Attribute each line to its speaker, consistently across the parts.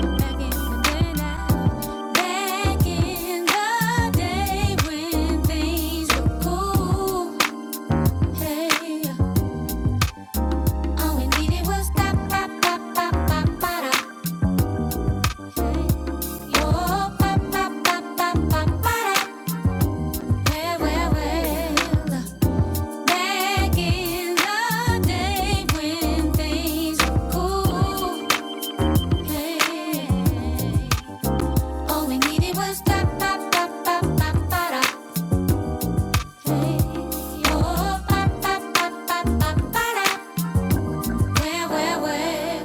Speaker 1: Back in the day when things were cool, hey. All we needed was that, that, that, that, that, that. Oh, that, that, that, that, that, that. Well, well, well. Back in the day when things were cool. Hey. All we needed was that, that, that, that, that, that. Hey. Oh, that, that, that, that, that, that. Where, where, where?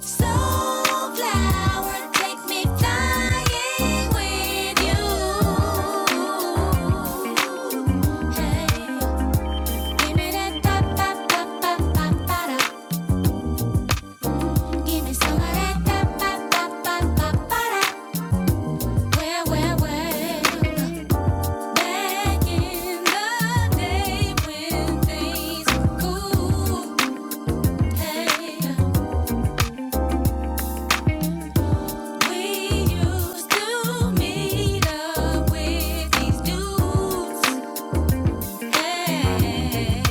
Speaker 1: Soulflower, take me flying with you. Hey, give me that ba ba ba ba ba ba da. Give me some of that ba ba ba ba ba Where, where, where? Back in the day when things were cool. Hey. We used to meet up with these dudes. Hey,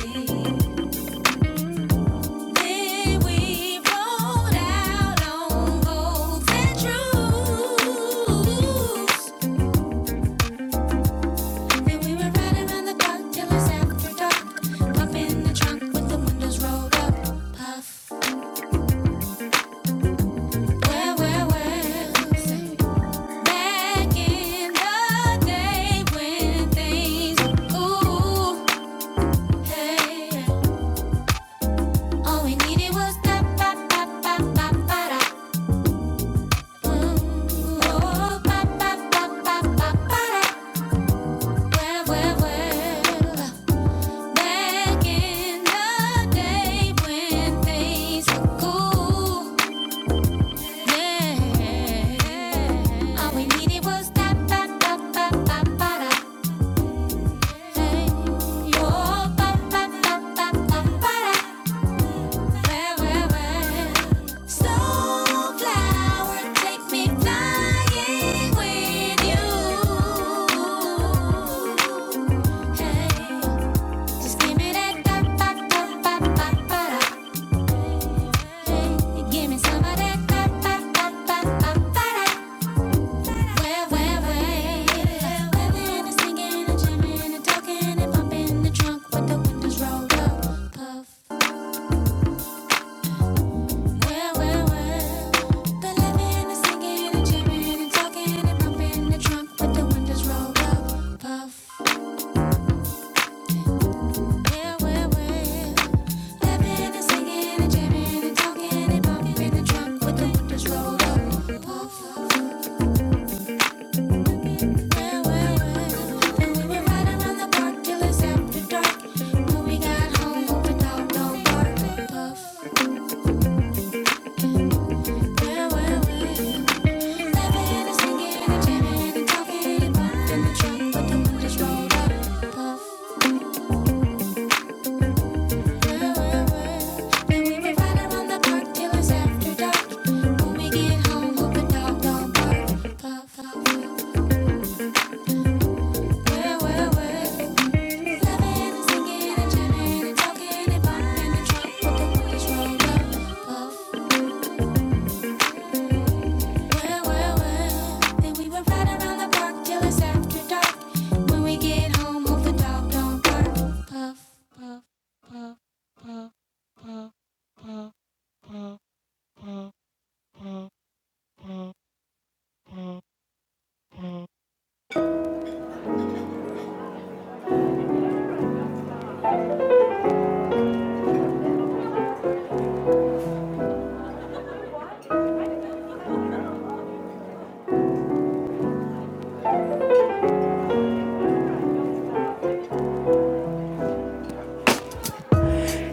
Speaker 1: then we rolled out on golds and Then we were riding around the block till it's after dark. Pop in the trunk with the windows rolled up. Puff. Well, well, well. Back in the day when things were cool. Hey. Where, where, where? Sunflower, take me flying with you. Hey, just give me that ba ba ba ba ba ba Hey, give me some of that ba ba ba ba ba ba Where, where, where? We're singing and jamming and talking and bumping the trunk with the windows rolled up. Puff. Well, well, well. The living and singing and jamming and talking and bumping the trunk with the windows rolled up. Puff. Well, well, well. Living and singing and jamming and talking and bumping in the trunk with the windows rolled up. Puff. Well, well, well. And we were right around the park till it's after dark. When we got home, opened out no park. Puff. Puff. Well, well, well. Then we would ride around the block till it's after dark. When we get home, hope the dog don't bark.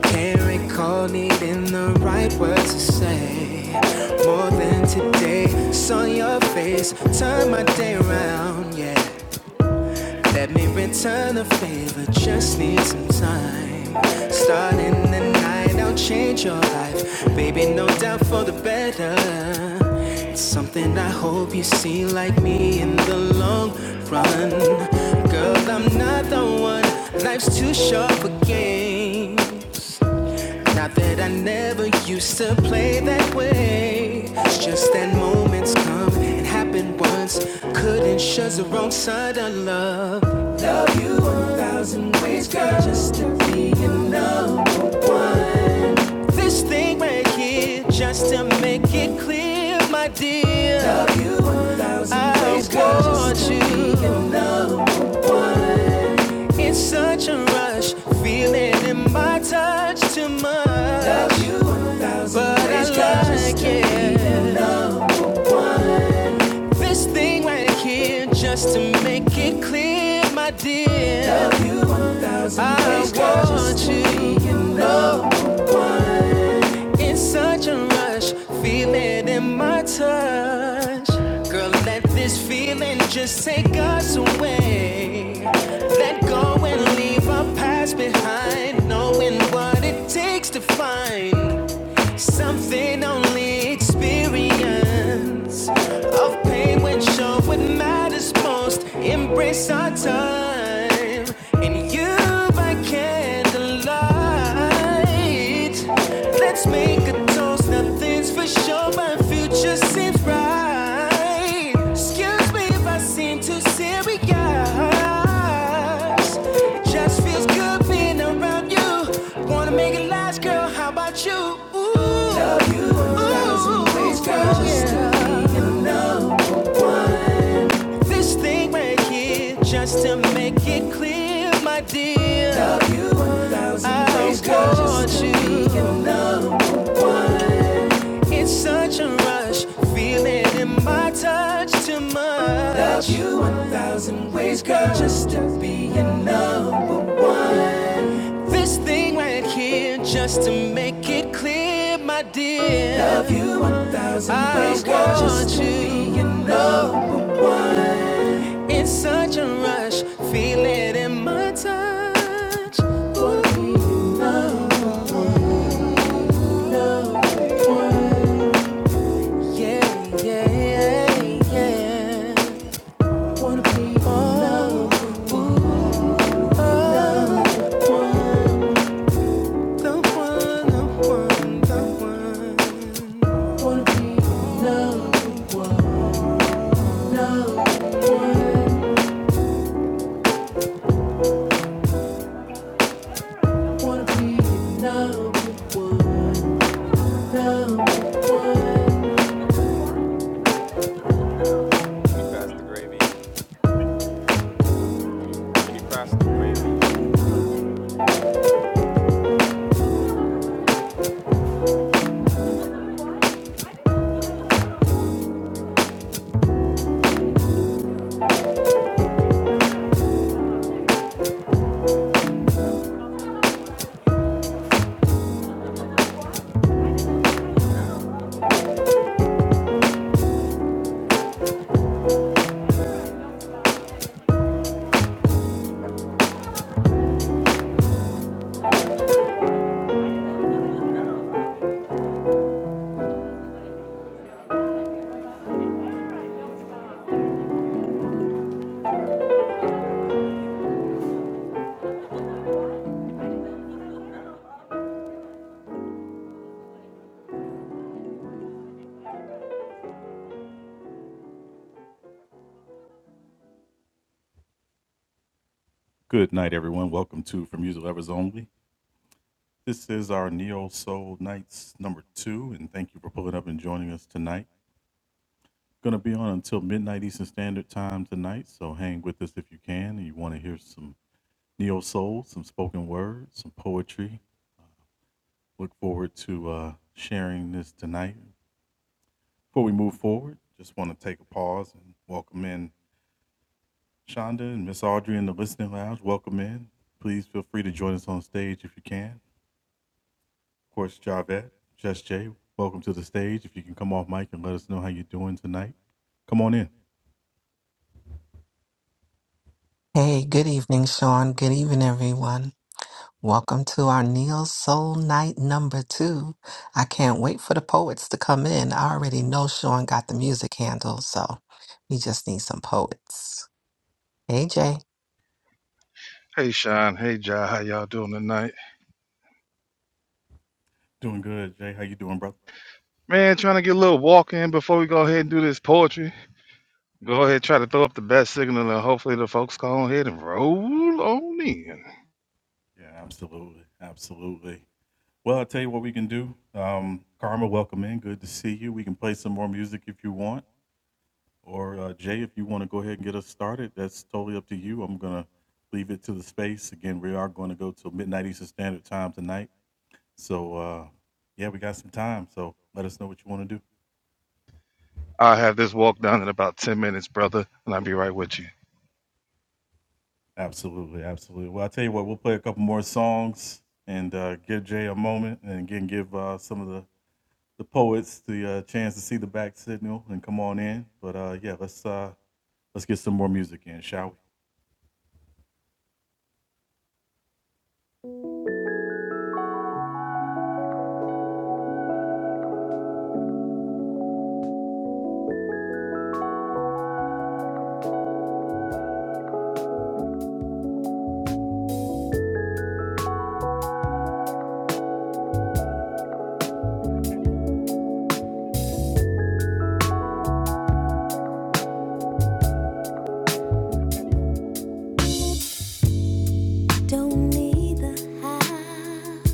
Speaker 1: Can't recall needing the right words to say. More than today, saw your face, turn my day around, yeah. Let me return the favor, just need some time. Starting the night, I'll change your life. Baby, no doubt for the better. It's something I hope you see like me in the long run. Girl, I'm not the one, life's too short for games. Not that I never used to play that way. It's just that moments come and happen once. Couldn't shut the wrong side of love. Love you a thousand ways, girl, just to be your number one. This thing right here, just to make it clear, my dear. Love you a thousand ways, girl, just to be your number one. In such a rush, feeling in my touch too much. Love you a But I like it. This thing right here, just to make it clear, my dear. I want you, you know. why? In such a rush, feel it in my touch. Girl, let this feeling just take us away. Let go and leave our past behind, knowing what it takes to find. Something only experience of pain when shown what matters most. Embrace our time, and you by candlelight. Let's make a toast. Nothing's for sure, but future seems bright. Excuse if I seem too serious, just feels good being around you. Wanna make it last, girl? How about you? Ooh, love you in a thousand ways, girl, just to be in love. One. This thing right here, just to make it clear, my dear. Love you in a thousand ways, girl, just to be in it's such a rush, feeling in my touch too much. Love you a thousand ways, girl, just to be enough. This thing right here, just to make it clear, my dear. Love you a thousand ways, girl, just to want be you. enough. It's such a rush, feel it in my touch. Ooh, no, no, no. Yeah, yeah, yeah. Wanna be oh, oh, oh, the one, the one, the one. Wanna be number one, number one. Wanna be number one, number one. Can you pass the gravy? Can you pass the gravy?
Speaker 2: Hey, good evening, Sean. Good evening, everyone. Welcome to our Neil Soul Night number two. I can't wait for the poets to come in. I already know Sean got the music handle, so we just need some poets. Hey, Jay.
Speaker 3: Hey Sean, hey Jai, how y'all doing tonight? Man, trying to get a little walk in before we go ahead and do this poetry. Go ahead, try to throw up the best signal, and hopefully the folks go on ahead and roll on in. I'll have this walk done in about ten minutes, brother, and I'll be right with you.
Speaker 1: Don't need the house,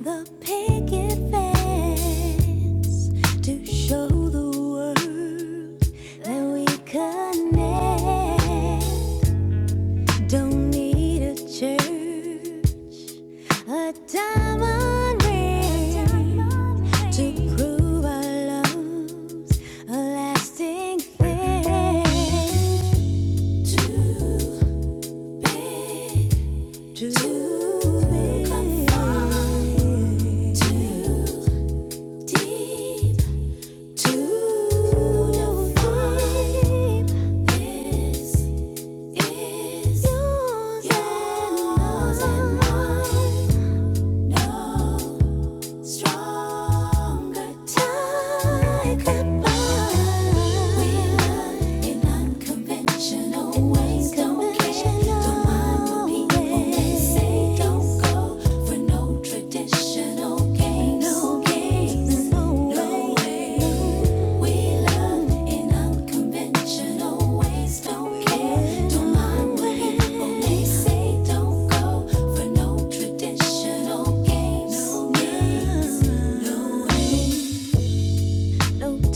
Speaker 1: the picket fence to show the world that we connect. Don't need a church, a diamond ring to prove our love's a lasting thing. Too big this is yours and mine. Traditional games.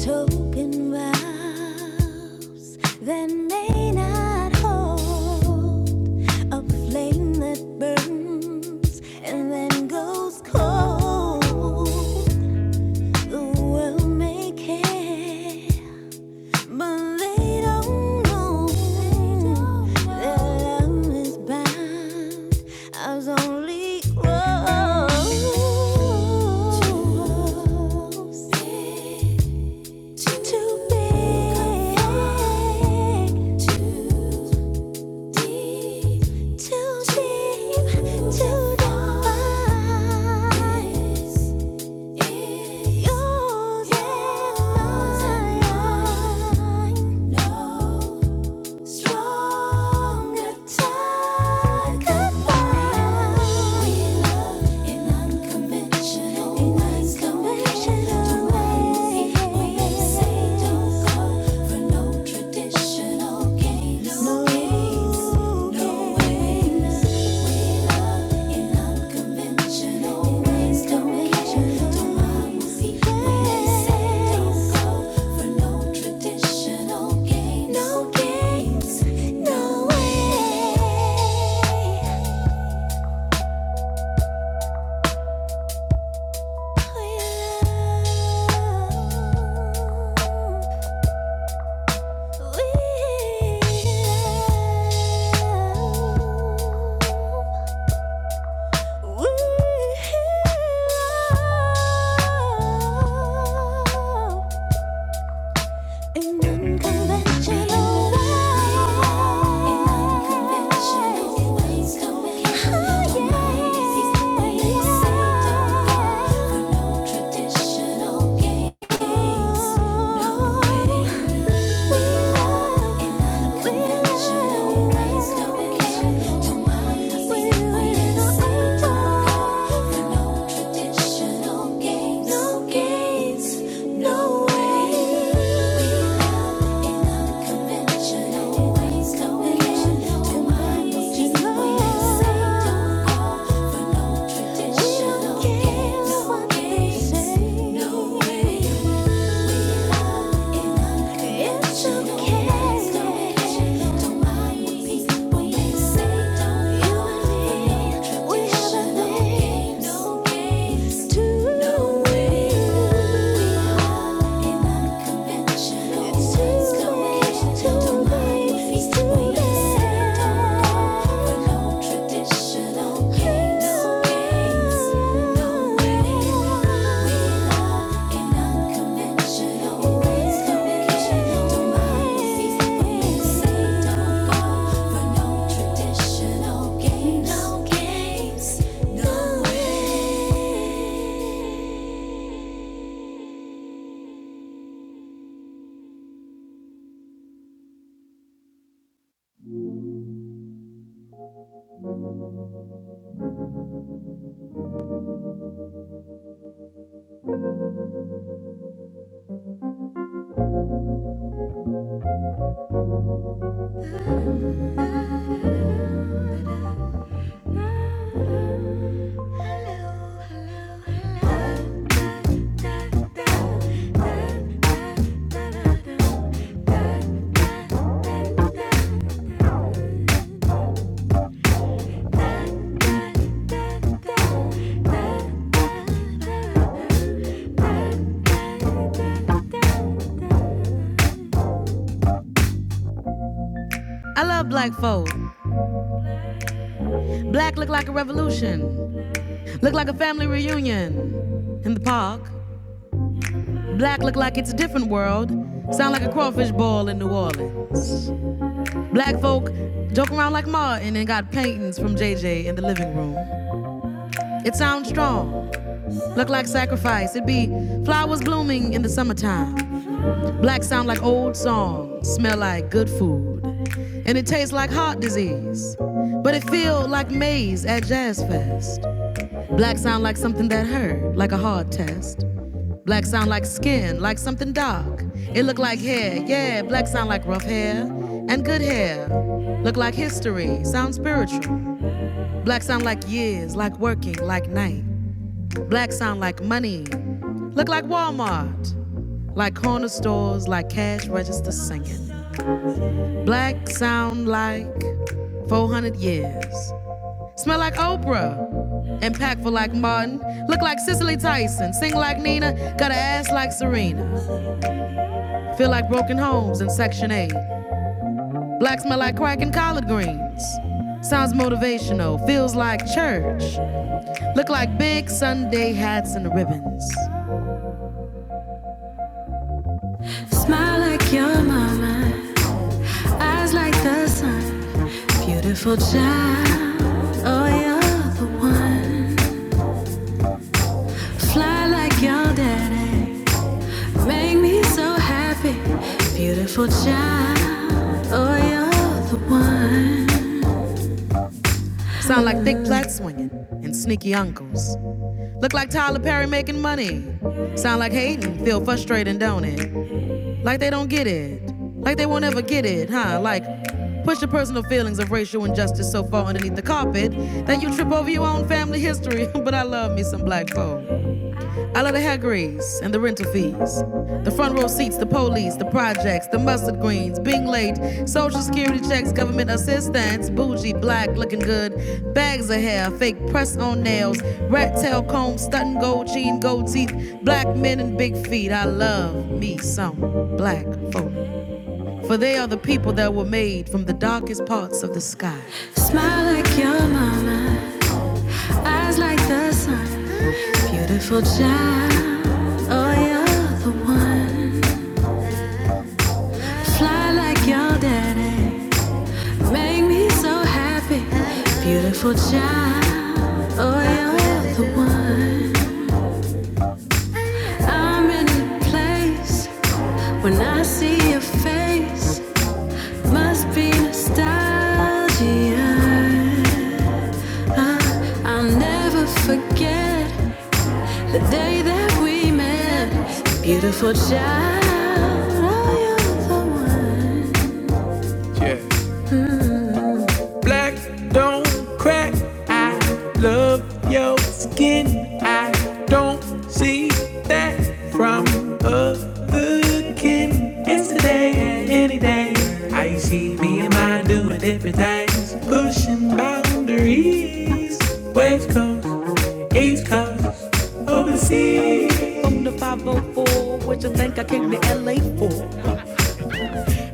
Speaker 1: Token vows that may not hold a flame that burns and then goes cold. The world may care, but they don't know their love is bound as only rose. Too big, too deep, too deep to define. Don't go for no tradition. Additional games. No games. No ways. We love in unconventional ways. Don't measure. Don't promise. We say don't go for no traditional games. No games. No way. We love. Ooh, ooh, ooh. yeah. In unconventional ways. In unconventional ways. Oh, yeah. These ways we don't wait for no traditional games. No waiting room. In unconventional ways. Come and get your mind. No way. It's too late. Too late. Too late. No way. I love black folk. Black look like a revolution. Look like a family reunion in the park. Black look like it's a different world. Sound like a crawfish ball in New Orleans. Black folk joke around like Martin and got paintings from J J in the living room. It sounds strong, look like sacrifice. It be flowers blooming in the summertime. Black sound like old songs, smell like good food. And it tastes like heart disease. But it feel like maize at Jazz Fest. Black sound like something that hurt, like a hard test. Black sound like skin, like something dark. It look like hair, yeah. Black sound like rough hair and good hair. Look like history, sound spiritual. Black sound like years, like working, like night. Black sound like money. Look like Walmart, like corner stores, like cash register singing. Black sound like 400 years. Smell like Oprah. Impactful like Martin. Look like Cicely Tyson. Sing like Nina. Got an ass like Serena. Feel like broken homes in Section 8. Black smell like crack and collard greens. Sounds motivational, feels like church. Look like big Sunday hats and ribbons. Smile like your mama, eyes like the sun. Beautiful child, oh, you're the one. Fly like your daddy, make me so happy. Beautiful child, oh, you're the one. Sound like thick plaid swinging and sneaky uncles. Look like Tyler Perry making money. Sound like hating, feel frustrating, don't it? Like they don't get it. Like they won't ever get it, huh? Like push your personal feelings of racial injustice so far underneath the carpet that you trip over your own family history. but I love me some black folk. I love the hair grease and the rental fees. The front row seats, the police, the projects, the mustard greens, being late, social security checks, government assistance, bougie, black, looking good, bags of hair, fake press on nails, rat tail comb, stunting gold chain, gold teeth, black men and big feet. I love me some black folk. For they are the people that were made from the darkest parts of the sky. Smile like your mama, eyes like the sun. Beautiful child, oh you're the one. Fly like your daddy, make me so happy. Beautiful child, oh you're the one. I'm in a place when I see your face, must be nostalgia. Uh, I'll never forget the day that we met. Beautiful child, oh you're the one. Yeah. Black don't crack, love your skin. I don't see that from other kin. It's today and any day. I see me and mine doing different things, pushing boundaries. West coast, east coast, overseas. From the 04, what you think I came to LA for?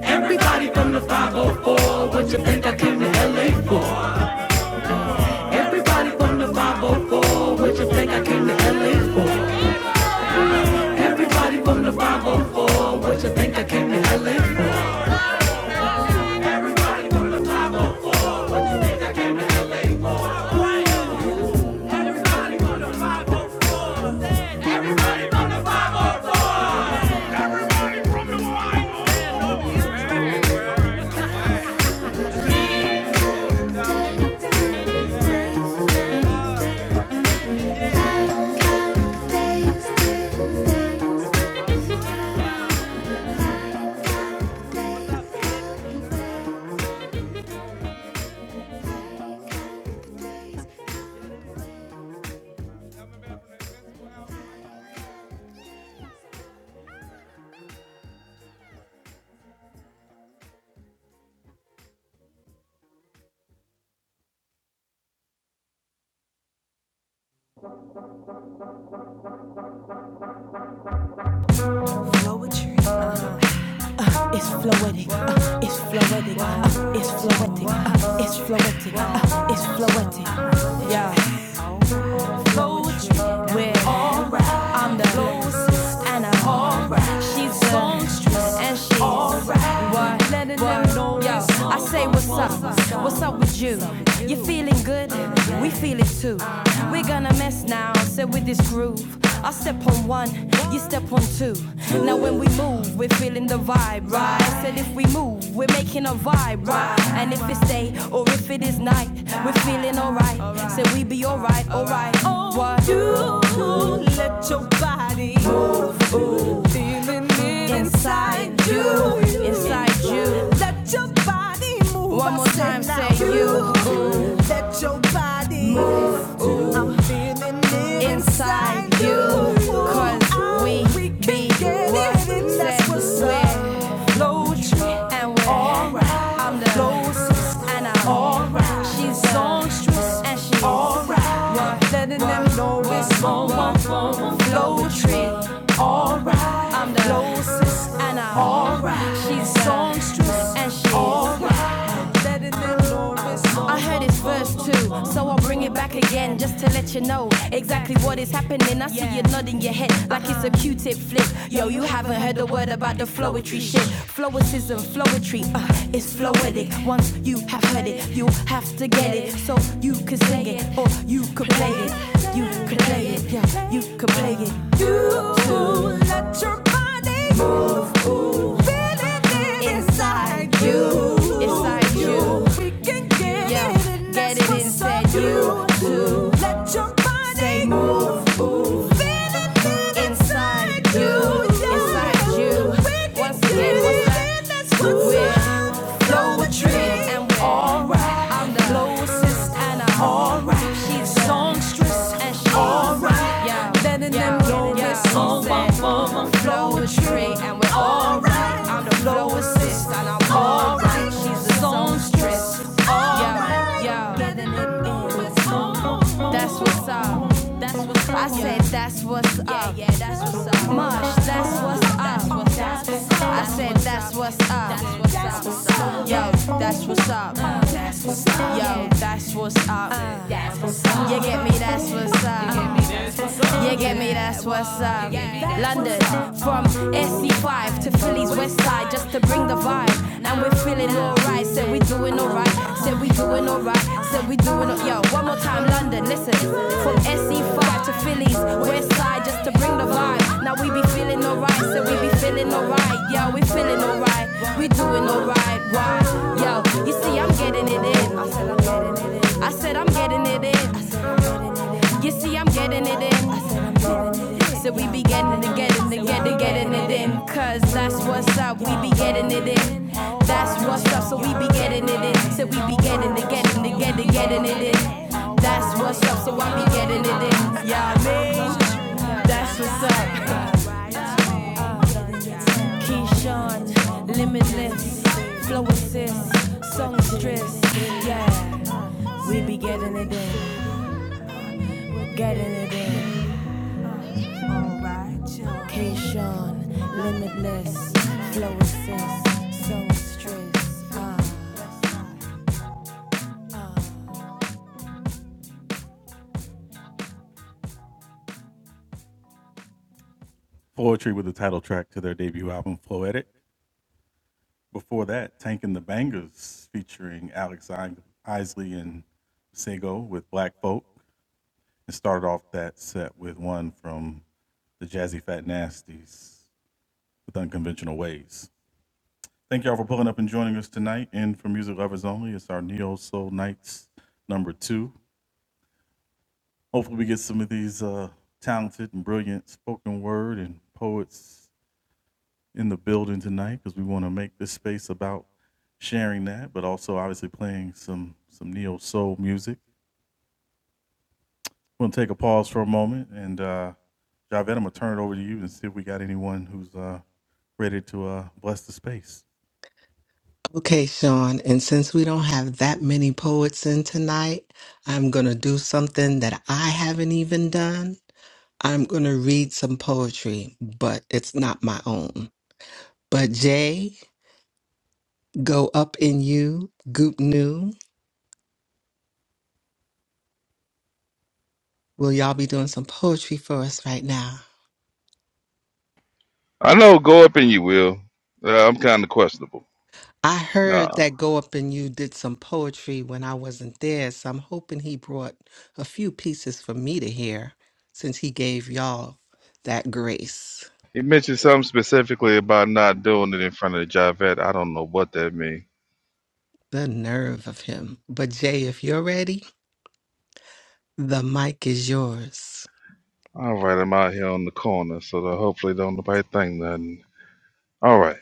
Speaker 1: Everybody from the 504, what you think I came to LA for? Everybody from the 504, what you think I came to LA for? Everybody from the 504, what you think I came to LA for? Poetry, Uh, uh, it's floetic, uh, it's floetic, uh, it's floetic, uh, it's floetic, uh, it's floetic. uh, Yeah. poetry. We're alright. I'm the lyricist and I'm alright. She's the songstress and she's alright. What? Let it what? Know Yo, I say what's up? What's up with you? You feeling good? We feel it too. We're gonna mess now. So with this groove. I step on one, you step on two. Now when we move, we're feeling the vibe, right? Said if we move, we're making a vibe, right? And if it's day or if it is night, we're feeling alright. So be alright, alright. Oh, What you let your body move, ooh. feeling it inside you, inside you. Let your body move. One more time, say you, Ooh. Let your body move, ooh. I'm feeling it Inside you. Cause Oh, we can be what it That's said what's we up. Flow tree and where I'm the closest and I'm alright. She's songstress and she's alright. What letting them know it's on my flow tree. Alright, I'm the closest and I'm alright. She's songstress and she's alright. Letting them know it's on I heard it's verse two, so I'll bring it back again just to let you know exactly what is happening happening. I see yeah. you nodding your head like uh-huh. it's a Q-tip flick. Yo, you haven't heard a word about the flowetry shit. Flowicism, flowetry, uh, it's floetic. Once you have heard it, you have to get it. So you can sing it or you can play it. You can play it, yeah, you can play it. You too, let your body move, move. feel it inside you. Inside you. We can Get Yeah, it in, get it in, said you do. Let your body Say move, move. Feel it, Inside you, yeah. inside you. Once again, what's in, that's We're up. a flowing, and we're alright. I'm the closest, and I'm alright. She's songstress, and she's Alright, Yeah, letting yeah, them know yeah. it's the flowetry and we're alright. I'm the flow assist and I'm alright. She's the songstress. Yeah, yeah. That's what's up. That's what's up. I said that's what's up. Yeah, yeah, that's what's up. Mush, that's what's up. I said that's what's up. Yo, that's what's up. Yo, That's what's up. You get me? That's what's up. You get me? That's what's up. London, from SC5 to Philly's West Side, just to bring the vibe. And we're feeling alright. Said we doing alright. Said we doing alright. Said we doing alright. yo. One more time, London. Listen, from SC5 to Philly's West Side, just to bring the vibe. Now we be feeling alright. Said we be feeling alright. Yo, we feeling alright. We doing alright. Why? Yo, you see, I'm getting it in. I said I'm getting it in. I said I'm getting it in. You see, I'm getting it in. So we be getting it, getting it, getting, it, getting it in. Cause that's what's up, we be getting it in. That's what's up, so we be getting it in. So we be getting it, getting it, getting, it, getting it in. That's what's up, so I be getting it in. Yeah, I that's what's up. Keyshawn, limitless, flow assist, songstress. Yeah, we be getting it in, getting it in. Cation, limitless, flow assist, so stress, ah.
Speaker 2: Okay, Sean. And since we don't have that many poets in tonight, I'm going to do something that I haven't even done. I'm going to read some poetry, but it's not my own. But Jay, go up in you, goop new. Will y'all be doing some poetry for us right now?
Speaker 3: I know go up and you will. Uh, I'm kind of questionable.
Speaker 2: I heard
Speaker 3: Nah,
Speaker 2: that Go Up and You did some poetry when I wasn't there, so I'm hoping he brought a few pieces for me to hear since he gave y'all that grace.
Speaker 3: he mentioned something specifically about not doing it in front of the Javette. I don't know what that means.
Speaker 2: The nerve of him. But Jay, if you're ready, the mic is yours.
Speaker 3: All right, I'm out here on the corner, so that hopefully don't nobody think nothing. All right,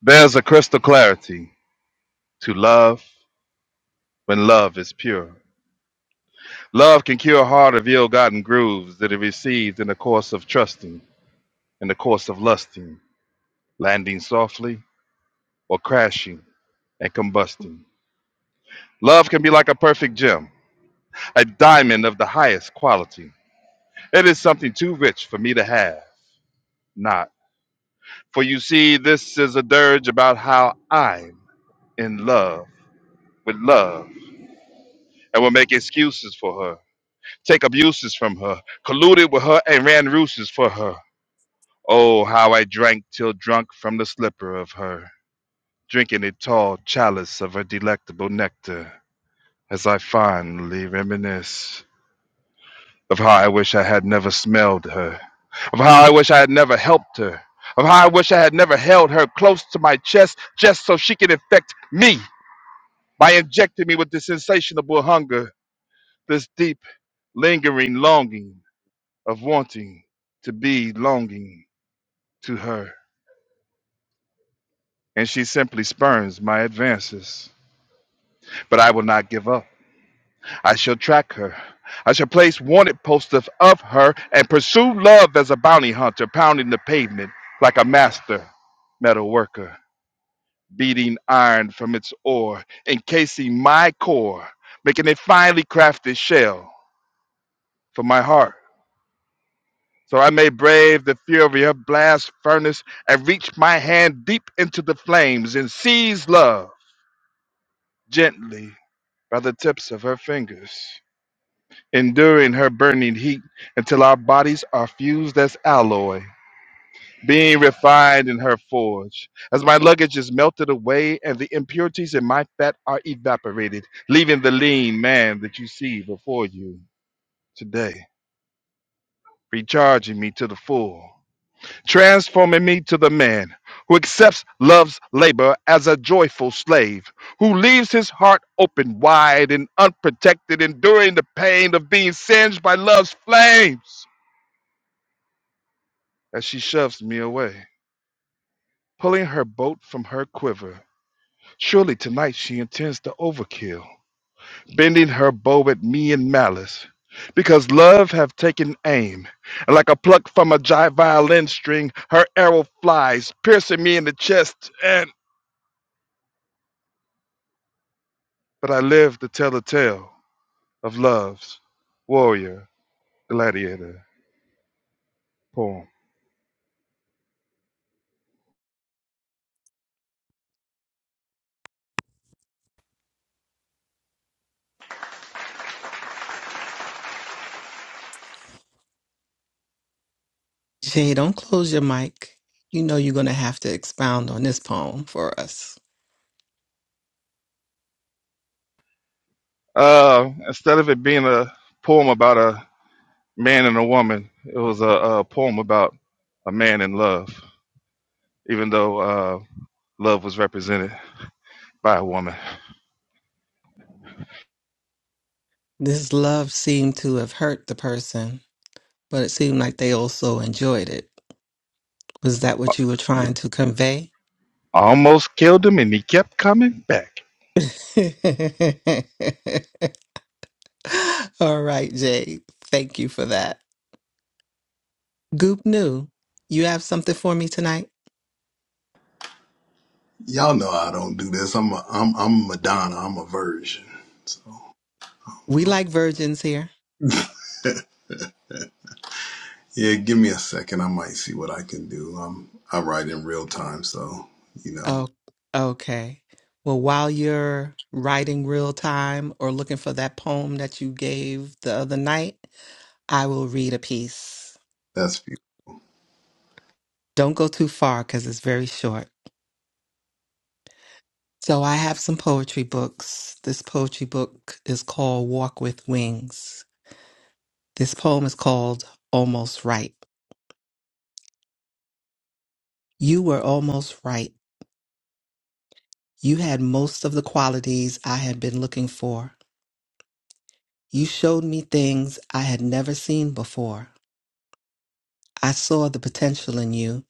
Speaker 3: there's a crystal clarity. to love when love is pure. Love can cure a heart of ill-gotten grooves that it received in the course of trusting, in the course of lusting, landing softly or crashing and combusting. Love can be like a perfect gem, a diamond of the highest quality. It is something too rich for me to have, not. For you see, this is a dirge about how I'm in love with love and will make excuses for her, take abuses from her, colluded with her and ran ruses for her. Oh, how I drank till drunk from the slipper of her, drinking a tall chalice of her delectable nectar, as I fondly reminisce of how I wish I had never smelled her, of how I wish I had never helped her, of how I wish I had never held her close to my chest just so she could infect me by injecting me with this insatiable hunger, this deep, lingering longing of wanting to be longing to her. And she simply spurns my advances but I will not give up. I shall track her. I shall place wanted posters of her and pursue love as a bounty hunter, pounding the pavement like a master metal worker, beating iron from its ore, encasing my core, making a finely crafted shell for my heart. So I may brave the fury of blast furnace and reach my hand deep into the flames and seize love gently by the tips of her fingers. enduring her burning heat until our bodies are fused as alloy, being refined in her forge. As my luggage is melted away and the impurities in my fat are evaporated, leaving the lean man that you see before you today, recharging me to the full, transforming me to the man who accepts love's labor as a joyful slave, who leaves his heart open wide and unprotected, enduring the pain of being singed by love's flames as she shoves me away, pulling her boat from her quiver. Surely tonight she intends to overkill, bending her bow at me in malice, because love have taken aim, and like a pluck from a gi- violin string, her arrow flies, piercing me in the chest. And but I live to tell the tale of love's warrior gladiator poem.
Speaker 2: Jay, don't close your mic. You know you're going to have to expound on this poem for us.
Speaker 3: Uh, instead of it being a poem about a man and a woman, it was a, a poem about a man in love. even though uh, love was represented by a woman.
Speaker 2: This love seemed to have hurt the person, but it seemed like they also enjoyed it. Was that what you were trying to convey?
Speaker 3: Almost killed him, and he kept coming back.
Speaker 2: All right, Jay. Thank you for that. Goop New, you have something for me tonight?
Speaker 4: Y'all know I don't do this. I'm a, I'm I'm Madonna. I'm a virgin. So
Speaker 2: We like virgins here.
Speaker 4: yeah, give me a second. I might see what I can do. I'm I write in real time, so you know
Speaker 2: Oh, okay. Well, while you're writing real time or looking for that poem that you gave the other night, I will read a piece.
Speaker 4: that's beautiful.
Speaker 2: Don't go too far because it's very short. So, I have some poetry books. This poetry book is called Walk with Wings This poem is called Almost Right. You were almost right. You had most of the qualities I had been looking for. You showed me things I had never seen before. I saw the potential in you.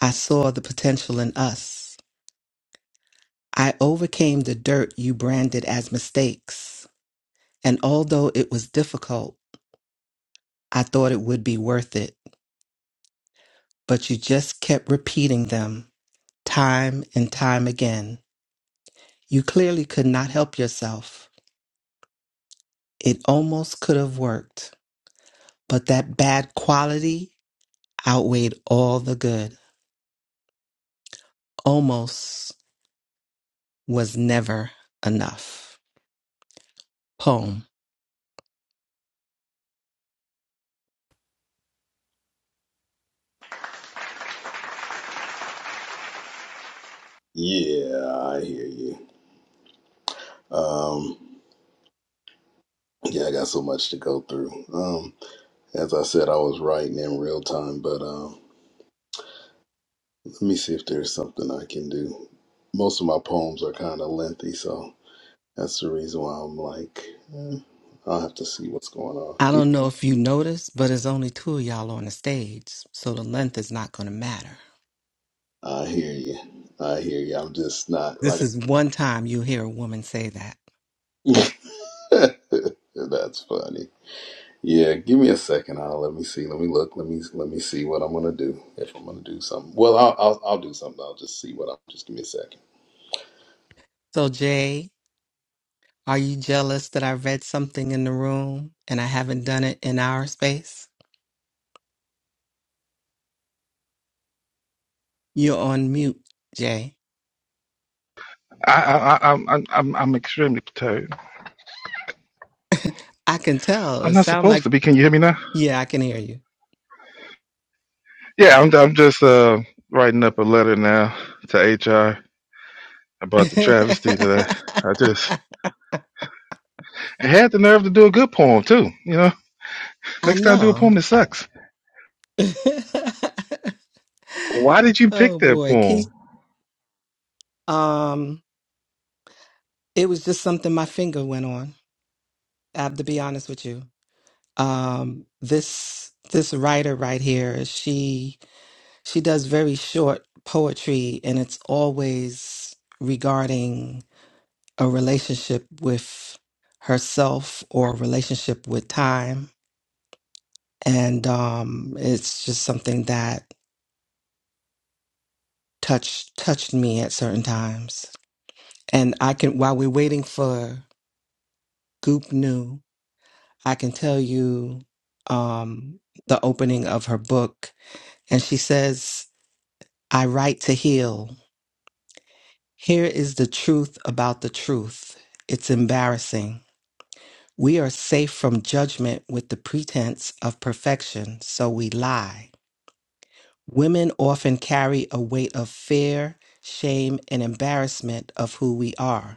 Speaker 2: I saw the potential in us. I overcame the dirt you branded as mistakes. And although it was difficult, I thought it would be worth it. But you just kept repeating them time and time again. You clearly could not help yourself. It almost could have worked, but that bad quality outweighed all the good. Almost was never enough. Poem.
Speaker 4: Yeah, I hear you. Um, yeah, I got so much to go through. Um, as I said, I was writing in real time, but um, let me see if there's something I can do. Most of my poems are kind of lengthy, so that's the reason why I'm like, eh, I'll have to see what's going on.
Speaker 2: I don't know if you noticed, but it's only two of y'all on the stage, so the length is not going to matter.
Speaker 4: I hear you. I hear you. I'm just not
Speaker 2: This
Speaker 4: like.
Speaker 2: is one time you hear a woman say that.
Speaker 4: That's funny. Yeah, give me a second. I'll let me see. Let me look. Let me let me see what I'm gonna do. If I'm gonna do something, well, I'll I'll, I'll do something. I'll just see what I'm. Just give me a second.
Speaker 2: So, Jay, are you jealous that I read something in the room and I haven't done it in our space? You're on mute, Jay.
Speaker 3: I, I, I, I'm, I'm, I'm I'm extremely perturbed.
Speaker 2: I can tell.
Speaker 3: I'm
Speaker 2: It
Speaker 3: not
Speaker 2: sounds
Speaker 3: supposed
Speaker 2: like,
Speaker 3: to be. Can you hear me now?
Speaker 2: yeah, I can hear you.
Speaker 3: Yeah, I'm, I'm just uh, writing up a letter now to HR about the travesty that I, I just I had the nerve to do a good poem too. You know,
Speaker 2: I
Speaker 3: next time do a
Speaker 2: know.
Speaker 3: poem that sucks. Why did you pick
Speaker 2: oh
Speaker 3: that
Speaker 2: boy, Keith.
Speaker 3: poem?
Speaker 2: Um, it was just something my finger went on. I have to be honest with you. Um, this this writer right here, she she does very short poetry, and it's always regarding a relationship with herself or a relationship with time. And um, it's just something that touched touched me at certain times. And I can, while we're waiting for Goop New, I can tell you um, the opening of her book. And she says, I write to heal. Here is the truth about the truth. It's embarrassing. We are safe from judgment with the pretense of perfection, so we lie. Women often carry a weight of fear, shame, and embarrassment of who we are.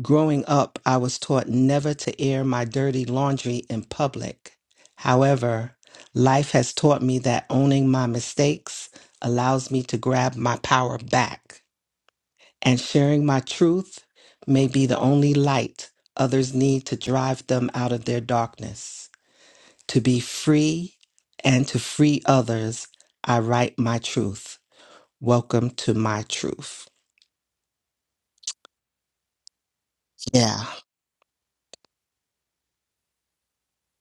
Speaker 2: Growing up, I was taught never to air my dirty laundry in public. However, life has taught me that owning my mistakes allows me to grab my power back, and sharing my truth may be the only light others need to drive them out of their darkness. To be free and to free others, I write my truth. Welcome to my truth. Yeah.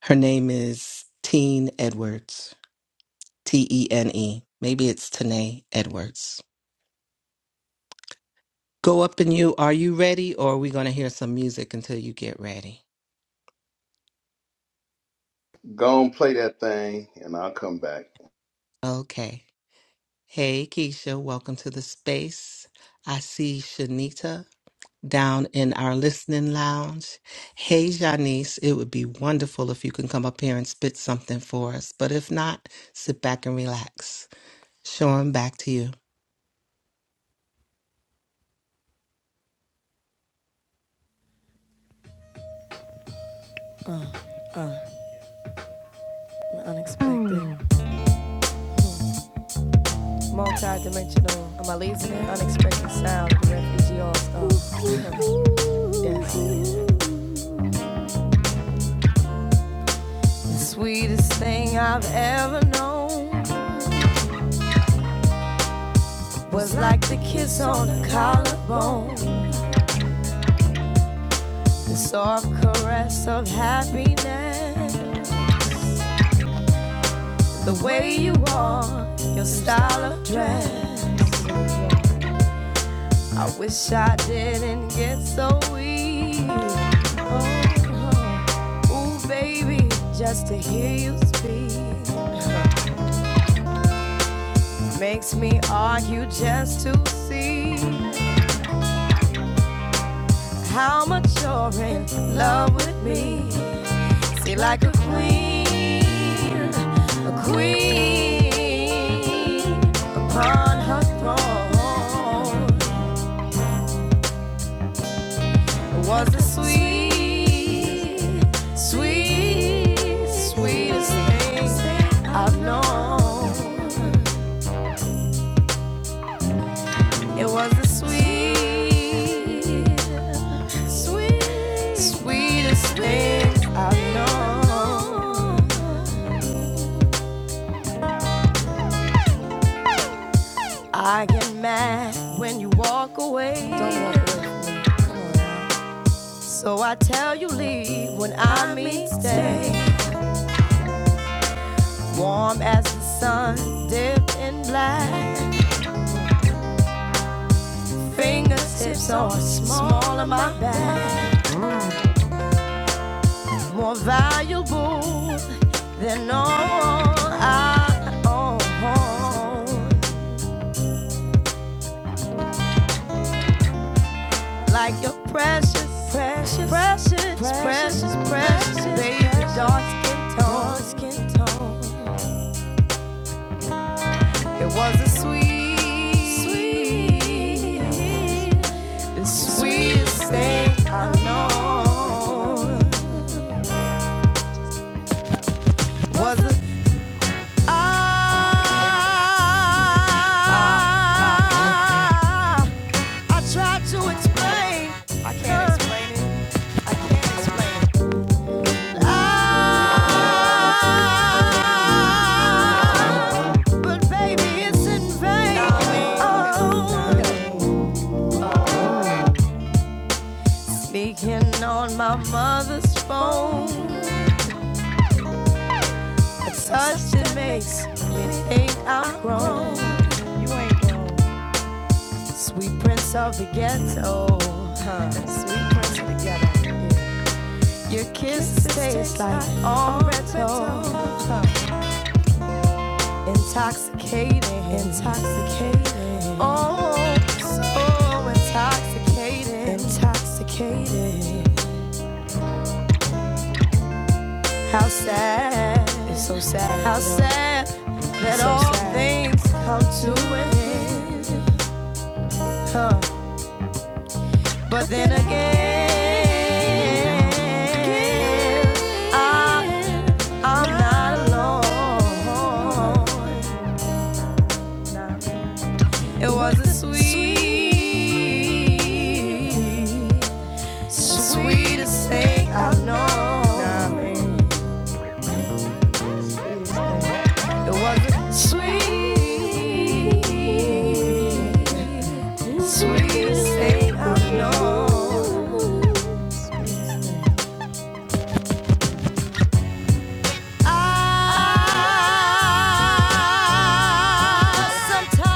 Speaker 2: Her name is Teen Edwards. T E N E. Maybe it's Tanae Edwards. Go up and you. Are you ready or are we going to hear some music until you get ready?
Speaker 4: Go and play that thing, and I'll come back.
Speaker 2: Okay. Hey, Keisha, welcome to the space. I see Shanita down in our listening lounge. Hey, Janice, it would be wonderful if you can come up here and spit something for us. But if not, sit back and relax. Sean, back to you.
Speaker 1: Multi-dimensional, I'm a lazy and unexpected sound, the refugee all-star. Yes. The Sweetest thing I've ever known was like the kiss on the collarbone, the soft caress of happiness, the way you are, your style of dress. I wish I didn't get so weak. Oh, Ooh, baby, just to hear you speak makes me argue just to see how much you're in love with me. See, like a queen, a queen upon her throne was the sweet, sweet, sweetest thing I've known. It was the sweetest, sweet, sweetest thing I've known. I get mad when you walk away. Don't walk away. So I tell you leave when I mean stay. Warm as the sun, dipped in black. Fingertips are small of my back. More valuable than all I own. like your precious, precious, precious, precious, precious, baby. Dark skin tone. It was a sweet, sweet thing. I know. Was it? I, I tried to explain. I can't explain it. I can't explain it. Ah, but baby, it's in vain. Oh, speaking on my mother's phone. A touch that makes me think I'm grown. You ain't grown. Sweet prince of the ghetto. Huh. Sweet prince of the ghetto. Yeah. Your kiss tastes like all retro. Intoxicated, intoxicated, Oh, so intoxicated, intoxicated. How sad, it's so sad. How sad that so all sad. things come to an end. Huh. But then again, I, I'm not alone. It wasn't sweet. Sweetest thing I know. It wasn't sweet. Sweetest thing I know. Sometimes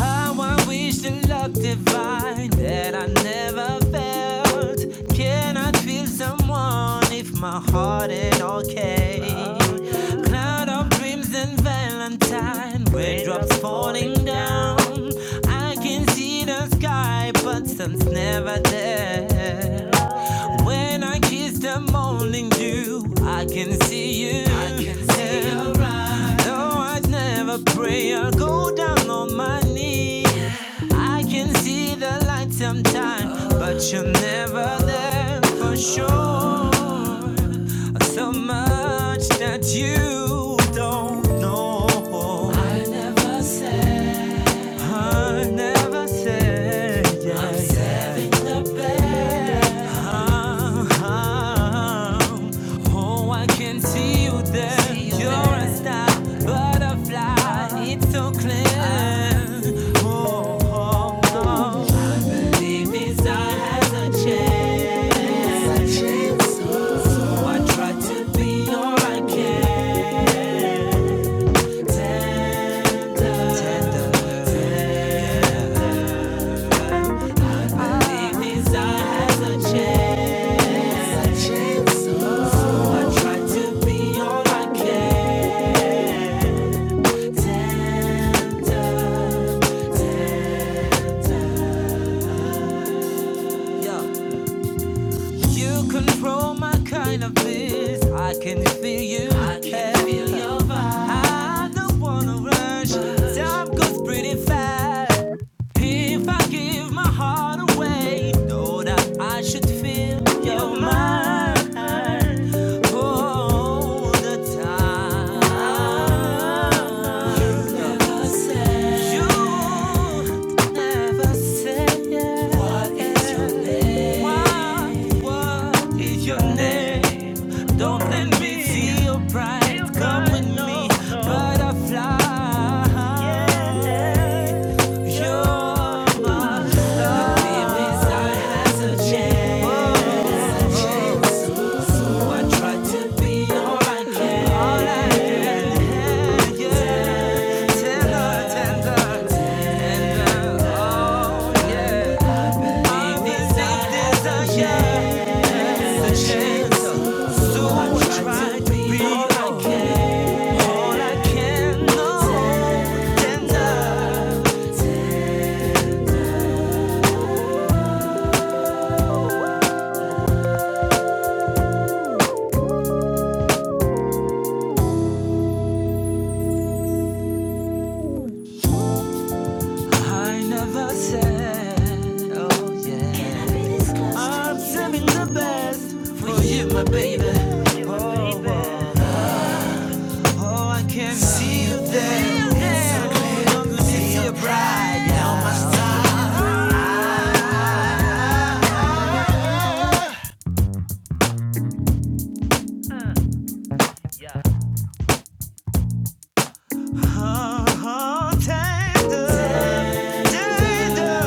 Speaker 1: How I wish the love divine that I never felt. Can I feel someone if my heart ain't okay? Oh, yeah. Cloud of dreams and Valentine, raindrops falling down. I can see the sky, but sun's never there. When I kiss the morning dew, I can see you. I can see your eyes. Though I'd never pray or go down on my knees. I can see the light sometime, but you're never there for sure. So much that you don't know. I never said, I never said, yeah, I'm yeah. saving the best. Come with me, butterfly. uh-huh, tender, tender.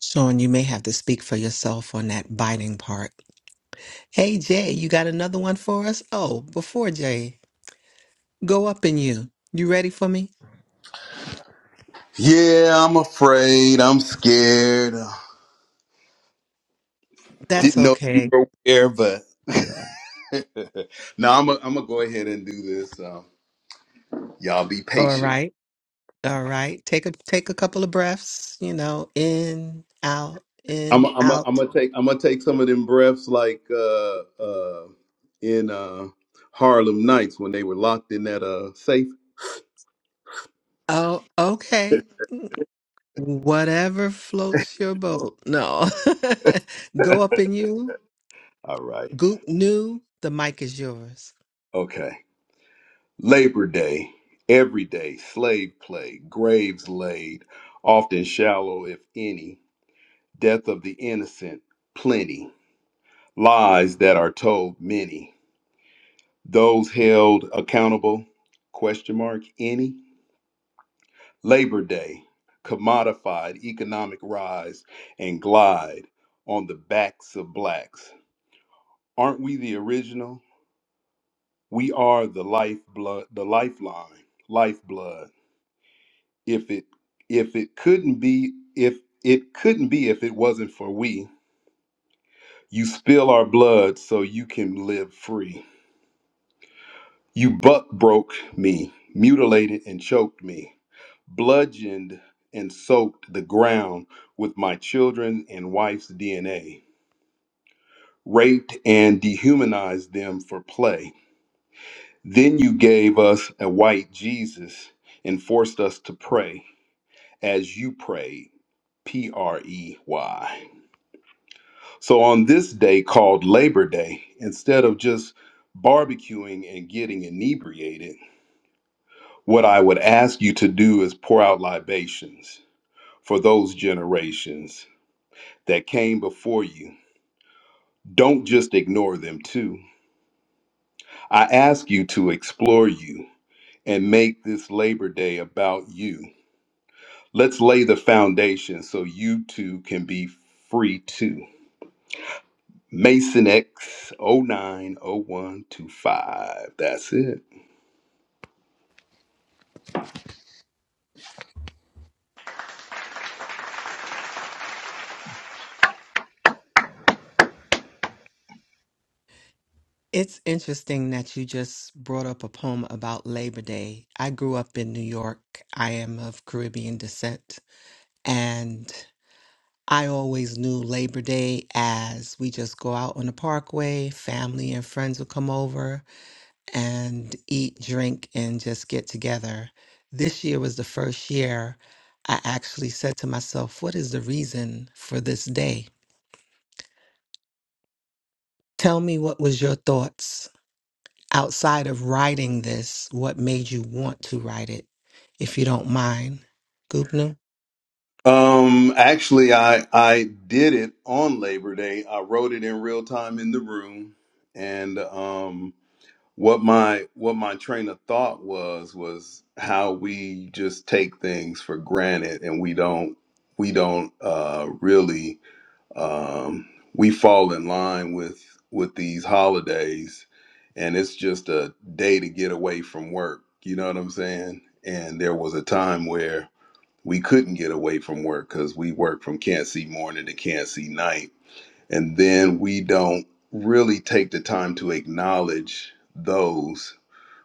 Speaker 2: Sean, you may have to speak for yourself on that biting part. Hey Jay, you got another one for us? Oh, before Jay, go up in you. You ready for me?
Speaker 4: Yeah, I'm afraid. I'm scared.
Speaker 2: That's
Speaker 4: Didn't know you
Speaker 2: okay.
Speaker 4: were aware, but no, I'm i I'm gonna go ahead and do this. Um, y'all be
Speaker 2: All
Speaker 4: patient.
Speaker 2: right. All right. Take a take a couple of breaths, you know, in, out,
Speaker 4: I'm
Speaker 2: in,
Speaker 4: I'm I'm
Speaker 2: out.
Speaker 4: gonna take I'm gonna take some of them breaths like uh uh in uh Harlem Nights when they were locked in that uh safe.
Speaker 2: Oh, okay. Whatever floats your boat. No. go up in you.
Speaker 4: All right.
Speaker 2: Goop new. The mic is yours.
Speaker 4: Okay. Labor Day, every day, slave play, graves laid, often shallow if any, death of the innocent, plenty, lies that are told many, those held accountable, question mark, any Labor Day, commodified economic rise and glide on the backs of blacks. Aren't we the original? We are the lifeblood, the lifeline, lifeblood. If it if it couldn't be if it couldn't be if it wasn't for we, you spill our blood so you can live free. You buck broke me, mutilated and choked me, bludgeoned and soaked the ground with my children and wife's DNA. raped and dehumanized them for play. Then you gave us a white Jesus and forced us to pray as you prayed. P R E Y. So on this day called Labor Day, instead of just barbecuing and getting inebriated, what I would ask you to do is pour out libations for those generations that came before you. Don't just ignore them, too. I ask you to explore you and make this Labor Day about you. Let's lay the foundation so you too can be free too. Mason X oh nine oh one two five. That's it.
Speaker 2: It's interesting that you just brought up a poem about Labor Day. I grew up in New York. I am of Caribbean descent. And I always knew Labor Day as we just go out on the parkway, family and friends will come over and eat, drink, and just get together. This year was the first year I actually said to myself, What is the reason for this day? Tell me what was your thoughts outside of writing this? What made you want to write it, if you don't mind? Gupna,
Speaker 4: Um actually I I did it on Labor Day. I wrote it in real time in the room and um what my what my train of thought was was how we just take things for granted and we don't we don't uh really um, we fall in line with with these holidays and it's just a day to get away from work you know what i'm saying and there was a time where we couldn't get away from work because we work from can't see morning to can't see night and then we don't really take the time to acknowledge those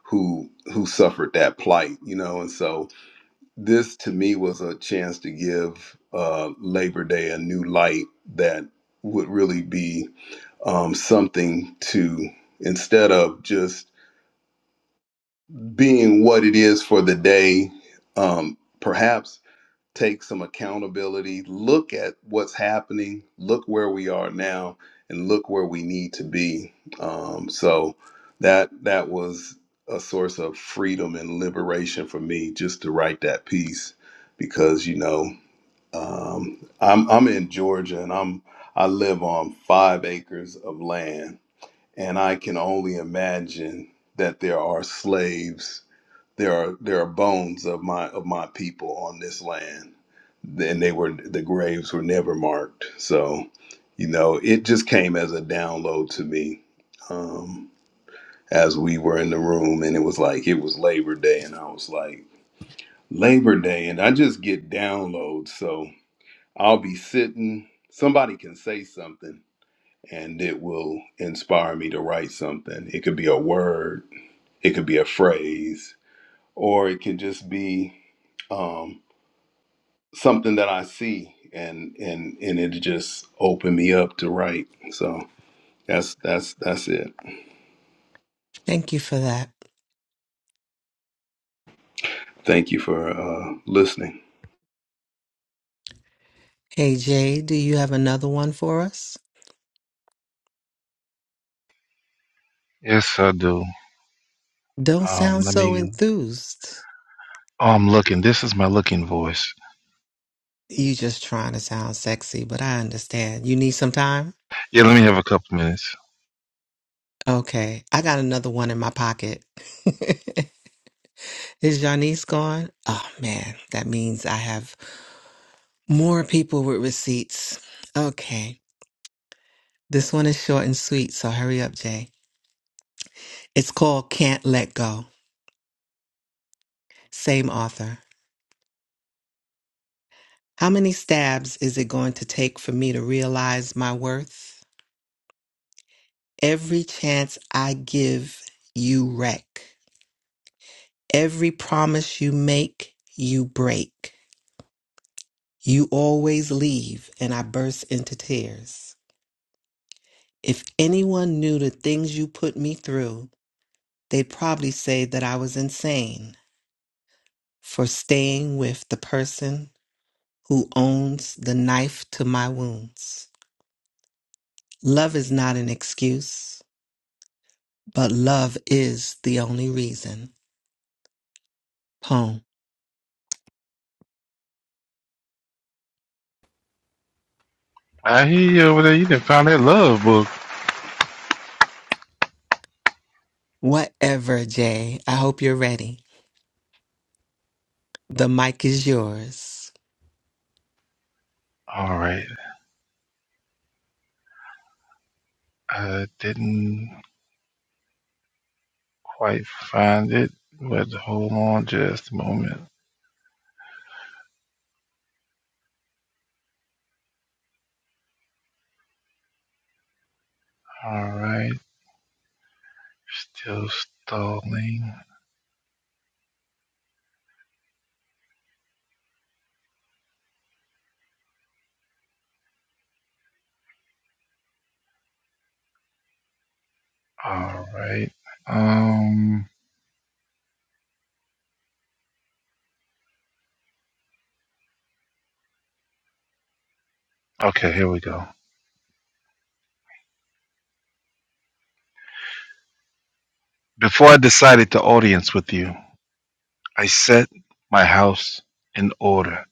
Speaker 4: who who suffered that plight you know and so this to me was a chance to give uh, Labor Day a new light that would really be um, something to, instead of just being what it is for the day, um, perhaps take some accountability, look at what's happening, look where we are now, and look where we need to be. Um, so that that was a source of freedom and liberation for me just to write that piece because you know um, I'm I'm in Georgia, and I'm I live on five acres of land, and I can only imagine that there are slaves. There are there are bones of my of my people on this land, and they were the graves were never marked. So, you know, it just came as a download to me. Um, as we were in the room, and it was like it was Labor Day, and I was like Labor Day, and I just get downloads. So. I'll be sitting, somebody can say something and it will inspire me to write something. It could be a word, it could be a phrase, or it could just be um, something that I see and and and it just opened me up to write. So that's that's that's it.
Speaker 2: thank you for that.
Speaker 4: Thank you for uh, listening.
Speaker 2: Hey Jay, do you have another one for us?
Speaker 3: Yes, I do.
Speaker 2: Don't
Speaker 3: Um,
Speaker 2: sound
Speaker 3: let
Speaker 2: so
Speaker 3: me.
Speaker 2: enthused.
Speaker 3: Oh, I'm looking. This is my looking voice.
Speaker 2: You just trying to sound sexy, but I understand. You need some time?
Speaker 3: Yeah, let me have a couple minutes.
Speaker 2: Okay. I got another one in my pocket. Is Janice gone? Oh man, that means I have more people with receipts. Okay. This one is short and sweet, so hurry up, Jay. It's called Can't Let Go. Same author. How many stabs is it going to take for me to realize my worth? Every chance I give, you wreck. Every promise you make, you break. You always leave, and I burst into tears. If anyone knew the things you put me through, they'd probably say that I was insane for staying with the person who owns the knife to my wounds. Love is not an excuse, but love is the only reason. Poem.
Speaker 3: I hear you over there. You didn't find that love book.
Speaker 2: Whatever, Jay. I hope you're ready. The mic is yours.
Speaker 3: All right. I didn't quite find it, but hold on just a moment. All right. Still stalling. All right. Um. Okay. Here we go. Before I decided to audience with you, I set my house in order.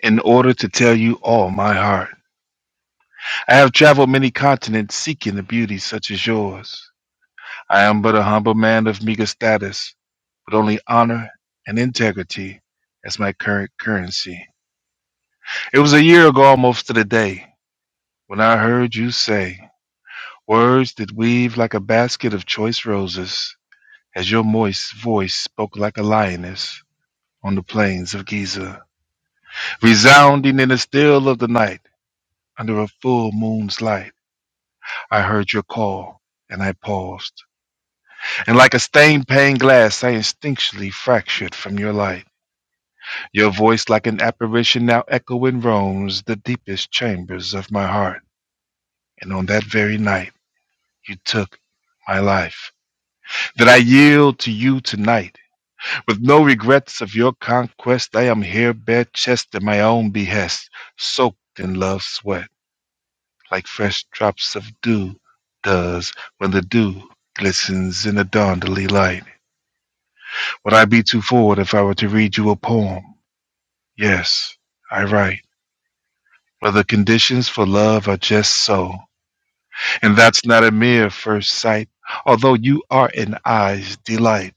Speaker 3: In order to tell you all my heart, I have traveled many continents seeking a beauty such as yours. I am but a humble man of meager status, with only honor and integrity as my current currency. It was a year ago almost to the day when I heard you say words that weave like a basket of choice roses as your moist voice spoke like a lioness on the plains of Giza. Resounding in the still of the night under a full moon's light, I heard your call and I paused. And like a stained pane glass, I instinctually fractured from your light. Your voice, like an apparition, now echoing roams the deepest chambers of my heart. And on that very night, you took my life. That I yield to you tonight. With no regrets of your conquest, I am here bare chest at my own behest, soaked in love's sweat, like fresh drops of dew does when the dew glistens in the dawnly light. Would I be too forward if I were to read you a poem? Yes, I write where the conditions for love are just so. And that's not a mere first sight, although you are an eye's delight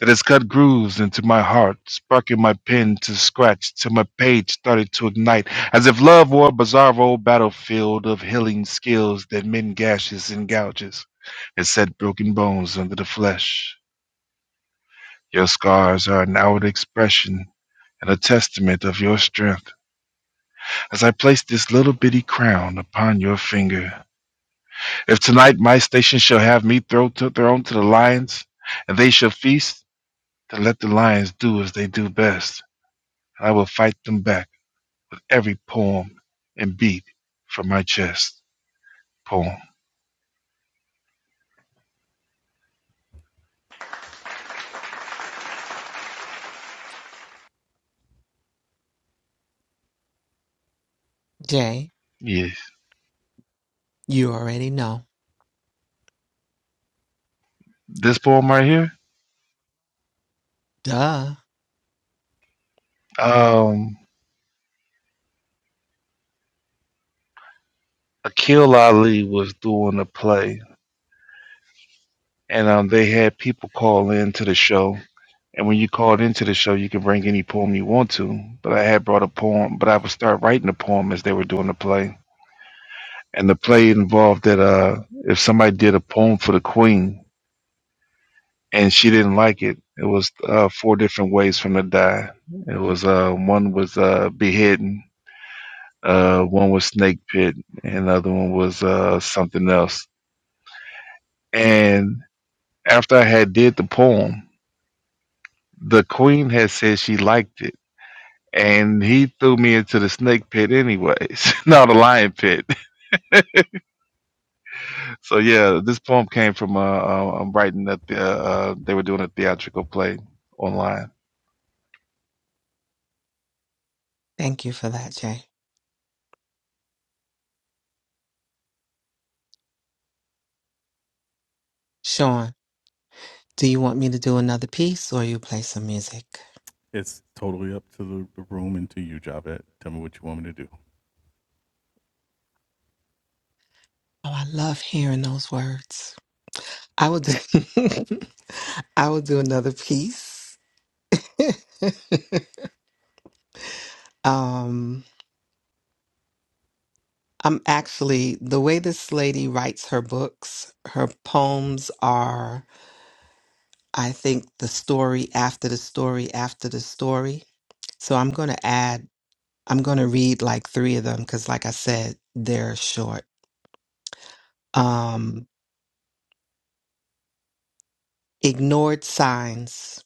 Speaker 3: that has cut grooves into my heart, sparking my pen to scratch till my page started to ignite, as if love were a bizarre old battlefield of healing skills that mend gashes and gouges and set broken bones under the flesh. Your scars are an outward expression and a testament of your strength. As I place this little bitty crown upon your finger, If tonight my station shall have me throw to thrown to the lions, and they shall feast, then let the lions do as they do best, and I will fight them back with every poem and beat from my chest. Poem.
Speaker 2: Jay,
Speaker 3: Yeah.
Speaker 2: you already know.
Speaker 3: This poem right here.
Speaker 2: Duh.
Speaker 3: Um Akil Ali was doing a play and um they had people call in to the show. And when you called into the show, you can bring any poem you want to. But I had brought a poem, but I would start writing a poem as they were doing the play and the play involved that uh, if somebody did a poem for the queen and she didn't like it, it was uh, four different ways for them to die. It was uh, one was uh, beheading, uh, one was snake pit, and another one was uh, something else. And after I had did the poem, the queen had said she liked it. And he threw me into the snake pit anyways, not the lion pit. So yeah, this poem came from uh, uh, I'm writing that the, uh, uh, they were doing a theatrical play online.
Speaker 2: Thank you for that, Jay. Sean, do you want me to do another piece or you play some music? Oh, I love hearing those words. I will do I will do another piece. um I'm actually the way this lady writes her books, her poems are I think the story after the story after the story. So I'm going to add I'm going to read like 3 of them cuz like I said, they're short. um, ignored signs.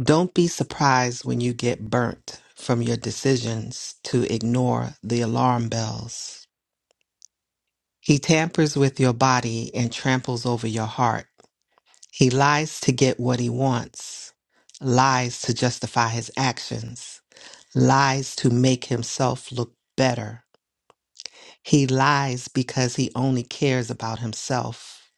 Speaker 2: Don't be surprised when you get burnt from your decisions to ignore the alarm bells. He tampers with your body and tramples over your heart. He lies to get what he wants, lies to justify his actions, lies to make himself look better. He lies because he only cares about himself.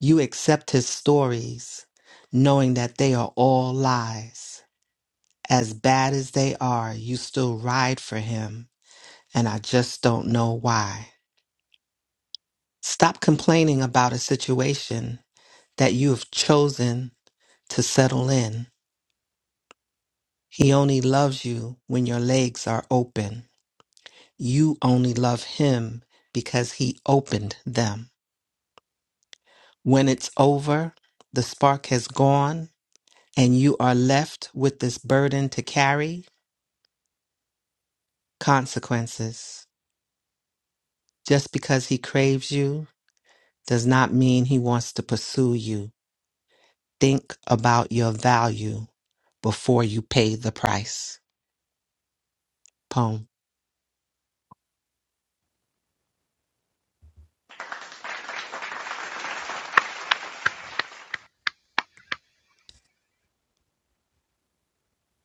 Speaker 2: You accept his stories, knowing that they are all lies. As bad as they are, you still ride for him, and I just don't know why. Stop complaining about a situation that you have chosen to settle in. He only loves you when your legs are open. You only love him because he opened them. When it's over, the spark has gone, and you are left with this burden to carry consequences. Just because he craves you does not mean he wants to pursue you. Think about your value before you pay the price. Poem.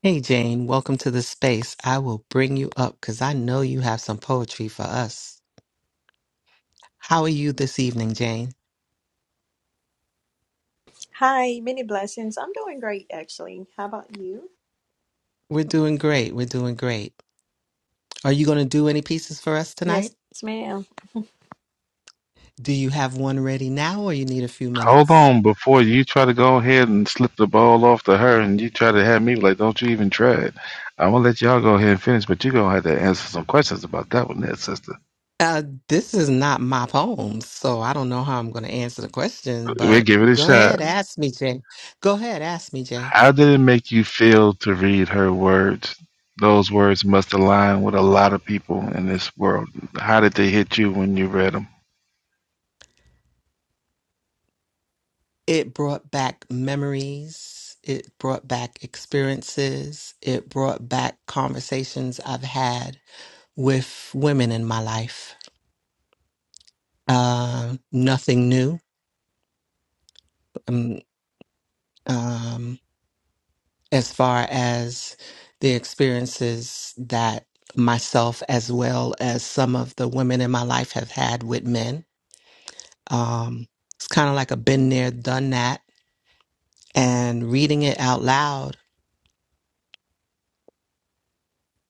Speaker 2: Hey, Jane, welcome to the space. I will bring you up because I know you have some poetry for us. How are you this evening, Jane?
Speaker 5: Hi, many blessings. I'm doing great, actually. How about you?
Speaker 2: We're doing great. We're doing great. Are you going to do any pieces for us
Speaker 5: Yes,
Speaker 2: tonight?
Speaker 5: ma'am.
Speaker 2: Do you have one ready now or you need a few
Speaker 3: Hold
Speaker 2: minutes?
Speaker 3: on, before you try to go ahead and slip the ball off to her, and you try to have me like, don't you even try it. I'm gonna let y'all go ahead and finish, but you're gonna have to answer some questions about that one, there, sister.
Speaker 2: Uh, this is not my poem, so I don't know how I'm going to answer the question,
Speaker 3: We'll
Speaker 2: but
Speaker 3: give it a
Speaker 2: go
Speaker 3: shot.
Speaker 2: ahead, ask me, Jay. Go ahead, ask me, Jay.
Speaker 3: How did it make you feel to read her words? Those words must align with a lot of people in this world. How did they hit you when you read them?
Speaker 2: It brought back memories. It brought back experiences. It brought back conversations I've had with women in my life. Um, nothing new um, um, as far as the experiences that myself as well as some of the women in my life have had with men. Um, it's kind of like a been there, done that. And reading it out loud,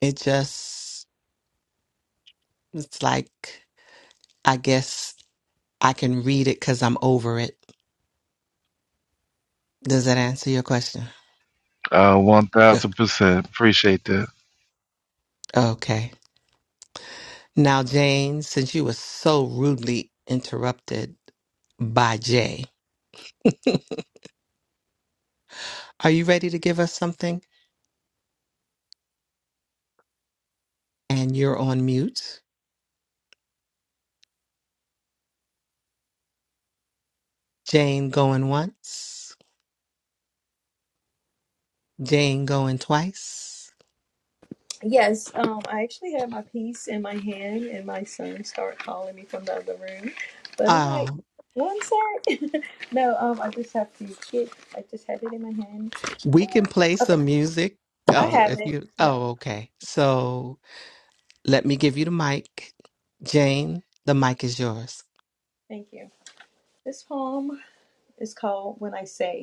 Speaker 2: it just, it's like, I guess I can read it because I'm over it. Does that answer your question?
Speaker 3: Uh, one
Speaker 2: Yeah.
Speaker 3: thousand percent. Appreciate that.
Speaker 2: Okay. Now, Jane, since you were so rudely interrupted by Jay, are you ready to give us something? And you're on mute. Jane going once, Jane going twice.
Speaker 5: Yes, um, I actually had my piece in my hand, and my son started calling me from the other room. But I'm like,
Speaker 2: Oh,
Speaker 5: one sec. no, um, I just have to get. I just had it in my hand.
Speaker 2: we can play
Speaker 5: Okay,
Speaker 2: some music.
Speaker 5: I
Speaker 2: Oh,
Speaker 5: have
Speaker 2: if
Speaker 5: it.
Speaker 2: you,
Speaker 5: No,
Speaker 2: oh, okay. So let me give you the mic. Jane, the mic is yours.
Speaker 5: thank you. This poem is called "When I Say."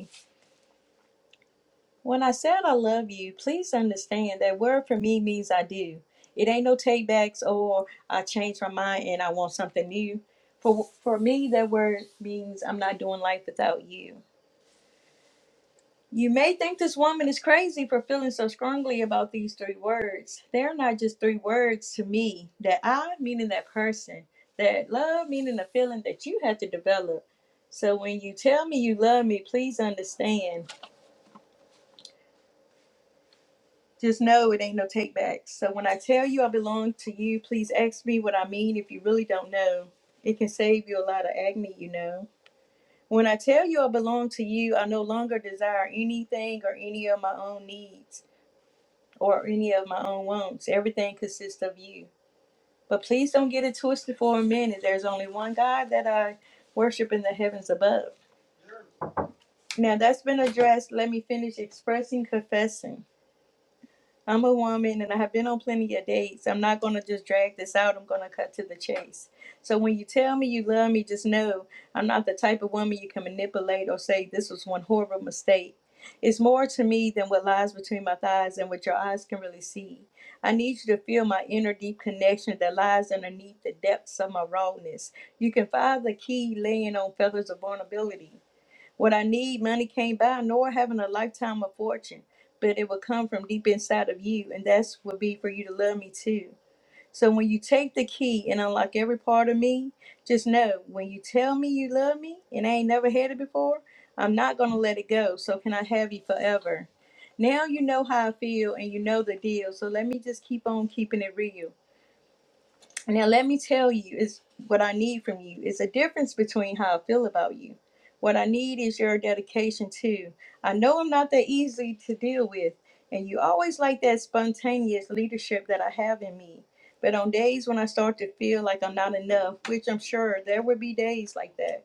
Speaker 5: When I said I love you, please understand that word for me means I do. It ain't no take backs or I changed my mind and I want something new. For for me, that word means I'm not doing life without you. You may think this woman is crazy for feeling so strongly about these three words. They're not just three words to me. That I, meaning that person. That love, meaning the feeling that you had to develop. So when you tell me you love me, please understand. Just know it ain't no take backs. So when I tell you I belong to you, please ask me what I mean if you really don't know. It can save you a lot of agony, you know. When I tell you I belong to you, I no longer desire anything or any of my own needs or any of my own wants. Everything consists of you. But please don't get it twisted for a minute. There's only one God that I worship in the heavens above. Now that's been addressed. Let me finish expressing, confessing. I'm a woman and I have been on plenty of dates. I'm not going to just drag this out. I'm going to cut to the chase. So when you tell me you love me, just know I'm not the type of woman you can manipulate or say this was one horrible mistake. It's more to me than what lies between my thighs and what your eyes can really see. I need you to feel my inner deep connection that lies underneath the depths of my rawness. You can find the key laying on feathers of vulnerability. What I need, money can't buy, nor having a lifetime of fortune, but it will come from deep inside of you, and that's would be for you to love me too. So when you take the key and unlock every part of me, just know when you tell me you love me and I ain't never had it before, I'm not gonna let it go. So can I have you forever? Now you know how I feel and you know the deal. So let me just keep on keeping it real. Now, let me tell you, is what I need from you is a difference between how I feel about you. What I need is your dedication too. I know I'm not that easy to deal with, and you always like that spontaneous leadership that I have in me. But on days when I start to feel like I'm not enough, which I'm sure there will be days like that,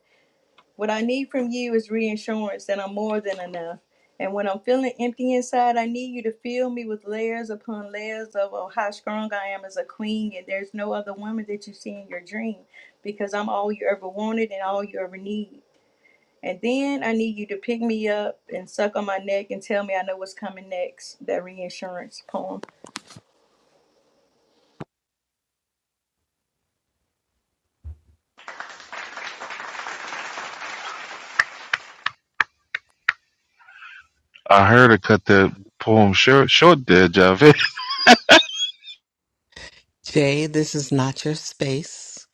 Speaker 5: what I need from you is reassurance that I'm more than enough. And when I'm feeling empty inside, I need you to fill me with layers upon layers of oh, how strong I am as a queen. And there's no other woman that you see in your dream because I'm all you ever wanted and all you ever need. And then I need you to pick me up and suck on my neck and tell me I know what's coming next. That reinsurance poem.
Speaker 3: I heard her cut that poem short, short there, Javed.
Speaker 2: Jay, this is not your space.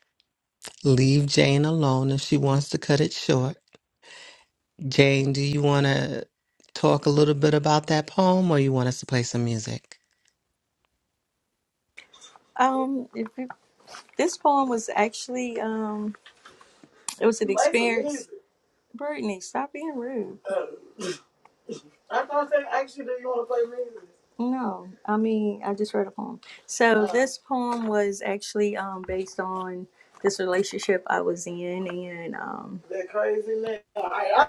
Speaker 2: Leave Jane alone if she wants to cut it short. Jane, do you want to talk a little bit about that poem or you want us to play some music?
Speaker 5: Um, if you, this poem was actually um, it was an so experience. Brittany, stop being rude. Oh. I thought they asked you, do you want to play music? No, I mean I just read a poem. So Oh. this poem was actually um based on this relationship I was in, and um That crazy man. I,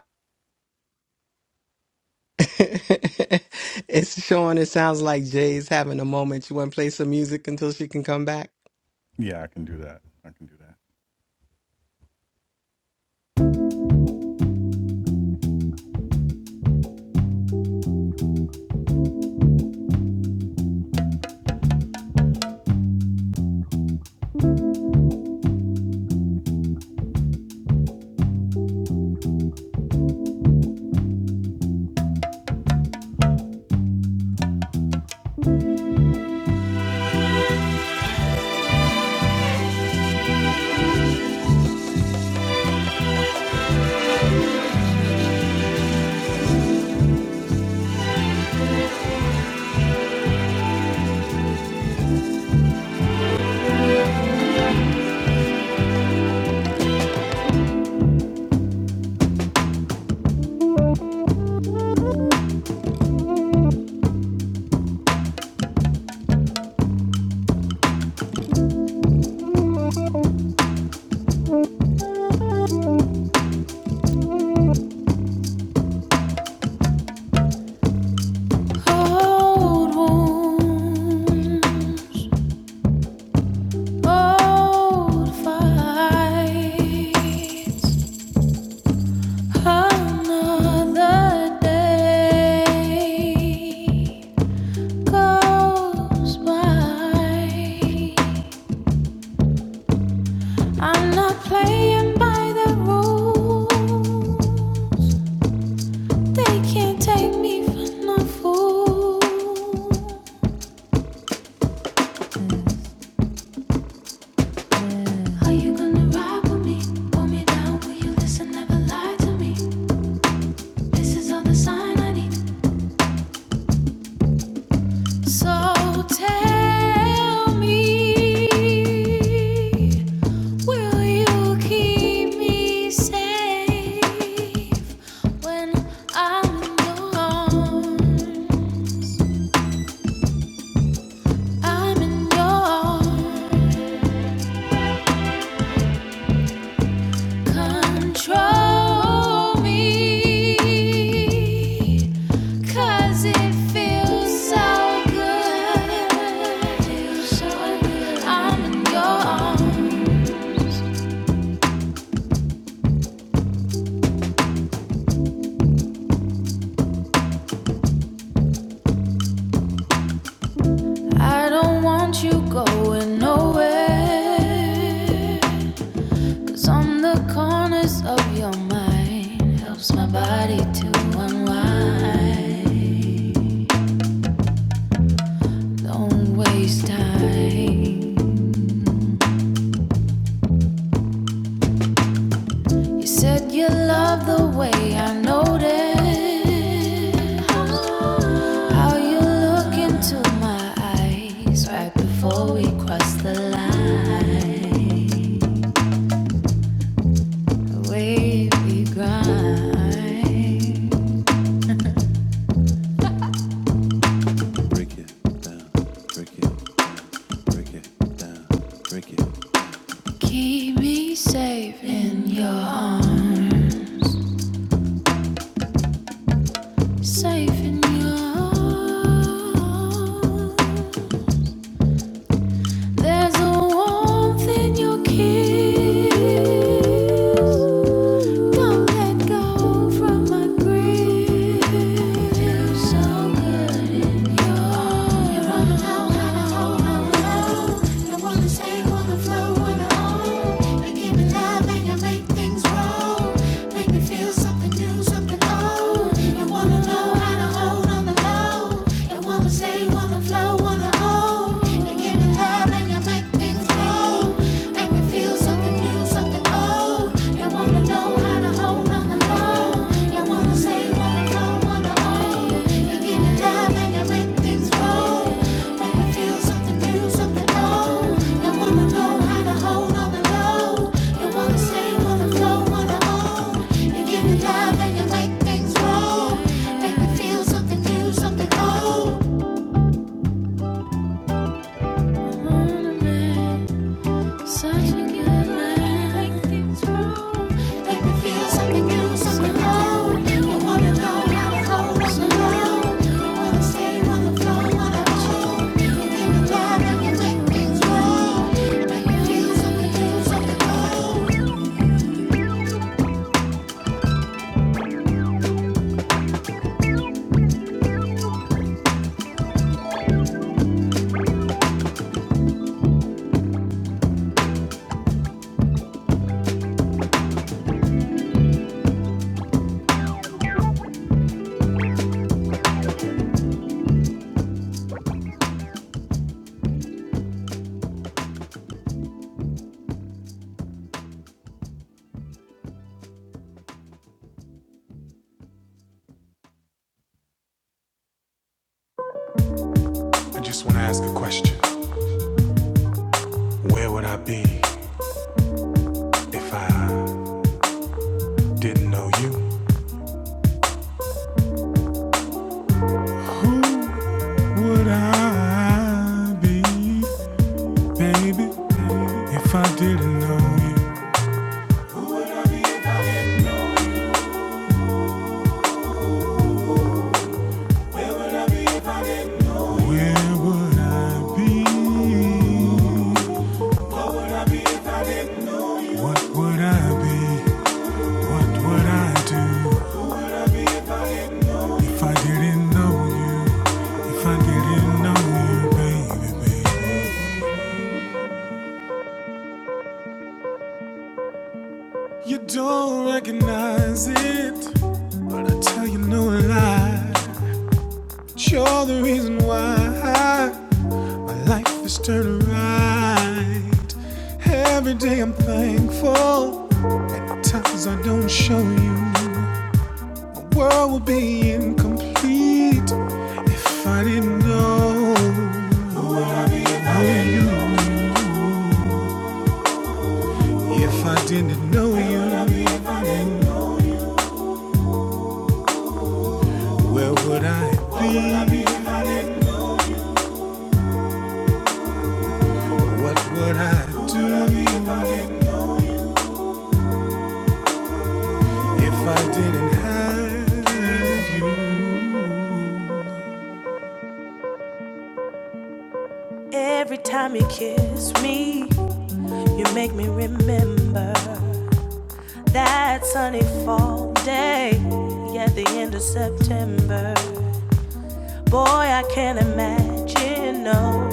Speaker 2: it's Sean. It sounds like Jay's having a moment. You want to play some music until she can come back?
Speaker 1: Old wounds, old fights. Another day goes by. I'm not playing by the rules. They can't take me for no fool. Are you gonna ride with me? Pull me down, will you listen? Never lie to me. This is all the sign I need. So tell me, will you keep me safe when I'm alone? I'm in your arms. Control me, 'cause it feels so good. I'm in your arms. I don't want you going nowhere. 'Cause on the corners of your mind helps my body to unwind. Don't waste time. You said you love the way I noticed how you look into my eyes right before we cross the line. The way we grind, keep me safe in your arms, safe in your arms. There's a warmth in your kiss. Don't let go from my grip. Feel so good in your arms. I wanna stay on the floor on my own. You give me love and you make things grow. Make me feel something new, something old. You wanna know how to hold on the low. You wanna stay on the floor on my own. Make me feel something new, something old. Such a good man. Make me feel something new, something old. You wanna go, wanna go, wanna go. You Wanna stay, wanna go, wanna chill. You give me love, and you make things wrong. Make me feel something new, something old. be what I be, what I do. If I didn't know you, if I didn't know you, baby, baby. You don't recognize it. I tell you no lie. You're the reason why my life is turned right. Every day I'm thankful. Times I don't show you. the World will be incomplete if I didn't know you. If I didn't know you, where would I be? What would I? Every time you kiss me, you make me remember. That sunny fall day at the end of September. Boy, I can't imagine, no.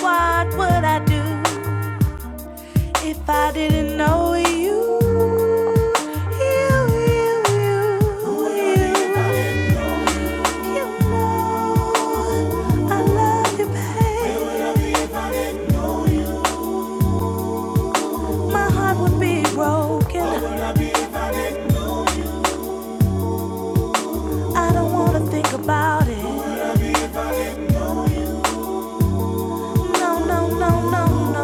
Speaker 1: What would I do if I didn't know you? You, you, you, you. know I love you, babe. My heart would be broken. I don't wanna think about it. No, no, no, no, no. no.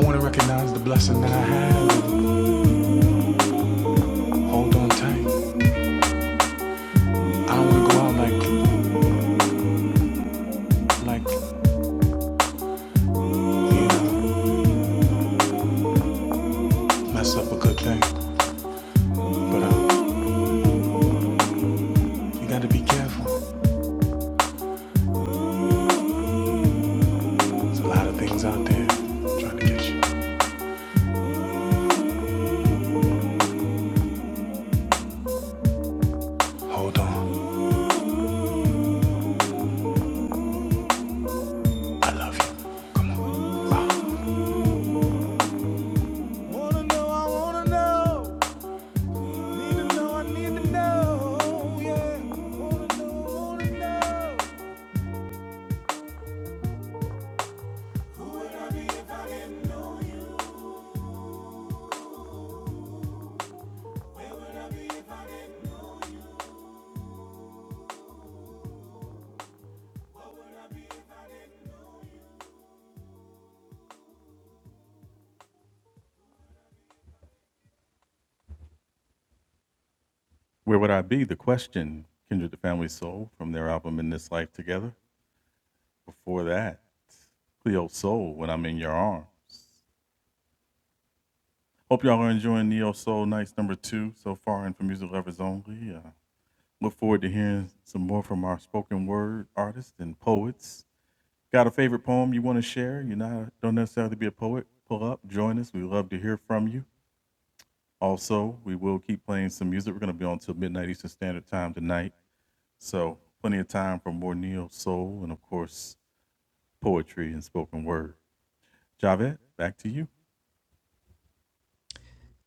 Speaker 1: I want to recognize the blessing that I have. Hold on tight. I want to go out like, like, you know, mess up a good thing. But uh, you got to be careful.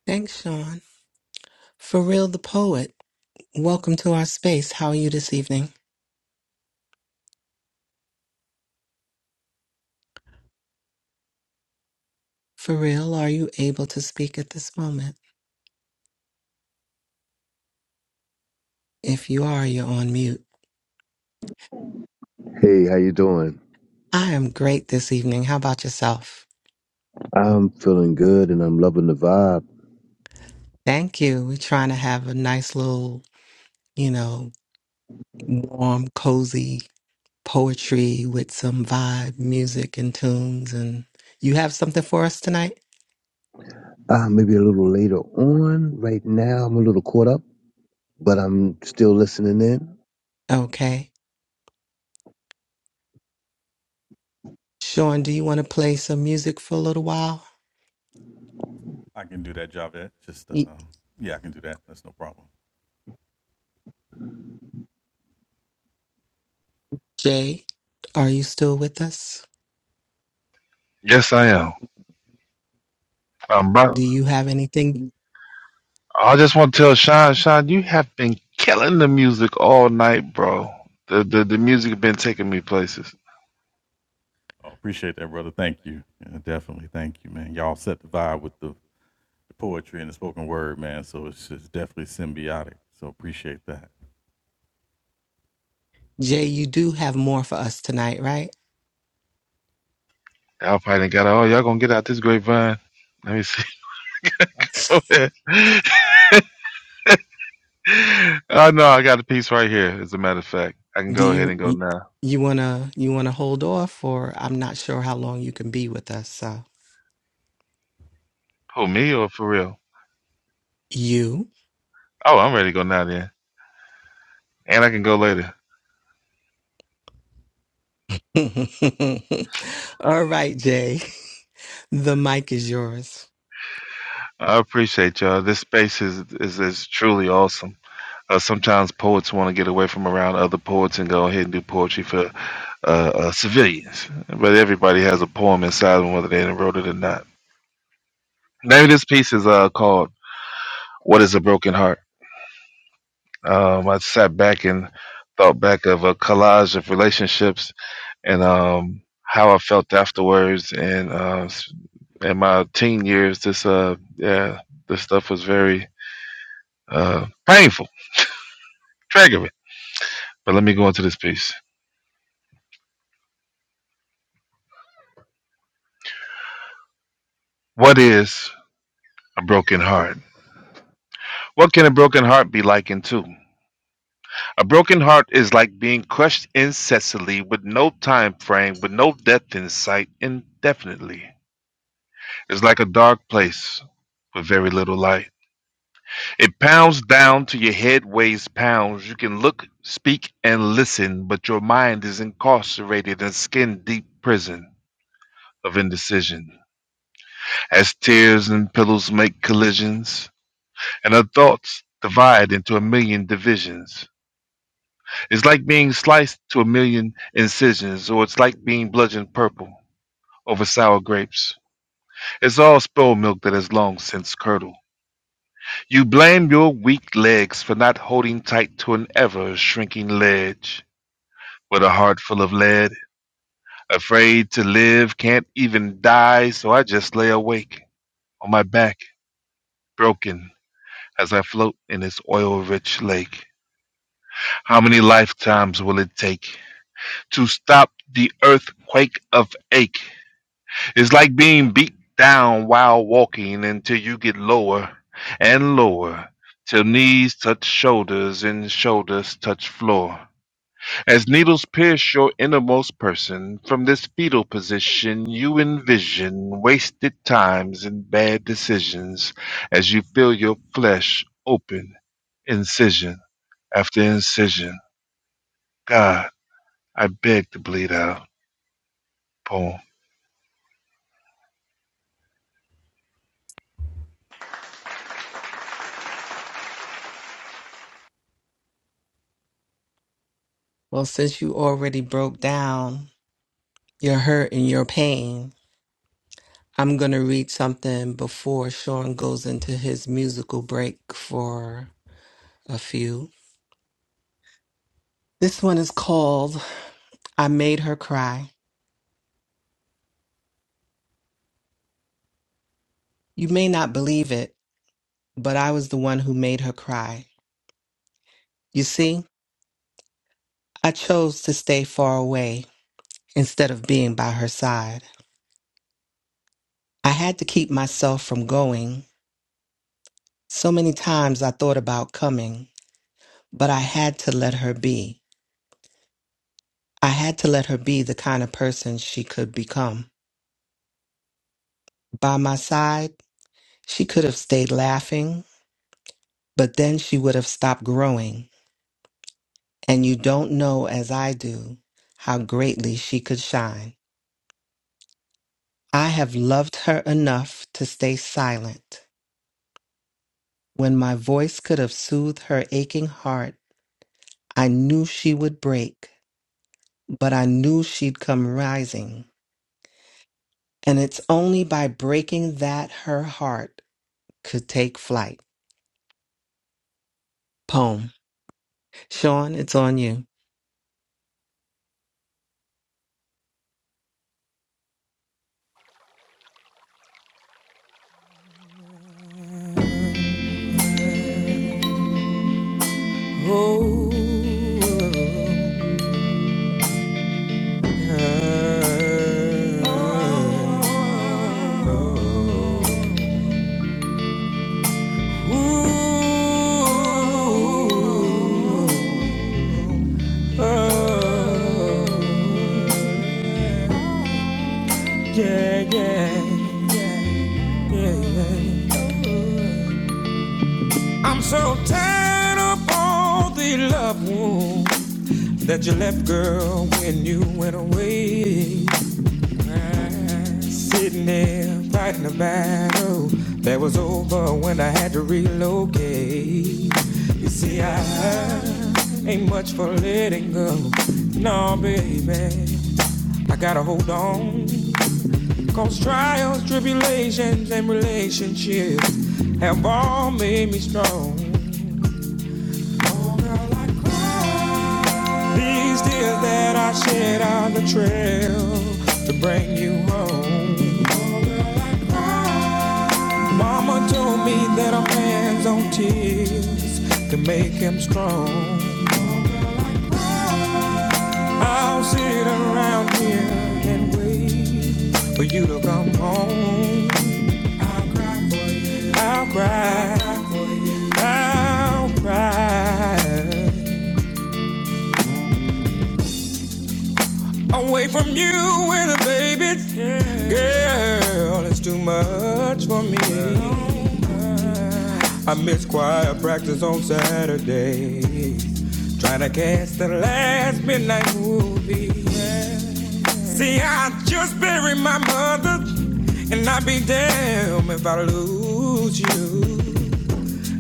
Speaker 2: Thanks, Sean. For real, the poet. Welcome to our space. How are you this evening? For real, are you able to speak at this moment? If you are, you're on mute.
Speaker 6: Hey, how you doing?
Speaker 2: I am great this evening. How about yourself?
Speaker 6: I'm feeling good and I'm loving the vibe.
Speaker 2: Thank you. We're trying to have a nice little, you know, warm, cozy poetry with some vibe, music, and tunes. And you have something for us tonight?
Speaker 6: Uh, maybe a little later on. Right now, I'm a little caught up, but I'm still listening in.
Speaker 2: Okay. Sean, do you want to play some music for a little while? Y- Jay, are you still with us?
Speaker 3: Yes, I am. Um, bro,
Speaker 2: Do you have anything?
Speaker 3: I just want to tell Sean, Sean, you have been killing the music all night, bro. The the, the music has been taking me places.
Speaker 2: Jay, you do have more for us tonight, right?
Speaker 3: Y'all probably done got it. oh, y'all gonna get out this grapevine. Let me see. oh no, I got a piece right here. As a matter of fact, I can
Speaker 2: Do
Speaker 3: go ahead
Speaker 2: you
Speaker 3: and go now.
Speaker 2: you wanna you wanna hold off, or I'm not sure how long you can be with us. So
Speaker 3: Who me or for real?
Speaker 2: you.
Speaker 3: Oh, I'm ready to go now then, and I can go later.
Speaker 2: All right, Jay. The mic is yours.
Speaker 3: I appreciate y'all. This space is is, is truly awesome. Uh, sometimes poets want to get away from around other poets and go ahead and do poetry for uh, uh, civilians. But everybody has a poem inside them, whether they wrote it or not. Name of this piece is uh, called "What Is a Broken Heart." Um, I sat back and thought back of a collage of relationships and um, how I felt afterwards. And uh, s- in my teen years, this uh, yeah, this stuff was very uh, painful, triggering. But let me go into this piece. What is a broken heart? What can a broken heart be likened to? A broken heart is like being crushed incessantly with no time frame, with no death in sight, indefinitely. It's like a dark place with very little light. It pounds down to your head, weighs pounds. You can look, speak, and listen, but your mind is incarcerated in skin deep prison of indecision. As tears and pillows make collisions, and our thoughts divide into a million divisions. It's like being sliced to a million incisions, or it's like being bludgeoned purple over sour grapes. It's all spilled milk that has long since curdled. You blame your weak legs for not holding tight to an ever shrinking ledge. With a heart full of lead, afraid to live, can't even die, so I just lay awake on my back, broken as I float in this oil rich lake. How many lifetimes will it take to stop the earthquake of ache? It's like being beat down while walking until you get lower and lower, till knees touch shoulders and shoulders touch floor. As needles pierce your innermost person, from this fetal position you envision wasted times and bad decisions as you feel your flesh open, incision after incision. God, I beg to bleed out. Poem.
Speaker 2: Well, since you already broke down your hurt and your pain, I'm going to read something before Sean goes into his musical break for a few. This one is called I Made Her Cry. You may not believe it, but I was the one who made her cry. You see, I chose to stay far away instead of being by her side. I had to keep myself from going So many times I thought about coming, but I had to let her be. I had to let her be the kind of person she could become. By my side, she could have stayed laughing, but then she would have stopped growing. And you don't know, as I do, how greatly she could shine. I have loved her enough to stay silent. When my voice could have soothed her aching heart, I knew she would break, but I knew she'd come rising. And it's only by breaking that her heart could take flight. Poem. Sean, it's on you.
Speaker 1: Ooh, yeah, yeah. Tied up all the love left girl when you went away. Fighting over when I locate. You see, I ain't much for living. No, baby. I gotta hold on. Cause trials, tribulations, and relationships have all made me strong. Oh, girl, I cried. These tears that I shed are the trail to bring you home. Mama told me that a man's own tears can make him strong. For you to come home, I'll cry for you. I'll cry. I'll cry. Away from you with a baby. Girl, it's too much for me. I miss choir practice on Saturdays. Trying to catch the last midnight movie. See, I just buried my mother, and I'd be damned if I lose you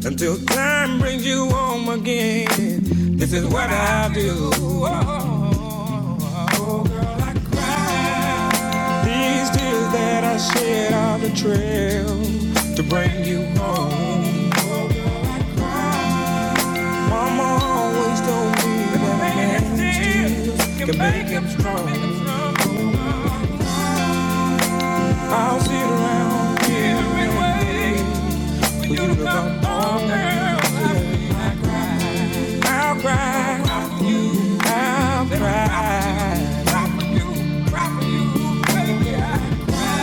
Speaker 1: until time brings you home again. This is what I do. Oh, oh girl, I cry. These tears that I shed on the trail to bring you home. Oh, girl, I cry. Mama always told me that man's tears can make him strong. I'll sit around here every way. When you come home, girl, I'll cry. I'll cry. I'll cry. rock you, rock you, baby, I'll cry.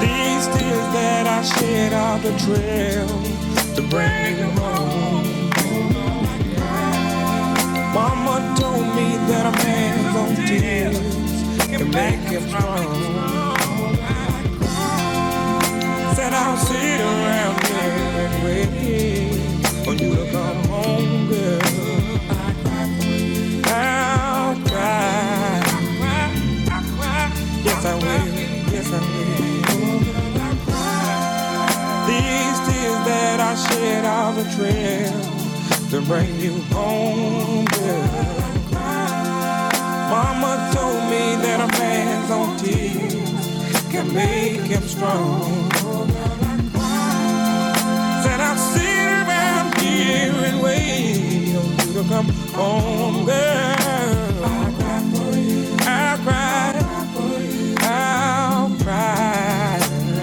Speaker 1: These tears that I shed are the trail to bring you home. Mama told me that a man's own tears can make him strong. Said I'll sit around here and wait for you to come home, girl. I'll cry. Yes, I will. Yes, I will. These tears that I shed are the trail to bring you home, girl. Mama told me that a man's own tears can make him strong. And I'll sit around here and wait on you to come home, girl. I'll cry for you. I'll cry. I'll cry. for you. I'll cry.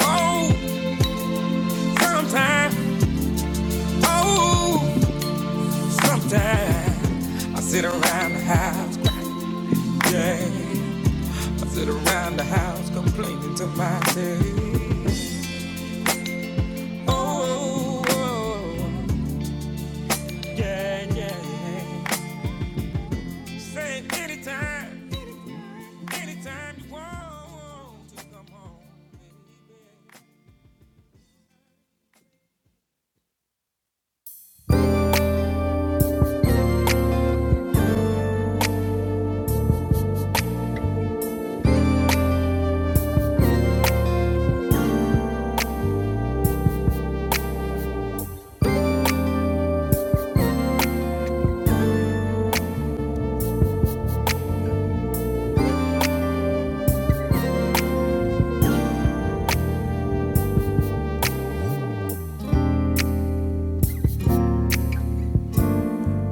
Speaker 1: Oh, sometimes. Oh, sometimes. I sit around the house, yeah. I sit around the house complaining to myself. Oh, oh, oh. yeah, yeah. yeah. Say anytime. Anytime you want to come home,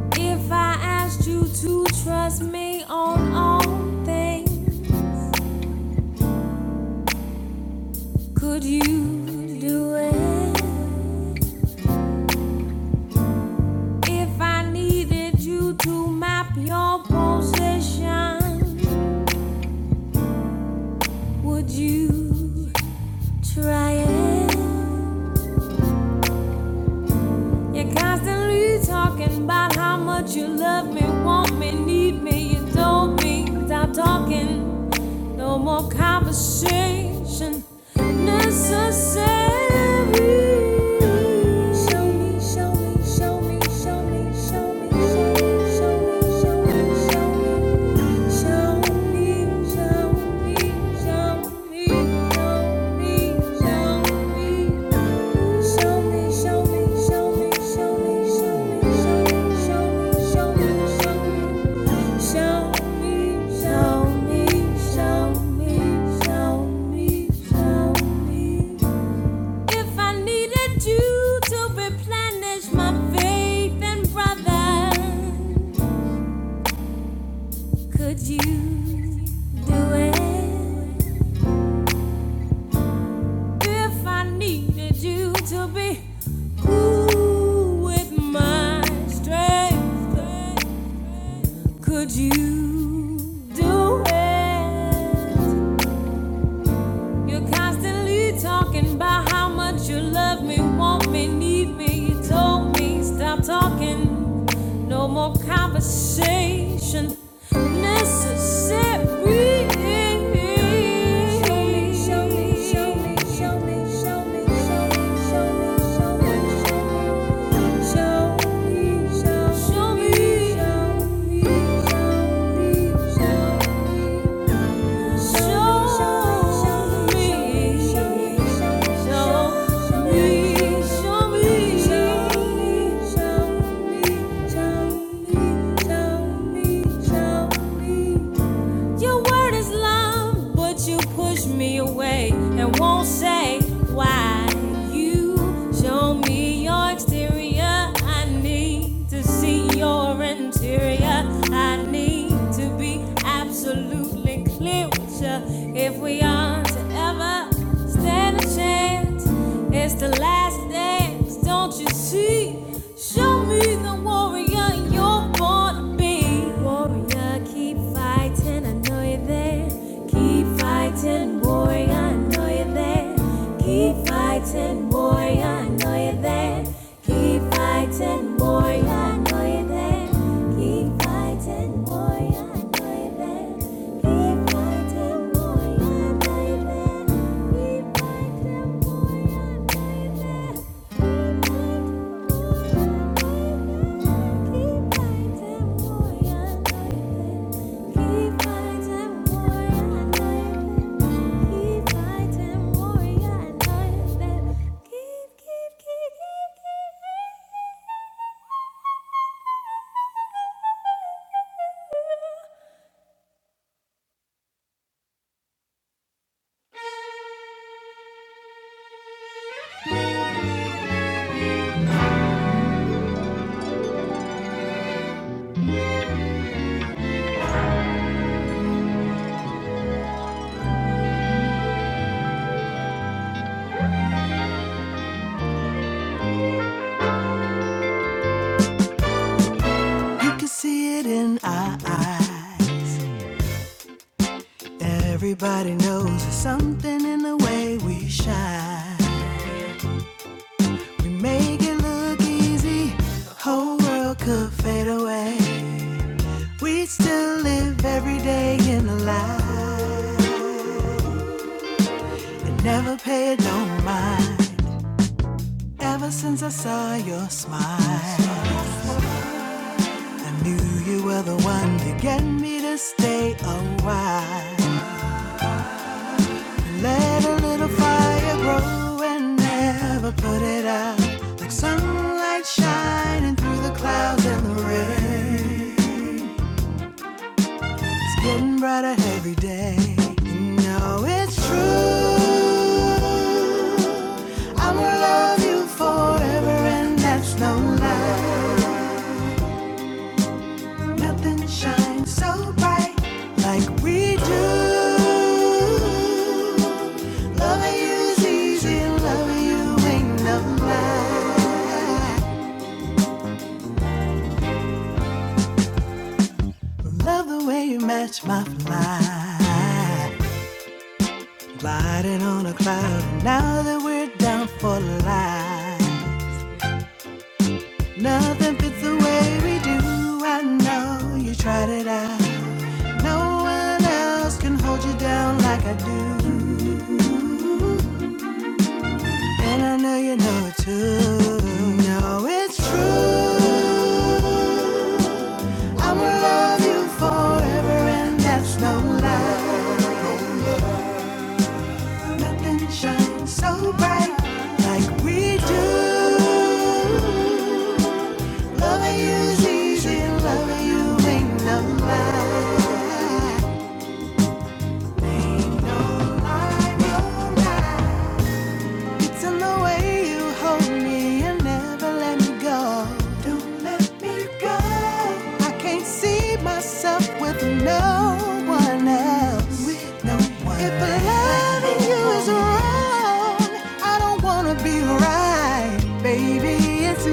Speaker 1: baby. If I asked you to trust me on all things, could you do it? If I needed you to map your position, would you try it? You're constantly talking about how much you love me, want me, need me. You told me, stop talking. No more conversation necessary. Show me, show me, show me, show me, show me, show me, show me, show me, show me. Show me, show me, show me, show me, show me, show me, show me, show me, show me, show me, show me, If I needed you to replenish my faith and brother, could you do it? If I needed you to be cool with my strength, could you do it? You're constantly talking about how much you love me, want me, need me. You told me, stop talking. No more conversation necessary. Show me, show me, show me, show me, show me, show me, show me, show me, show me, show me, show me, show me, show me, show me. Show me. Your word is love, but you push me away and won't say why. You show me your exterior. I need to see your interior. I need to be absolutely clear with you if we are to ever stand a chance. It's the last dance, don't you see? Show me the warrior fighting, you're born to be warrior. Keep fighting, I know you're there. Keep fighting, warrior, I know you're there. Keep fighting, warrior, I know you're there. Keep fighting, warrior, I know you're there. Keep fighting, warrior, I know you're there. Keep fighting, warrior, I know you're there. Keep fighting, warrior, I know you're there. You can see it in our eyes. Everybody knows there's something in the way we shine. We make it look easy. The Whole world could fade away. Living a life you To get me to stay a while. Like sunlight, love the way you match my fly. Gliding on a cloud, now that we're down for life. Nothing it's the way we do. I know you tried it out. No one else can hold you down like I do. Like we, no one else. If loving you is wrong, I don't wanna be right, baby. It's you.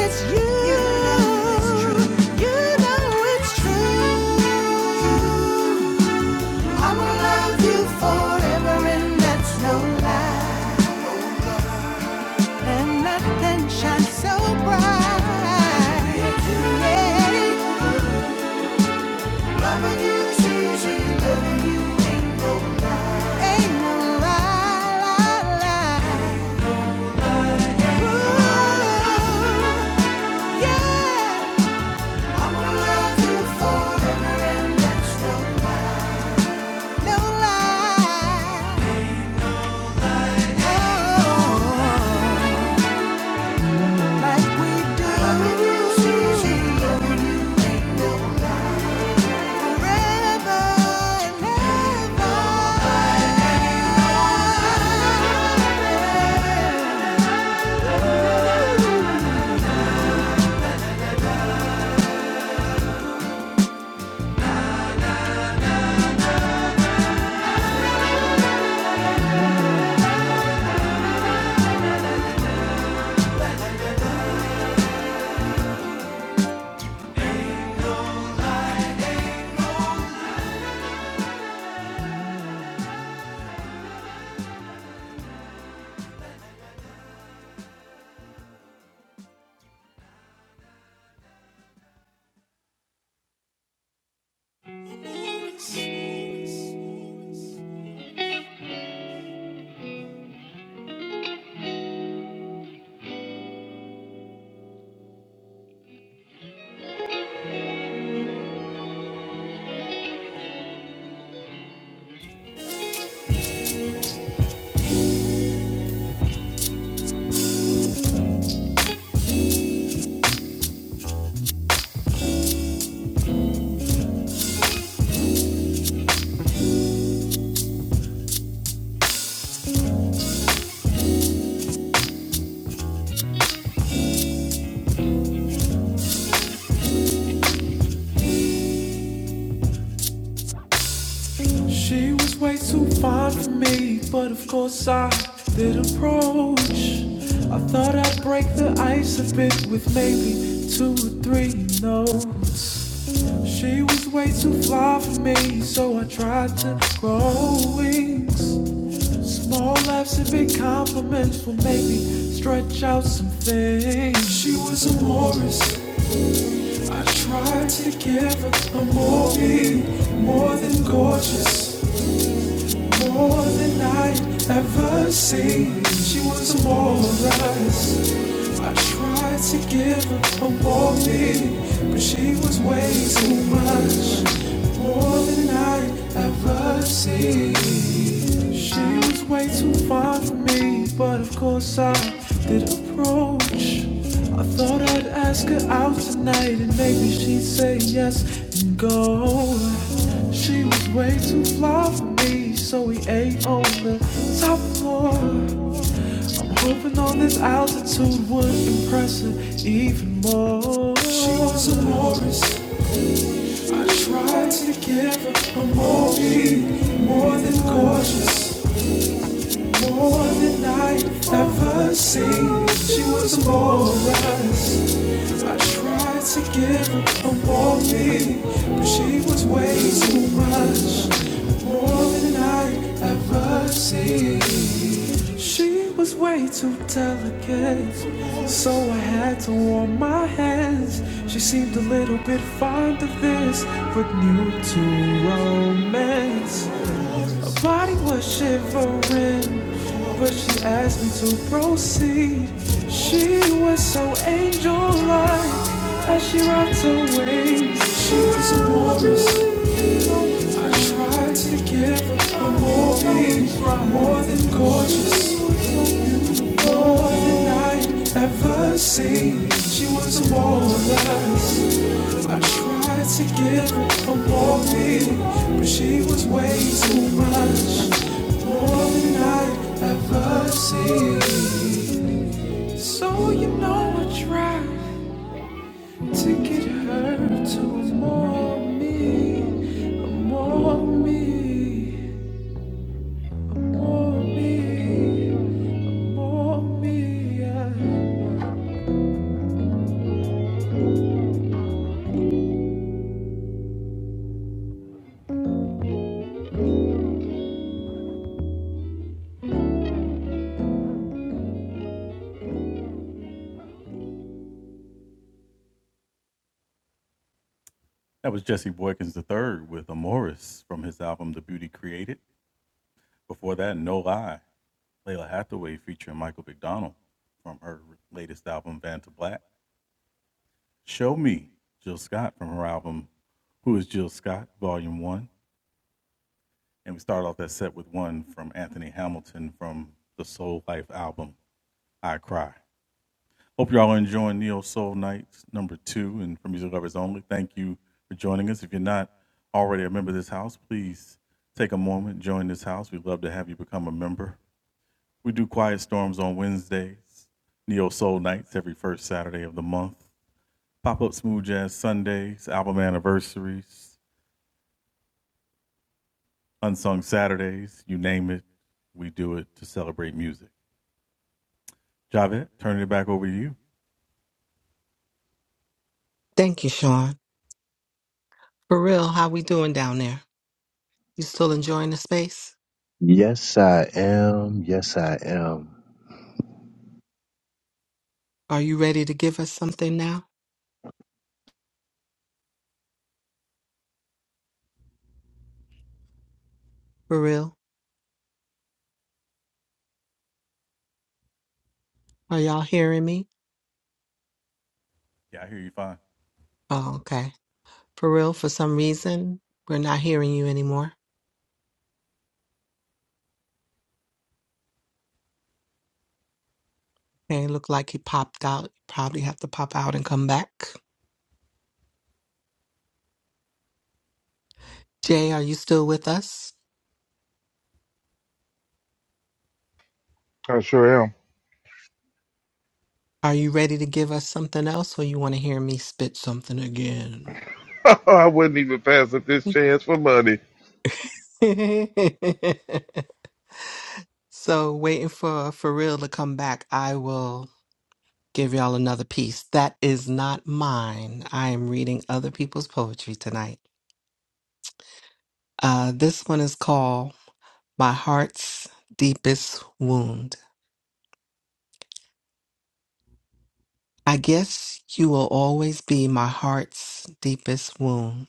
Speaker 1: It's you. You know it's true. I'ma love you forever, and that's no lie. And nothing shines so bright. Yeah. Loving you is easy. Loving you ain't no lie. Ain't no lie, lie, lie. She was way too fine for me, but of course I did approach. I thought I'd break the ice a bit with maybe two or three notes. She was way too fly for me, so I tried to grow wings. Small laughs and big compliments will make me stretch out some things. She was Morris, more, than I asked. she gave too much. ever see. She, but of course I did approach. I thought I'd ask her out tonight and maybe she'd say yes and go. She was way too fly for me, so we ate on the top floor. I'm hoping on this altitude would impress her even more. She was a Morris. I tried to give her a more more than gorgeous. mercy she delegates so i had to once she seemed a little bit fond of this to romance body was shivering but she asked me to proceed she was so angel-like as she rocked her waist. She was a walrus. Tried to give her a movie. More than gorgeous. I'd ever seen. She was a walrus. Tried to give it a warning, but she was way too much. I'd ever seen. So you know I tried to get her to more me, more me, more me, more me.
Speaker 2: Thank you, Sean. For real, how we doing down there? You still enjoying the space?
Speaker 6: Yes, I am. Yes, I am.
Speaker 2: Are you ready to give us something now? For real? Are y'all hearing me? Oh, okay. For real, for some reason, we're not hearing you anymore. Okay, look like you popped out. Probably have to pop out and come back. Jay, are you still with us?
Speaker 3: I sure am.
Speaker 2: Are you ready to give us something else or you want to hear me spit something again?
Speaker 3: I wouldn't even pass up this chance for money.
Speaker 2: so waiting for for real to come back i will give y'all another piece that is not mine i am reading other people's poetry tonight uh this one is called my heart's deepest wound i guess you will always be my heart's deepest wound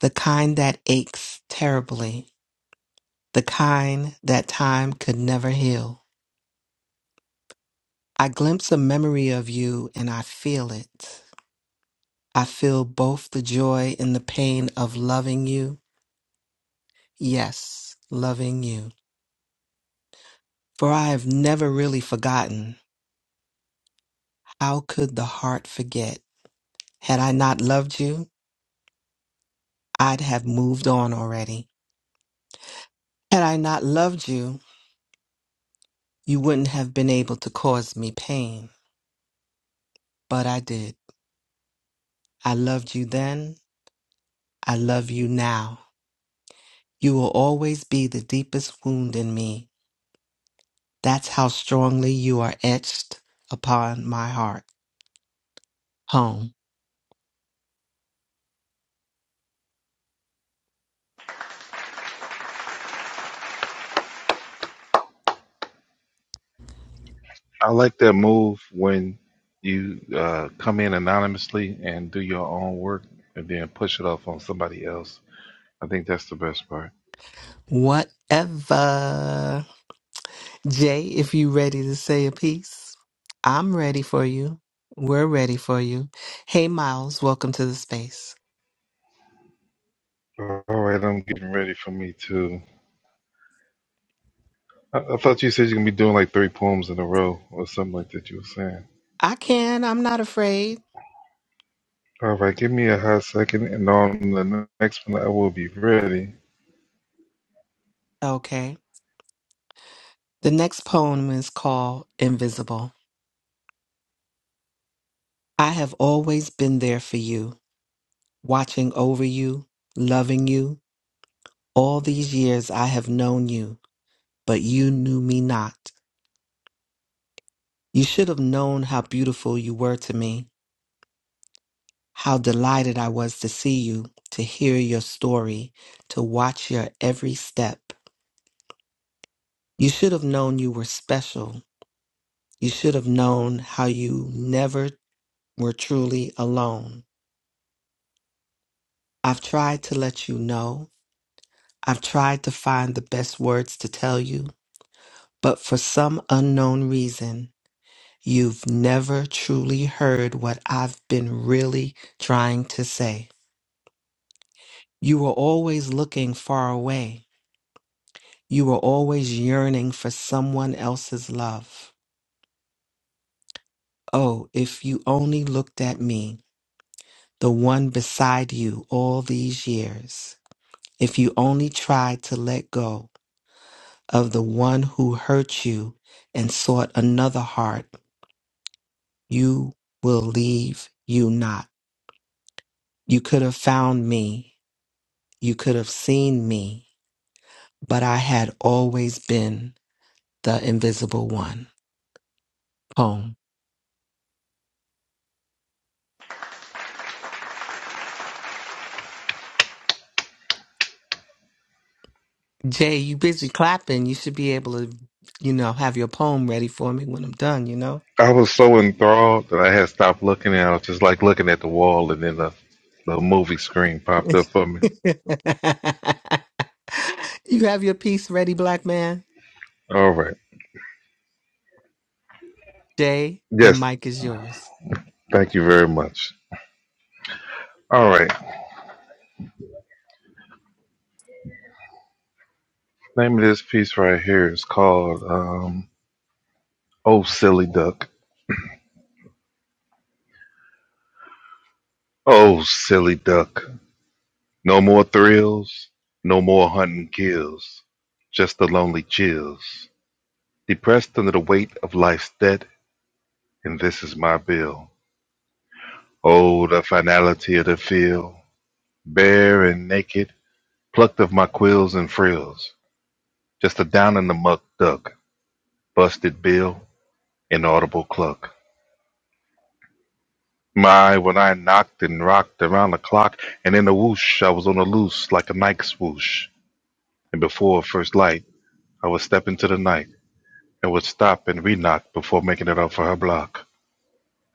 Speaker 2: the kind that aches terribly the kind that time could never heal i glimpse a memory of you and i feel it I feel both the joy and the pain of loving you. Yes, loving you. For I have never really forgotten. How could the heart forget? Had I not loved you, I'd have moved on already. Had I not loved you, you wouldn't have been able to cause me pain. But I did. I loved you then. I love you now. You will always be the deepest wound in me. That's how strongly you are etched upon my heart. Home.
Speaker 3: I like that move when you uh, come in anonymously and do your own work and then push it off on somebody else. I think that's the best part.
Speaker 2: Whatever. Jay, if you ready to say a piece, I'm ready for you. We're ready for you. Hey, Miles, welcome to the space.
Speaker 3: All right, I'm getting ready for me too. I, I thought you said you're going to be doing like three poems in a row or something like that you were saying.
Speaker 2: I can, I'm not afraid.
Speaker 3: All right, give me a hot second and on the next one I will be ready.
Speaker 2: Okay. The next poem is called Invisible. I have always been there for you, watching over you, loving you. All these years I have known you, but you knew me not. You should have known how beautiful you were to me. How delighted I was to see you, to hear your story, to watch your every step. You should have known you were special. You should have known how you never were truly alone. I've tried to let you know. I've tried to find the best words to tell you, but for some unknown reason, you've never truly heard what I've been really trying to say. You were always looking far away You were always yearning for someone else's love. Oh, if you only looked at me, the one beside you all these years. If you only tried to let go of the one who hurt you and sought another heart, you will leave you not. You could have found me. You could have seen me, but I had always been the invisible one. Poem. Jay, you busy clapping. You should be able to, you know, have your poem ready for me when I'm done, you know?
Speaker 3: I was so enthralled that I had stopped looking and I was just like looking at the wall and then the, the movie screen popped up for me.
Speaker 2: you have your piece ready, black man?
Speaker 3: All right.
Speaker 2: Jay, the
Speaker 3: Yes.
Speaker 2: mic is yours.
Speaker 3: Thank you very much. All right. Name of this piece right here is called um, "Oh Silly Duck." Oh silly duck. No more thrills. No more hunting kills. Just the lonely chills. Depressed under the weight of life's debt, and this is my bill. Oh, the finality of the field, bare and naked, plucked of my quills and frills. Just a down in the muck duck, busted bill, inaudible cluck. My, when I knocked and rocked around the clock, and in a whoosh, I was on the loose like a Nike swoosh. And before first light, I would step into the night and would stop and re-knock before making it up for her block,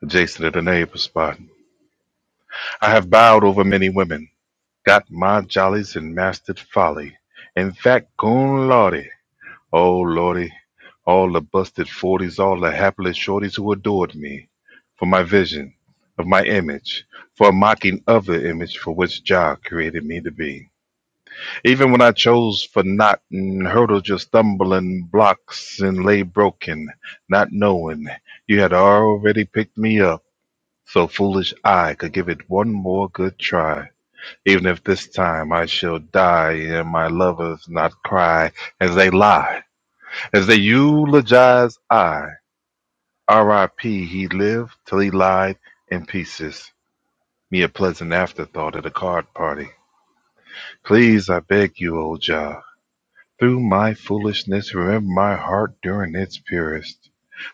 Speaker 3: adjacent to the neighbor spot. I have bowed over many women, got my jollies and mastered folly. In fact, cum laude, Oh lordy, all the busted forties, all the hapless shorties who adored me for my vision of my image, for a mocking of the image for which Jah created me to be. Even when I chose for not and hurdled your stumbling blocks and lay broken, not knowing you had already picked me up, so foolish I could give it one more good try. Even if this time I shall die and my lovers not cry as they lie as they eulogize I, R.I.P. he lived till he lied in pieces. Me a pleasant afterthought at a card party. Please, I beg you, old Jah, through my foolishness, remember my heart during its purest.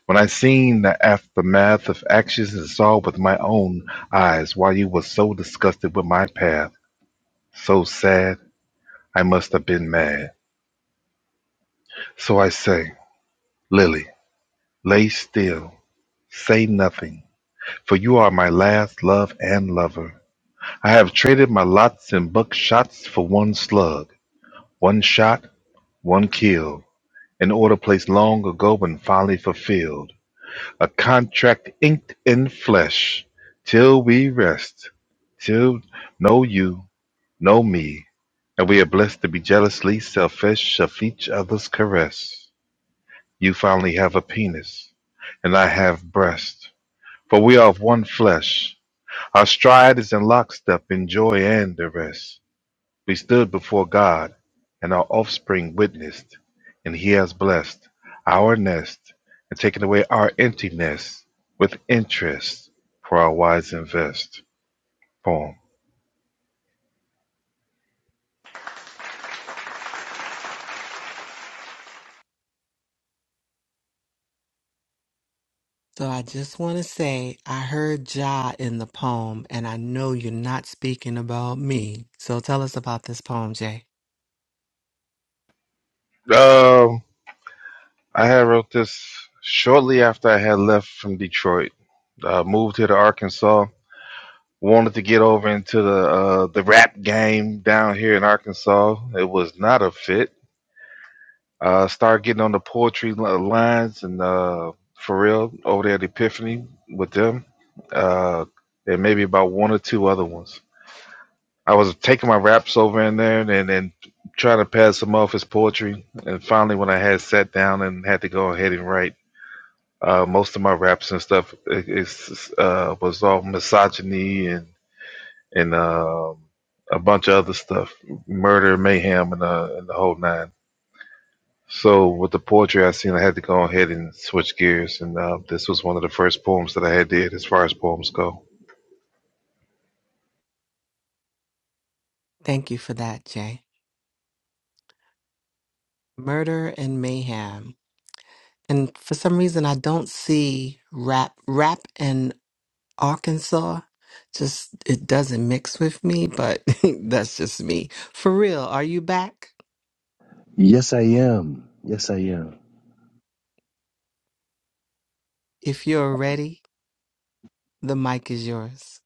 Speaker 3: When I seen the aftermath of actions and saw with my own eyes why you was so disgusted with my path, so sad, I must have been mad. So I say, Lily, lay still, say nothing. For you are my last love and lover. I have traded my lots and buckshots for one slug, one shot, one kill. An order placed long ago and finally fulfilled. A contract inked in flesh. Till we rest. Till know you, know me. And we are blessed to be jealously selfish of each other's caress. You finally have a penis, and I have breast. For we are of one flesh. Our stride is in lockstep in joy and duress. We stood before God, and our offspring witnessed, and He has blessed our nest and taken away our emptiness with interest for our wise invest poem.
Speaker 2: So I just want to say I heard Ja in the poem, and I know you're not speaking about me. So tell us about this poem, Jay.
Speaker 3: Um, I had wrote this shortly after I had left from Detroit. Uh, moved here to Arkansas. Wanted to get over into the uh, the rap game down here in Arkansas. It was not a fit Uh, start getting on the poetry li- lines and uh, for real over there at Epiphany with them, uh, and maybe about one or two other ones. I was taking my raps over in there and and then trying to pass them off as poetry. And finally, when I had sat down and had to go ahead and write, uh, most of my raps and stuff it, it's, uh, was all misogyny and and um a bunch of other stuff, murder, mayhem, and, uh, and the whole nine. So with the poetry I seen, I had to go ahead and switch gears, and uh, this was one of the first poems that I had did as far as poems go.
Speaker 2: Thank you for that, Jay. Murder and mayhem. And for some reason, I don't see rap, rap and Arkansas. Just it doesn't mix with me, but that's just me. For real, are you back?
Speaker 6: Yes, I am. Yes, I am.
Speaker 2: If you're ready, the mic is yours.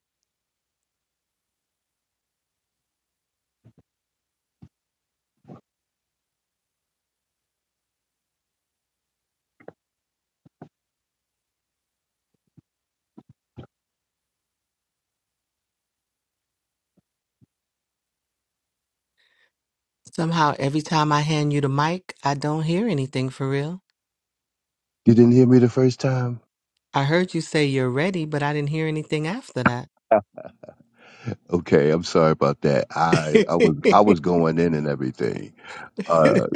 Speaker 2: Somehow every time I hand you the mic, I don't hear anything for real.
Speaker 6: You didn't hear me the first time?
Speaker 2: I heard you say you're ready, but I didn't hear anything after that.
Speaker 6: Okay, I'm sorry about that. I I was I was going in and everything. Uh,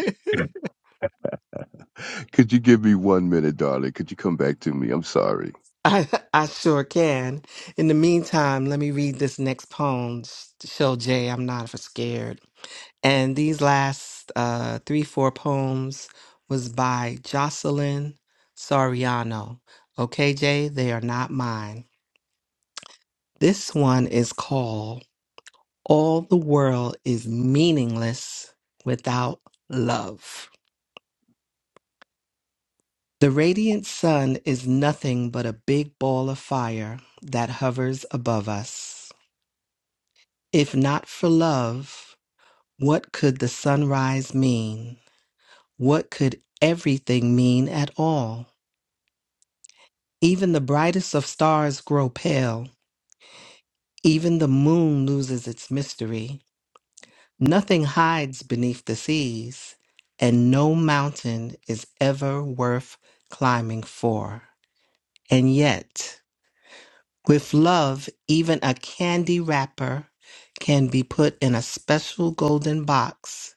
Speaker 6: could you give me one minute, darling? Could you come back to me? I'm sorry.
Speaker 2: I, I sure can. In the meantime, let me read this next poem. Show Jay I'm not scared. And these last uh, three, four poems was by Jocelyn Soriano. Okay, Jay, they are not mine. This one is called All the World is Meaningless Without Love. The radiant sun is nothing but a big ball of fire that hovers above us. If not for love, what could the sunrise mean? What could everything mean at all? Even the brightest of stars grow pale. Even the moon loses its mystery. Nothing hides beneath the seas, and no mountain is ever worth climbing for. And yet, with love, even a candy wrapper can be put in a special golden box.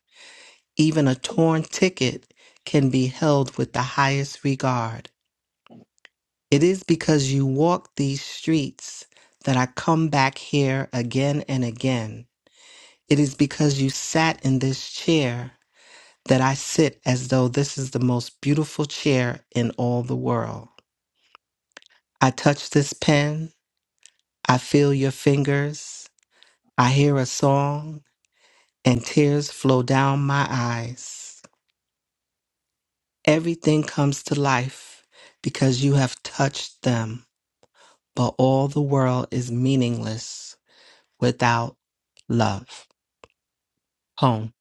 Speaker 2: Even a torn ticket can be held with the highest regard. It is because you walk these streets that I come back here again and again. It is because you sat in this chair that I sit as though this is the most beautiful chair in all the world. I touch this pen, I feel your fingers, I hear a song, and tears flow down my eyes. Everything comes to life because you have touched them, but all the world is meaningless without love. Home.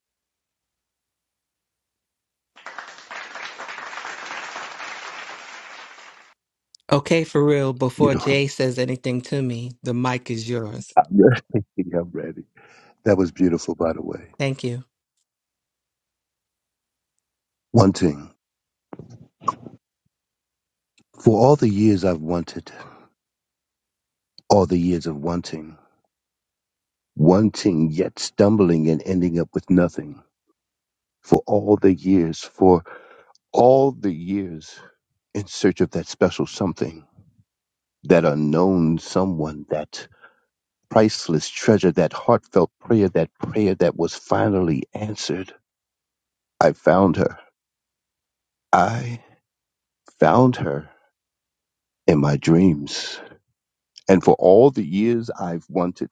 Speaker 2: Okay, for real,
Speaker 6: You
Speaker 2: before
Speaker 6: know,
Speaker 2: Jay says anything to me, the mic is yours.
Speaker 6: I'm ready. I'm ready. That was beautiful, by the way.
Speaker 2: Thank you.
Speaker 6: One thing. For all the years I've wanted, all the years of wanting, wanting yet stumbling and ending up with nothing. For all the years, for all the years in search of that special something, that unknown someone, that priceless treasure, that heartfelt prayer, that prayer that was finally answered. I found her. I found her in my dreams. And for all the years I've wanted,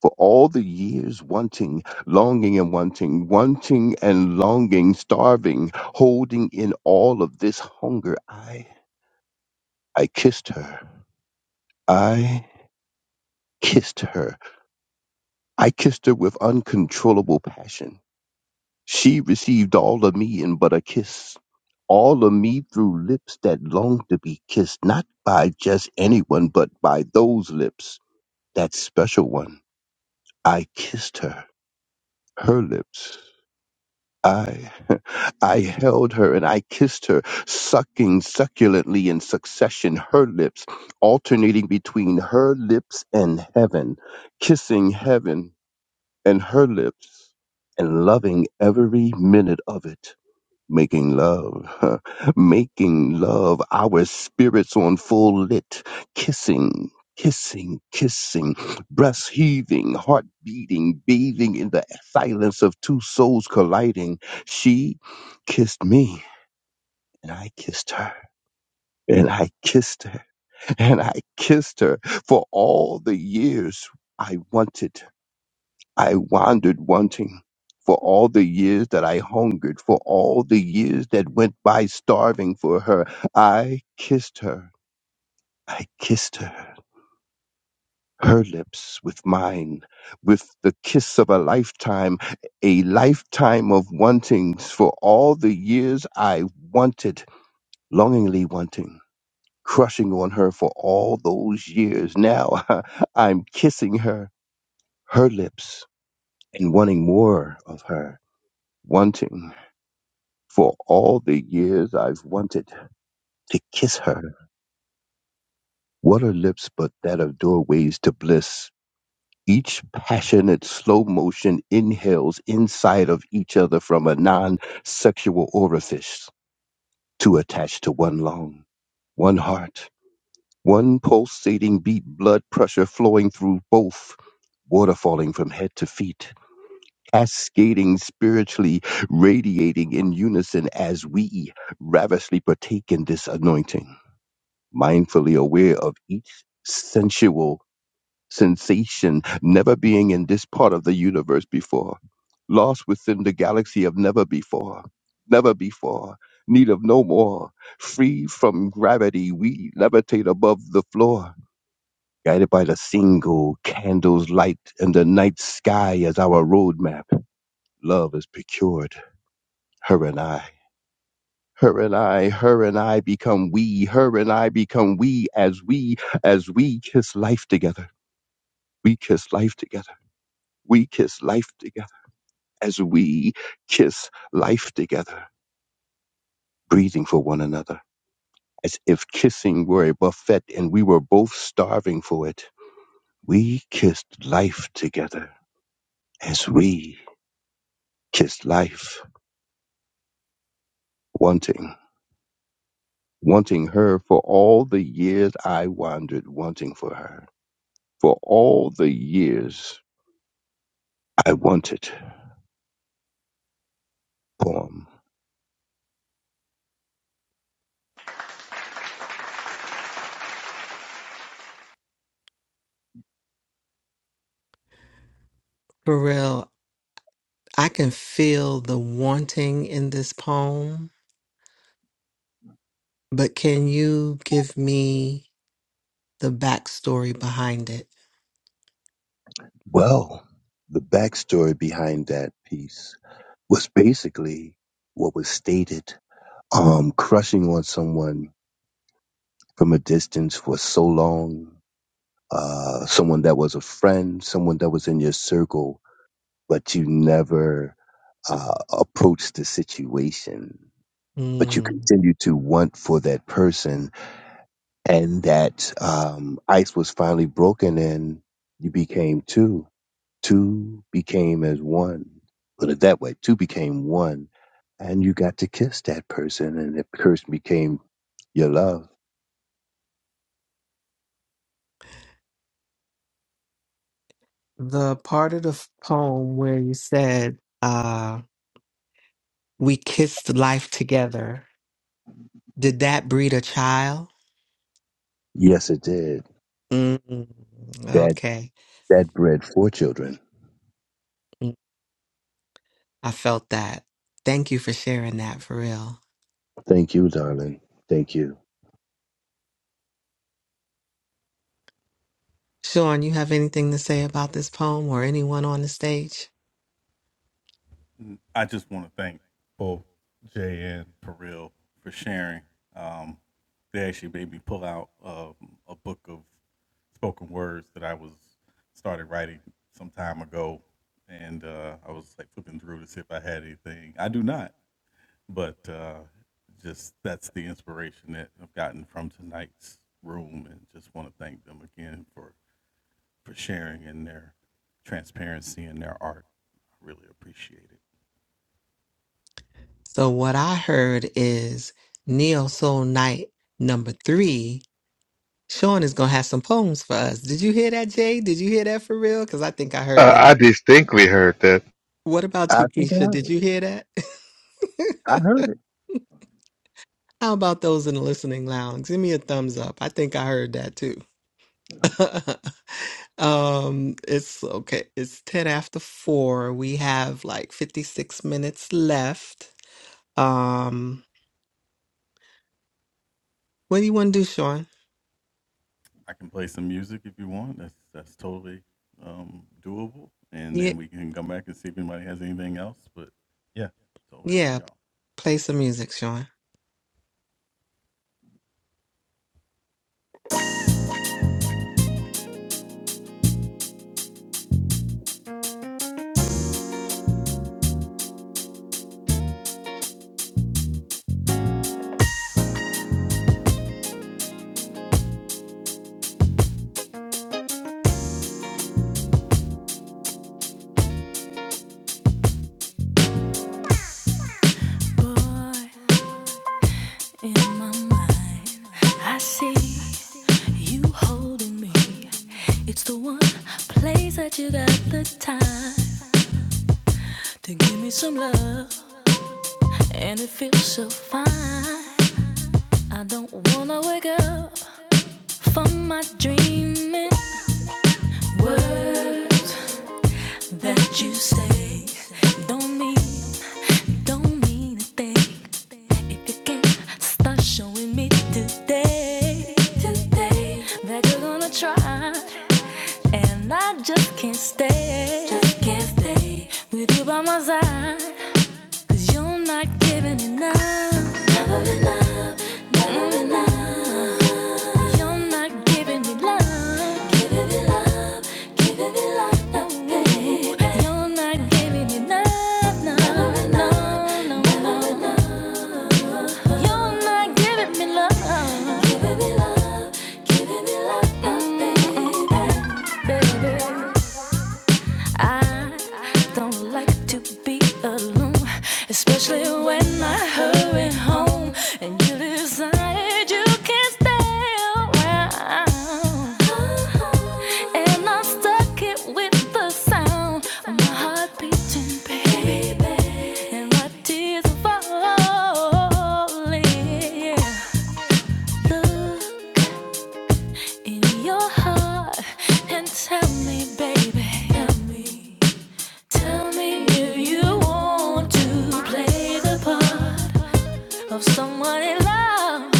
Speaker 6: for all the years wanting, longing and wanting, wanting and longing, starving, holding in all of this hunger. I, I kissed her. I kissed her. I kissed her with uncontrollable passion. She received all of me in but a kiss. All of me through lips that longed to be kissed, not by just anyone, but by those lips, that special one. I kissed her, her lips. I, I held her and I kissed her, sucking succulently in succession her lips, alternating between her lips and heaven, kissing heaven and her lips, and loving every minute of it making love, making love, our spirits on full lit, kissing, kissing, kissing, breast heaving, heart beating, bathing in the silence of two souls colliding. She kissed me. And I kissed her, and I kissed her, and I kissed her for all the years I wanted. I wandered wanting for all the years that I hungered, for all the years that went by starving for her. I kissed her. I kissed her. Her lips with mine, with the kiss of a lifetime, a lifetime of wantings for all the years I wanted, longingly wanting, crushing on her for all those years. Now I'm kissing her, her lips, and wanting more of her, wanting. For all the years I've wanted to kiss her. What are lips but that of doorways to bliss? Each passionate slow motion inhales inside of each other from a non sexual orifice to attach to one lung, one heart, one pulsating beat, blood pressure flowing through both, water falling from head to feet, cascading spiritually, radiating in unison as we ravishly partake in this anointing. mindfully aware of each sensual sensation, never being in this part of the universe before, lost within the galaxy of never before, never before, need of no more, free from gravity, we levitate above the floor. Guided by the single candle's light and the night sky as our roadmap, love is procured, her and I. Her and I, her and I become we, her and I become we as we, as we kiss life together. We kiss life together. We kiss life together. As we kiss life together, breathing for one another. As if kissing were a buffet and we were both starving for it. We kissed life together. As we kissed life, wanting, wanting her for all the years I wandered, wanting for her. For all the years I Want It poem.
Speaker 2: For real, I can feel the wanting in this poem, but can you give me the backstory behind it?
Speaker 6: Well, the backstory behind that piece was basically what was stated. Um, crushing on someone from a distance for so long, uh, someone that was a friend, someone that was in your circle, but you never uh, approached the situation. But you
Speaker 2: Mm.
Speaker 6: continue to want for that person, and that um, ice was finally broken, and you became two Two became as one. Put it that way, two became one. And you got to kiss that person and that person became your love.
Speaker 2: The part of the poem where you said, uh, we kissed life together. Did that breed a child?
Speaker 6: Yes, it did.
Speaker 2: mm
Speaker 6: That
Speaker 2: Okay.
Speaker 6: that bred four children.
Speaker 2: Mm. I felt that. Thank you for sharing that for real.
Speaker 6: Thank you, darling. Thank you.
Speaker 2: Sean, you have anything to say about this poem or anyone on the stage? So, what I heard is Neo Soul Night number three. Sean is going to have some poems for us. Did you hear that, Jay? Did you hear that for real? Because I think I heard
Speaker 3: Uh,
Speaker 2: that.
Speaker 3: I distinctly heard that.
Speaker 2: What about
Speaker 6: I
Speaker 2: you,
Speaker 6: think I
Speaker 2: Keisha?
Speaker 6: heard
Speaker 2: Did
Speaker 6: it.
Speaker 2: you hear that?
Speaker 6: I heard it.
Speaker 2: How about those in the listening lounge? Give me a thumbs up. I think I heard that too. um, it's okay. It's 10 after 4. We have like 56 minutes left. Um, what do you want to do, Sean? Yeah, yeah, play some music, Sean.
Speaker 1: yeah. You holding me. It's the one place that you got the time to give me some love, and it feels so fine. I don't wanna wake up from my dreaming. Words that you say don't mean Don't mean a thing if you can start showing me today, today that you're gonna try, and I just can't stay, just can't stay with you by my side. Cause you're not giving enough. Never enough. Never enough. You're not giving me love. Giving me love. Giving me love. No, baby. You're not giving enough. No, never no, enough. no, never no. Enough. You're not giving me love. Giving me love. Giving me love. No, baby. Baby. I don't like to be alone, especially when I hurry home and you decide you can't stay around. And I'm stuck it with the sound of my heart beating, baby, and my tears falling. Look in your heart and tell me, baby, tell me. Tell me if you want to play the part of someone in love?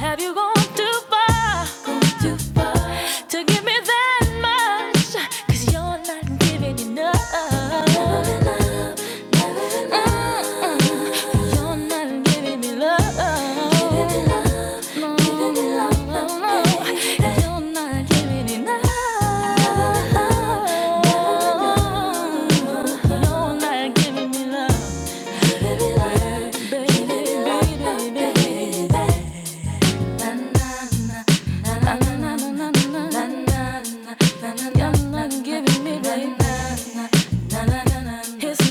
Speaker 1: Have you gone too far? Gone too far To give me that much? you you're not giving enough. Never enough. never enough. Mm-mm. You're not giving me love. Giving me love. No, giving me love, no, no. no. You're not giving enough. Never enough, never enough. You're not giving me love. It's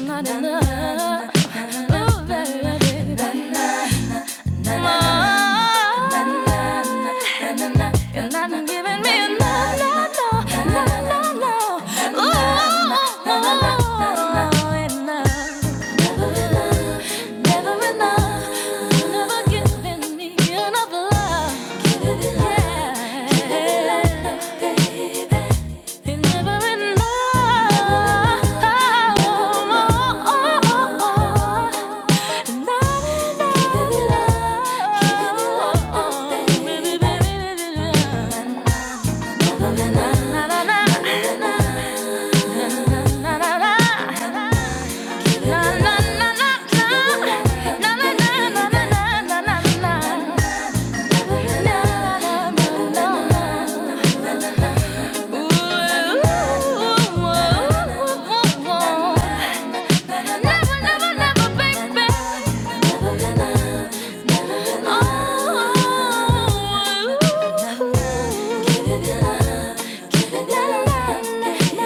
Speaker 1: not enough. Ooh, baby. baby. You're not giving me a no, no, no, no, no, no. Ooh, enough. Never enough, never enough. You're never giving me enough love. Give it enough, give it enough, baby. You're never enough. Give it up, give it up, give it up.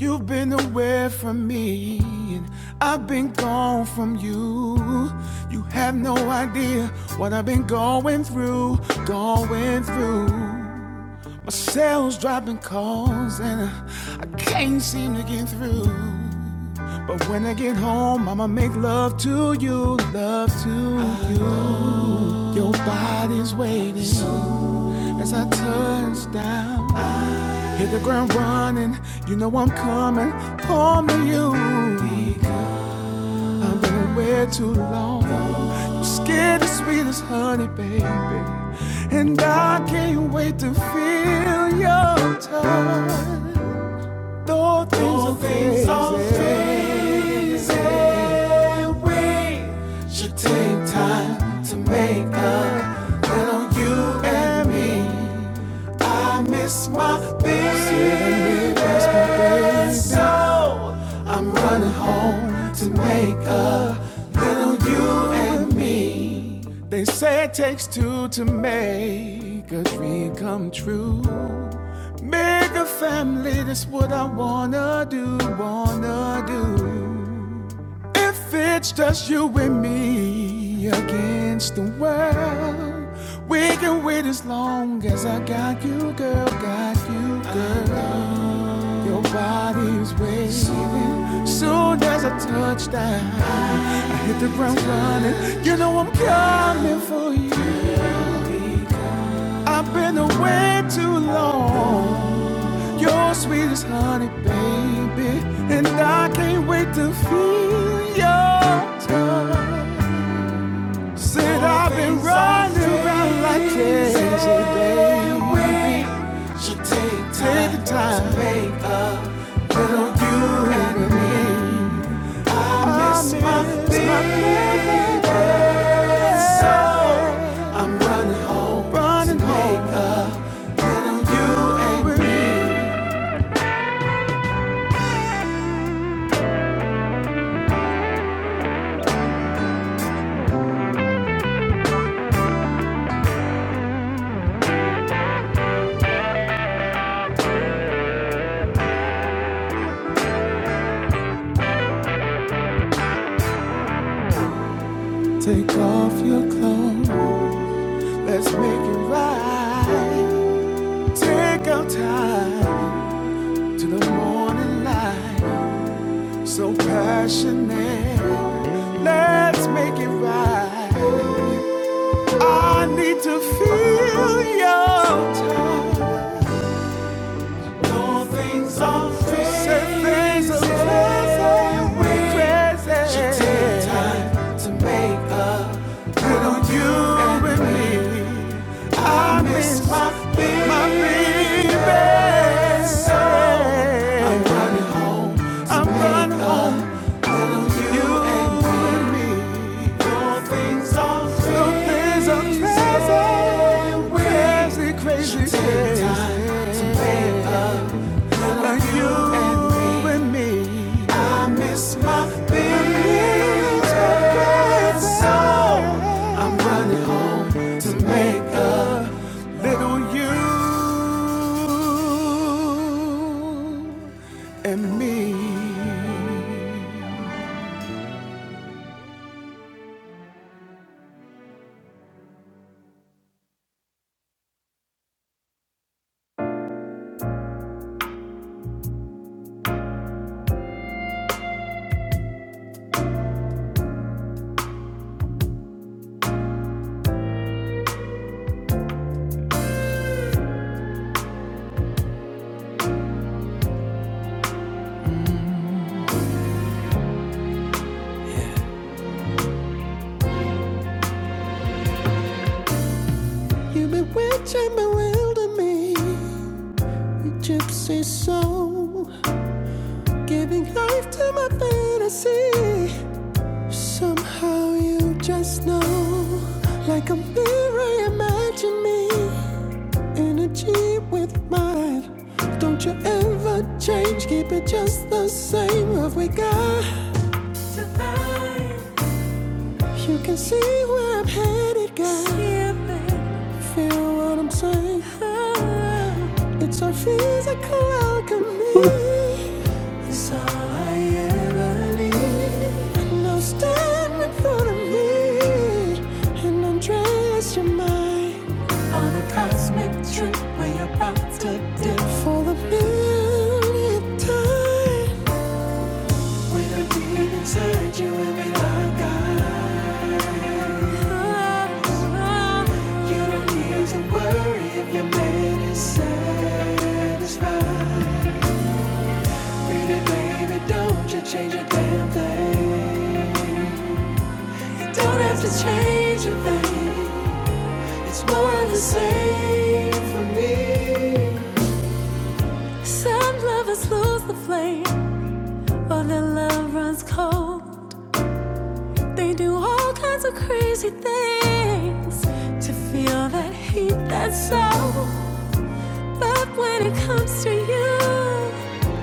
Speaker 1: You've been away from me, and I've been gone from you. You have no idea what I've been going, going through. Ain't seem to get through. When I get home, I'ma make love to you, love to you. Your body's waiting, so I turns down. I Hit the ground running, you coming home to you. I've been waiting. Say it takes two to make a dream come true. Make a family, that's what I wanna do, wanna do. If it's against the world. We can wait as long as I got you, girl, got you, girl. Your body's waving. Soon as I touch down, I hit the ground running. You know I'm coming for you. I've been away too long. You're sweet as honey, baby, and I can't wait to feel your touch. Said I've been running around like crazy. When things are crazy, things are crazy. Things are crazy, crazy, crazy, crazy. Like you and me. I miss my baby. So I'm running makeup. Little you. You bewitch and bewilder me. Your gypsy soul, giving life to my fantasy. Somehow you just know, like a mirror, imagine me. Energy with mine. Don't you ever change, keep it just the same. What we got, you can see where I'm headed, girl. Feel what I'm saying? It's our physical alchemy. It's all I ever need. And now stand in front of me and undress your mind. On a cosmic trip we're about to do for the millionth time. With a deep inside you and me like I. got. You don't need to worry if your man is satisfied. Baby, baby, don't you change a damn thing. You don't have to change a thing. It's more of the same for me. Some lovers lose the flame, or their love runs cold. They do all kinds of crazy things to feel that heat, that soul. But when it comes to you,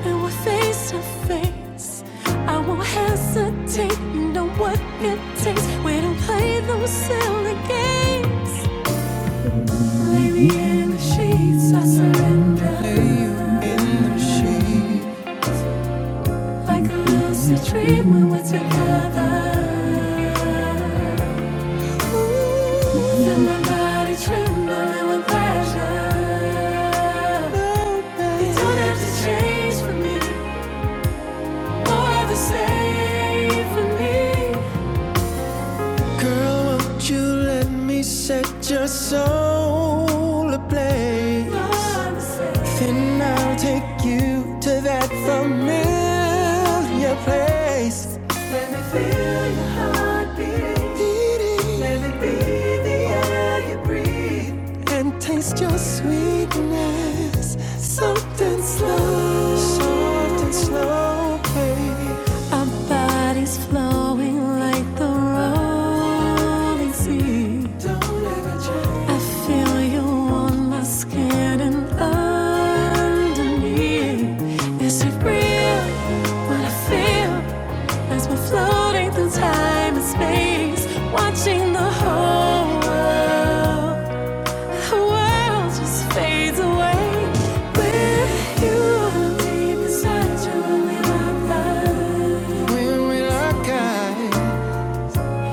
Speaker 1: and we're face to face, I won't hesitate. You know what it takes. We don't play those silly games. Lady in the sheets, I surrender. Like a lucid dream when we're together. Ooh, my body trembling with pleasure. You don't have to Girl, won't you let me set your soul ablaze? Then I'll take you to that familiar place. Let me feel your heart Beating. Let me be the air you breathe. And taste your sweetness. Something slow. Something slow, baby. Our bodies flowing like the rolling sea. Don't I feel you on my skin and underneath. Is it real? What I feel as we're floating through time and space, watching the whole world, the world just fades away. With you, I leave such only lonely life.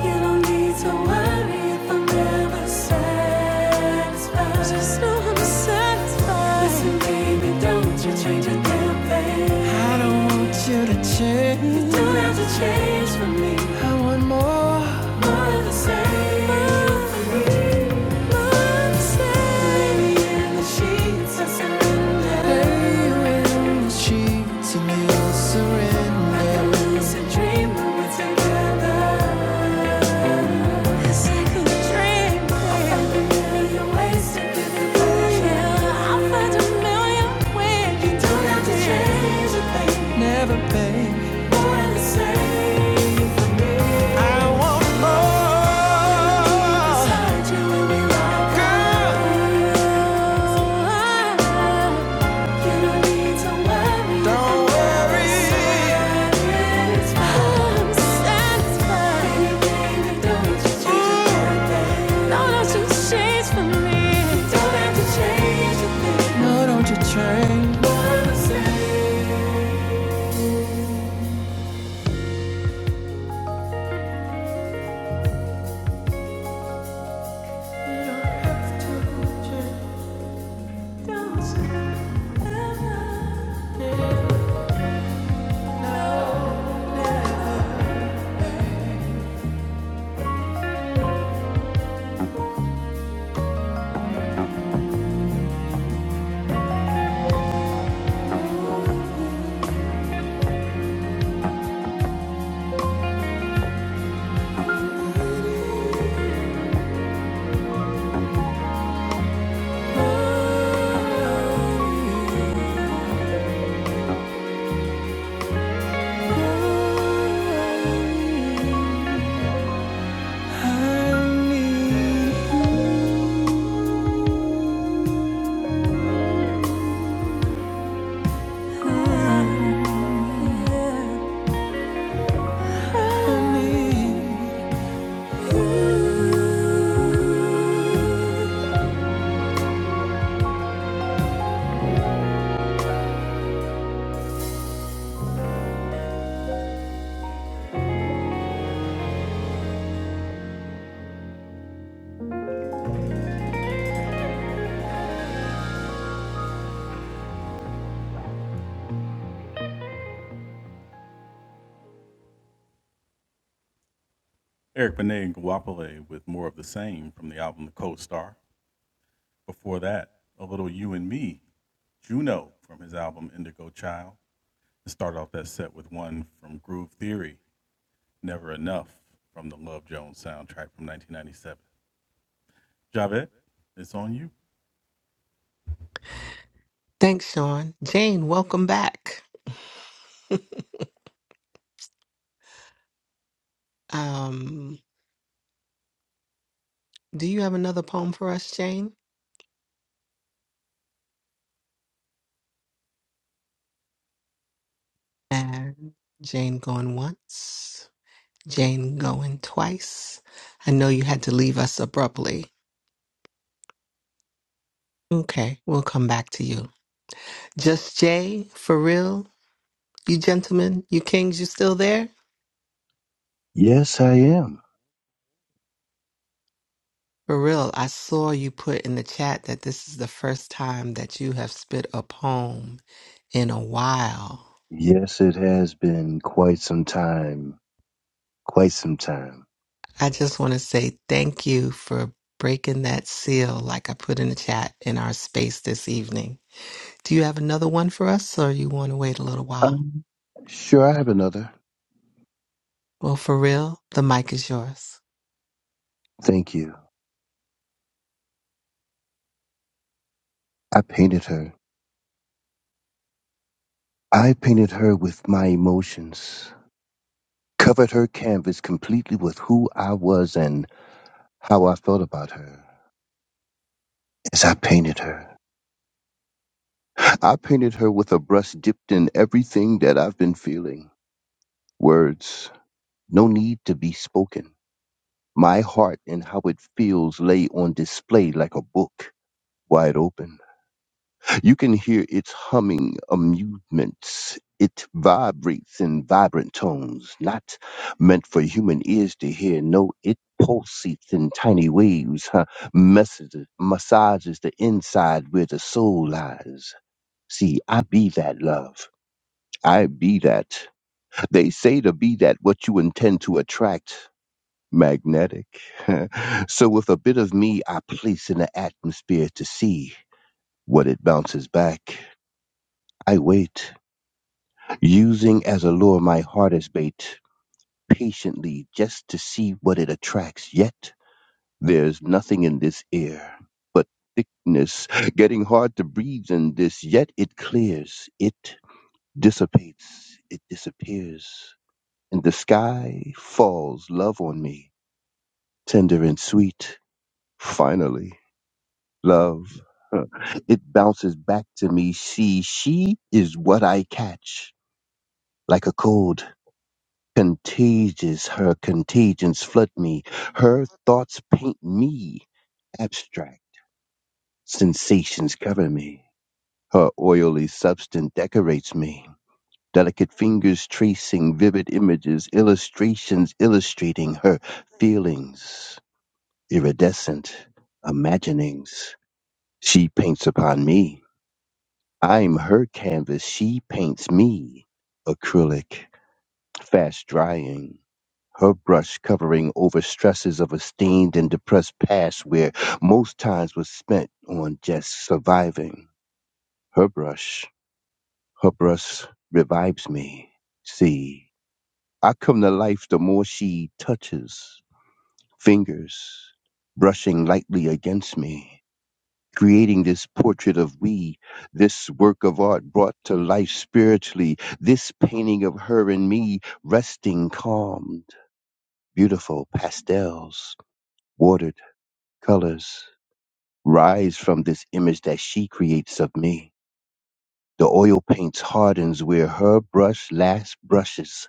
Speaker 1: You don't need to worry if I'm never satisfied. I'm satisfied. Listen, baby, don't you change a damn thing. I don't want you. You don't have to change for me. I want more, more of the same. More for me, more of the same. Lay Lady in the sheets, I surrender. Lay you in the sheets, and you will surrender dream when we're together. It's like a dream, baby. You're wasted in the I'll find a million ways. You don't have to change a thing. Never, babe. Born the same. I want more. like don't worry. It's fine. Satisfied. Anything to do with your change. No, don't you change for me. Don't have to change a thing. No, don't you change. More the same.
Speaker 2: Thanks, Sean. Jane, welcome back. Um, do you have another poem for us, Jane? And Jane going once, Jane going twice. I know you had to leave us abruptly. Okay, we'll come back to you. Just Jay, for real? You gentlemen, you kings, you still there?
Speaker 6: Yes, I am.
Speaker 2: For real, I saw you put in the chat that this is the first time that you have spit a poem in a while.
Speaker 6: Yes, it has been quite some time. Quite some time.
Speaker 2: I just want to say thank you for breaking that seal, like I put in the chat in our space this evening. Do you have another one for us, or you want to wait a little while?
Speaker 6: Um, sure, I have another.
Speaker 2: Well, for real, the mic is yours.
Speaker 6: Thank you. I painted her. I painted her with my emotions, covered her canvas completely with who I was and how I felt about her as I painted her. I painted her with a brush dipped in everything that I've been feeling. Words, no need to be spoken. My heart and how it feels lay on display like a book, wide open. You can hear its humming amusements. It vibrates in vibrant tones, not meant for human ears to hear. No, it pulsates in tiny waves, huh? Messages, massages the inside where the soul lies. See, I be that love. I be that. They say to be that what you intend to attract. Magnetic. so, with a bit of me, I place in the atmosphere to see what it bounces back. I wait. using as a lure my heart as bait, patiently just to see what it attracts. Yet there's nothing in this air but thickness, getting hard to breathe in this. Yet it clears, it dissipates, it disappears. And the sky falls, love on me, tender and sweet. Finally, love. Huh. It bounces back to me. See, she is what I catch, like a cold. Contagious, her contagions flood me. Her thoughts paint me. Abstract sensations cover me. Her oily substance decorates me. Delicate fingers tracing vivid images, illustrations illustrating her feelings. Iridescent imaginings. She paints upon me. I'm her canvas. She paints me. Acrylic, fast drying. Her brush covering over stresses of a stained and depressed past where most times was spent on just surviving. Her brush, her brush revives me. See, I come to life the more she touches, fingers brushing lightly against me, creating this portrait of we, this work of art brought to life spiritually, this painting of her and me resting calmed, beautiful pastels, watered colors rise from this image that she creates of me. The oil paints hardens where her brush last brushes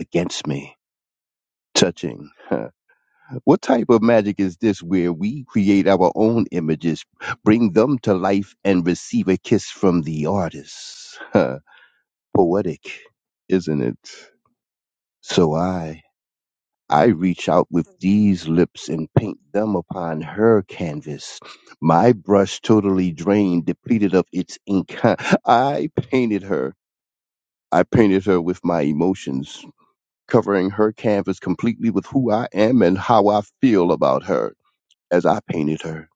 Speaker 6: against me, touching. Huh. What type of magic is this where we create our own images, bring them to life, and receive a kiss from the artist? Huh. Poetic, isn't it? So I. I reach out with these lips and paint them upon her canvas. My brush totally drained, depleted of its ink. I painted her. I painted her with my emotions, covering her canvas completely with who I am and how I feel about her as I painted her.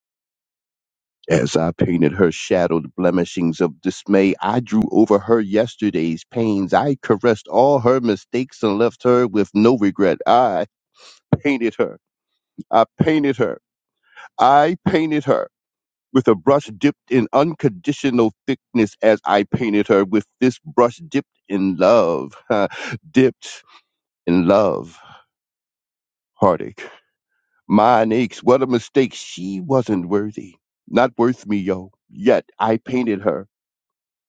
Speaker 6: As I painted her shadowed blemishings of dismay, I drew over her yesterday's pains. I caressed all her mistakes and left her with no regret. I painted her. I painted her. I painted her with a brush dipped in unconditional thickness as I painted her with this brush dipped in love, dipped in love. Heartache. Mine aches. What a mistake. She wasn't worthy. Not worth me, yo. Yet I painted her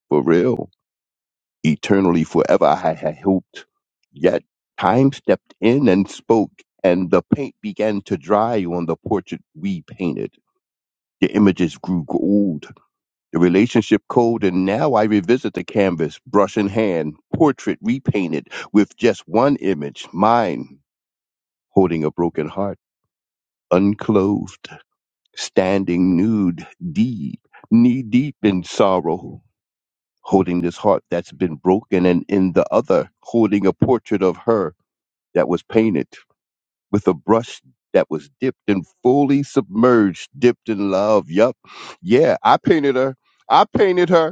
Speaker 6: for real. Eternally, forever, I had hoped. Yet time stepped in and spoke, and the paint began to dry on the portrait we painted. The images grew old the relationship code, and now I revisit the canvas, brush in hand, portrait repainted with just one image, mine holding a broken heart, unclothed, standing nude, deep, knee deep in sorrow, holding this heart that's been broken, and in the other, holding a portrait of her that was painted with a brush that was dipped and fully submerged, dipped in love. Yup. Yeah, I painted her. I painted her.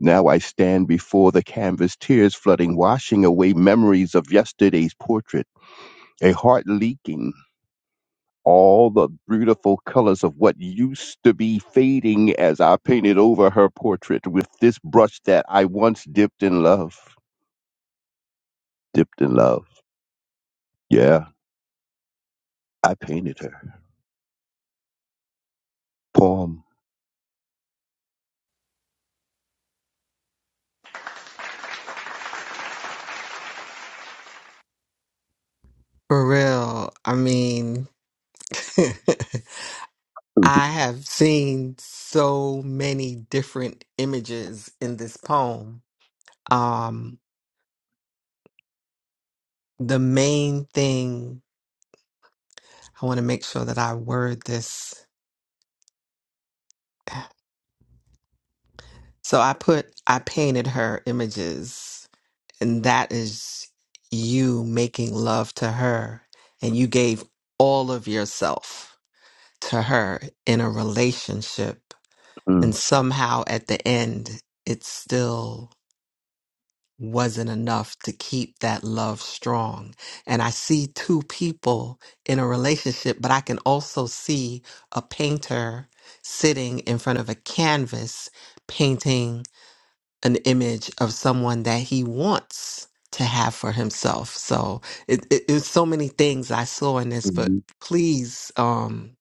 Speaker 6: Now I stand before the canvas, tears flooding, washing away memories of yesterday's portrait, a heart leaking, all the beautiful colors of what used to be fading as I painted over her portrait with this brush that I once dipped in love. Dipped in love. Yeah, I painted her. Poem.
Speaker 2: For real, I mean. I have seen so many different images in this poem. Um, the main thing I want to make sure that I word this. So I put, I painted her images, and that is you making love to her, and you gave all of yourself to her in a relationship. And
Speaker 6: Mm,
Speaker 2: somehow at the end, it's still wasn't enough to keep that love strong. And I see two people in a relationship, but I can also see a painter sitting in front of a canvas painting an image of someone that he wants to have for himself. So it, it, it's so many things I saw in this, but
Speaker 6: mhm.
Speaker 2: please, um,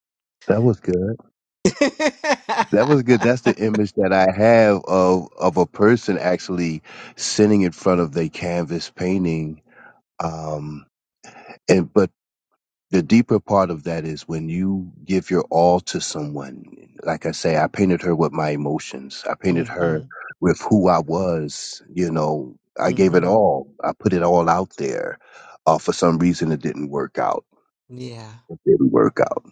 Speaker 6: That was good. That was good.
Speaker 2: mm-hmm,
Speaker 6: That's the image that I have of of a person actually sitting in front of their canvas painting Um, and but the deeper part of that is when you give your all to someone. Like I say, I painted her with my emotions. I painted her with who I was. You know, I gave it
Speaker 2: mm-hmm,
Speaker 6: all. I put it all out there. Uh, for some reason, it didn't work out.
Speaker 2: yeah,
Speaker 6: It didn't work out.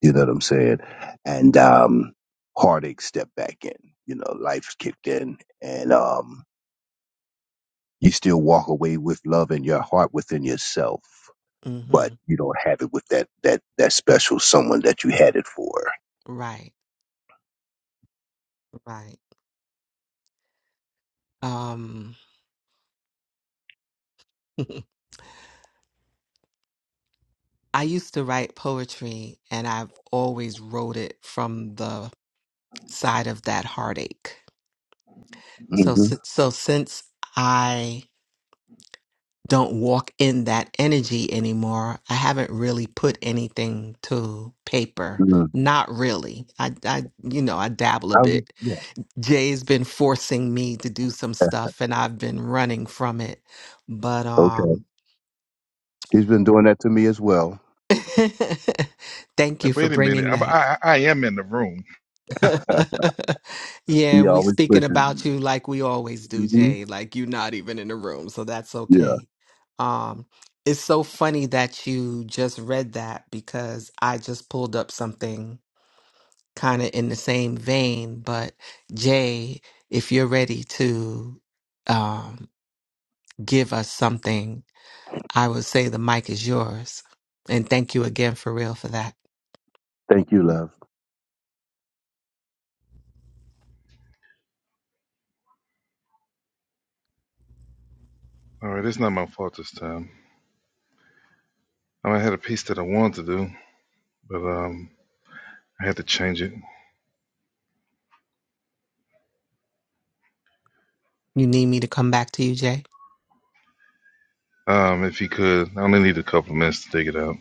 Speaker 6: You know what I'm saying? And um, heartache stepped back in. You know, life kicked in, and um, you still walk away with love in your heart within yourself. but
Speaker 2: mm-hmm,
Speaker 6: you don't have it with that that that special someone that you had it for.
Speaker 2: right, right. Um, I used to write poetry and I've always wrote it from the side of that heartache. So
Speaker 6: hmm
Speaker 2: si- so since I don't walk in that energy anymore, I haven't really put anything to paper.
Speaker 6: hmm
Speaker 2: Not really. I I you know, I dabble a
Speaker 6: Um,
Speaker 2: bit.
Speaker 6: yeah.
Speaker 2: Jay's been forcing me to do some
Speaker 6: Yeah.
Speaker 2: stuff and I've been running from it. But
Speaker 6: Okay.
Speaker 2: um
Speaker 6: He's been doing that to me as well.
Speaker 2: thank you
Speaker 3: And
Speaker 2: for
Speaker 3: wait a minute,
Speaker 2: bringing
Speaker 3: I'm,
Speaker 2: that.
Speaker 3: I I am in the room.
Speaker 6: he
Speaker 2: yeah, and we
Speaker 6: always
Speaker 2: speaking
Speaker 6: pushes me.
Speaker 2: about you like we always do,
Speaker 6: hmm
Speaker 2: Jay. Like you're not even in the room, so that's
Speaker 6: Yeah.
Speaker 2: okay. Um, it's so funny that you just read that because I just pulled up something kind of in the same vein. But Jay, if you're ready to um, give us something, I would say the mic is yours. And thank you again for real for that.
Speaker 6: Thank you, love.
Speaker 3: All right, it's not my fault this time. I had a piece that I wanted to do, but um, I had to change it.
Speaker 2: You need me to come back to you, Jay?
Speaker 3: Um, if you could, I only need a couple of minutes to dig it out.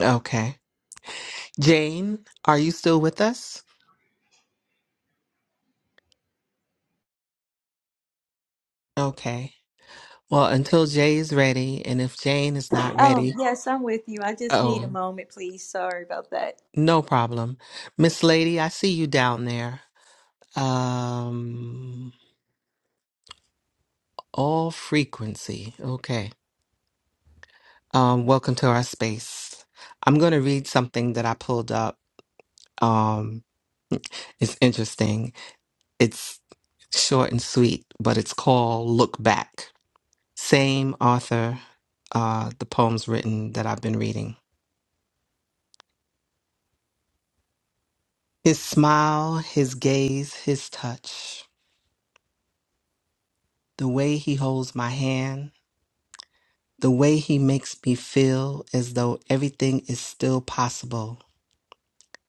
Speaker 2: Okay. Jane, are you still with us? Okay. Well, until Jay is ready, and if Jane is not
Speaker 5: I, um
Speaker 2: ready,
Speaker 5: yes, I'm with you. I just need a
Speaker 2: oh,
Speaker 5: moment, please. Sorry about that.
Speaker 2: no problem. Miss Lady, I see you down there. Um, all frequency. Okay. Um, welcome to our space. I'm going to read something that I pulled up. Um, it's interesting. It's short and sweet, but it's called Look Back. Same author, uh, the poem's written that I've been reading. His smile, his gaze, his touch, the way he holds my hand, the way he makes me feel as though everything is still possible,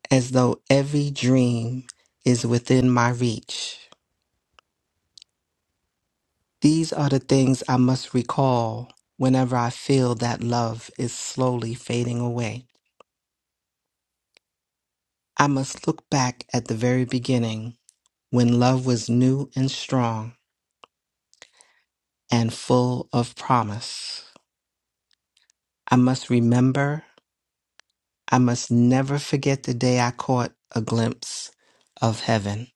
Speaker 2: as though every dream is within my reach. These are the things I must recall whenever I feel that love is slowly fading away. I must look back at the very beginning when love was new and strong and full of promise. I must remember I must never forget the day I caught a glimpse of heaven.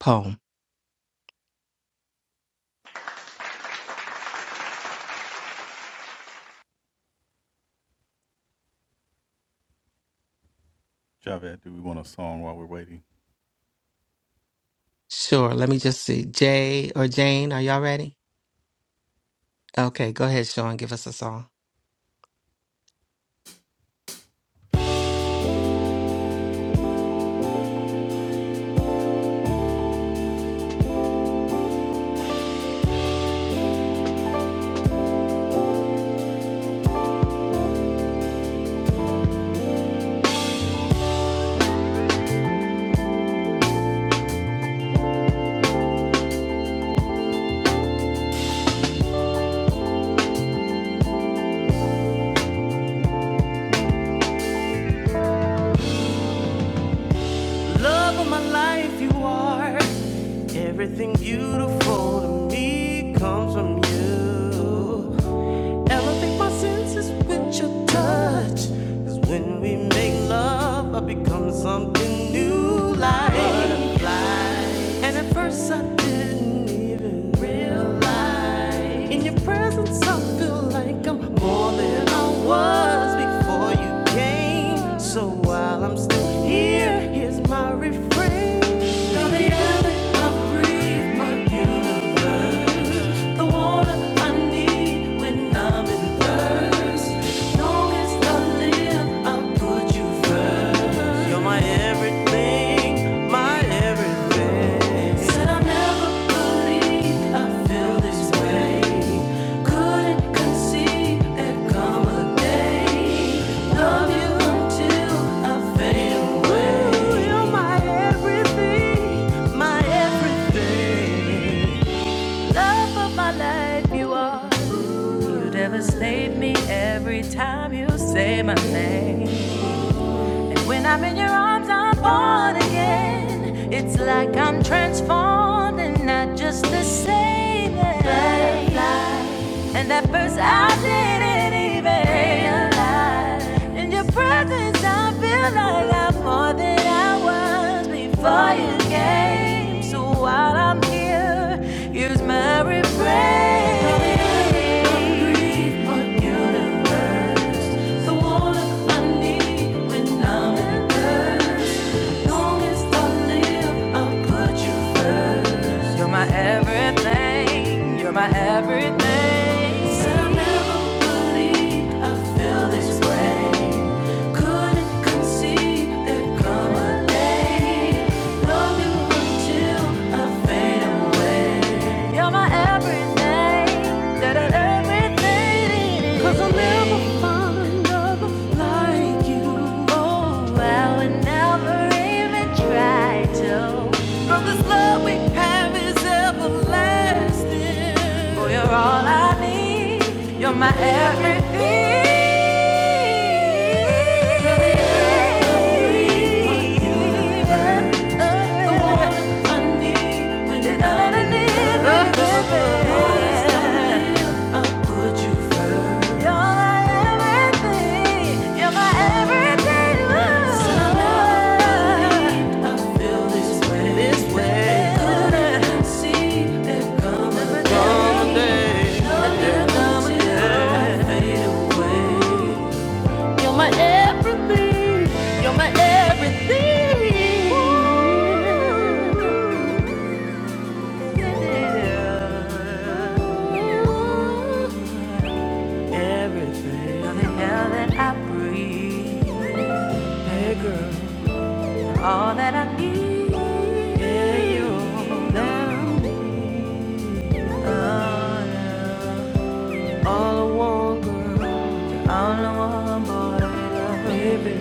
Speaker 2: Poem. Sure. Let me just see. Jay or Jane, are y'all ready? Okay, go ahead, Sean. Give us a song.
Speaker 1: Love of my life, you are. Everything beautiful to me comes from you. Elevate my senses with your touch. Cause when we make love, I become something new like butterfly. And at first I didn't even realize. In your presence, I feel like I'm more than I was before you came. So while I'm still here, here's my refrain. You're the air that I breathe, my universe. The water I need when I'm in thirst. Long as I live, I'll put you first. You're my everything, my everything. I never believed I'd feel this way. Couldn't conceive there'd come a day. Love you until I fade away. You're my everything, my everything. Love of my life, you are. You devastate me every time you say my name. And when I'm in your arms, I'm born again. It's like I'm transformed and not just the same. as- Butterfly. And at first I didn't even realize. In your presence, I feel like I'm more than I was before you came. So while I'm here, use my refrain. Breathe on universe, the warmth I need when I'm in thirst. Long as I live, I'll put you first. You're my everything. You're my everything. I never believed I feel this way. Couldn't conceive there'd come a day. Love you until I fade away. You're my everything. That I everything. 'Cause I'll never find another like you. I all I need. You're my everything. Everything, the air that I breathe, hey girl, all that I need, yeah, you love, oh, love. all I want, girl, you're all I want, boy, love, baby.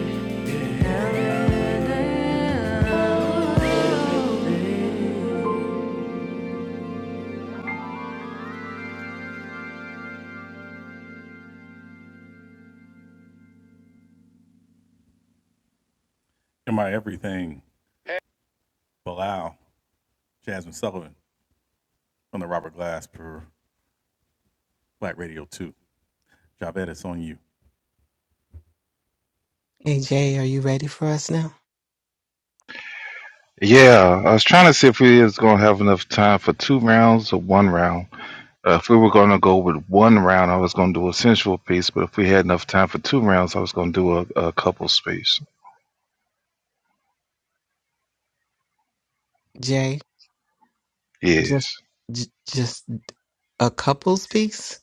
Speaker 2: Hey, Jay, are you ready for us now?
Speaker 3: Yeah, I was trying to see if we was gonna have enough time for two rounds or one round. Uh, if we were going to go with one round, I was going to do a sensual piece, but if we had enough time for two rounds, I was going to do a, a couple space.
Speaker 2: Jay, just,
Speaker 3: Yes.
Speaker 2: j- just a couple's piece.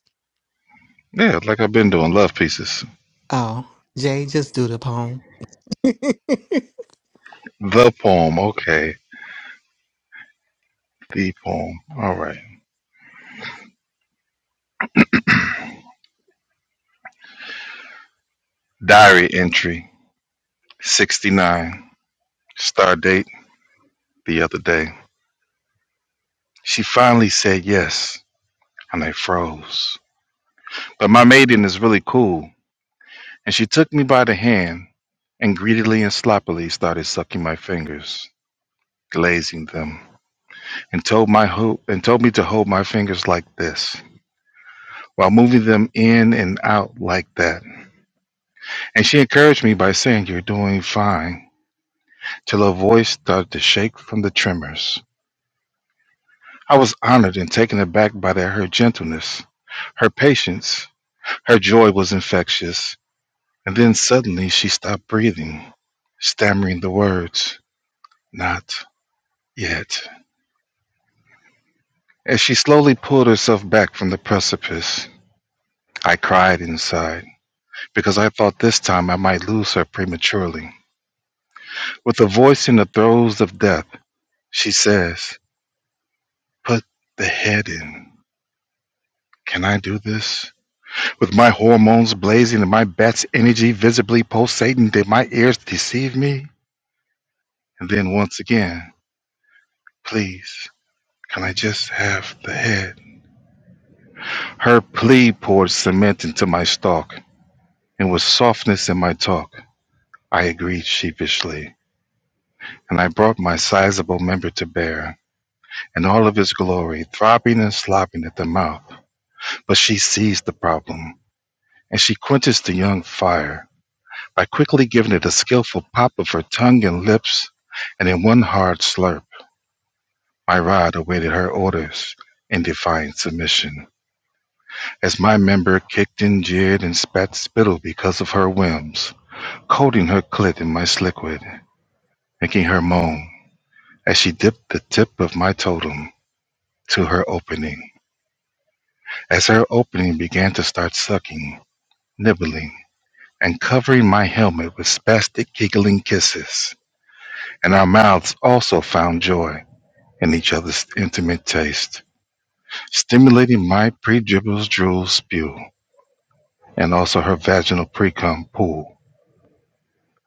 Speaker 3: Yeah, like I've been doing, love pieces.
Speaker 2: Oh, Jay, just do the poem.
Speaker 3: The poem, okay. The poem. All right. Diary entry 69. Star date the other day. She finally said yes, and I froze. But my maiden is really cool, and she took me by the hand and greedily and sloppily started sucking my fingers, glazing them. and told my ho- and told me to hold my fingers like this while moving them in and out like that. And she encouraged me by saying, "You're doing fine," till her voice started to shake from the tremors. I was honored and taken aback by their, her gentleness, her patience, her joy was infectious. And then suddenly she stopped breathing, stammering the words, "Not yet." As she slowly pulled herself back from the precipice, I cried inside. because I thought this time I might lose her prematurely. With a voice in the throes of death, she says, Put the head in. Can I do this? With my hormones blazing and my bat's energy visibly pulsating, did my ears deceive me? And then once again, please, can I just have the head? Her plea poured cement into my stalk, and with softness in my talk, I agreed sheepishly, and I brought my sizable member to bear. And all of his glory, throbbing and slopping at the mouth. But she sees the problem, and she quenches the young fire by quickly giving it a skillful pop of her tongue and lips, and in one hard slurp, my rod awaited her orders in defiant submission, as my member kicked and jeered and spat spittle because of her whims, coating her clit in my slickwood, making her moan as she dipped the tip of my totem to her opening. As her opening began to start sucking, nibbling, and covering my helmet with spastic giggling kisses, and our mouths also found joy in each other's intimate taste, stimulating my pre-dribbles drool spew, and also her vaginal pre-cum pool.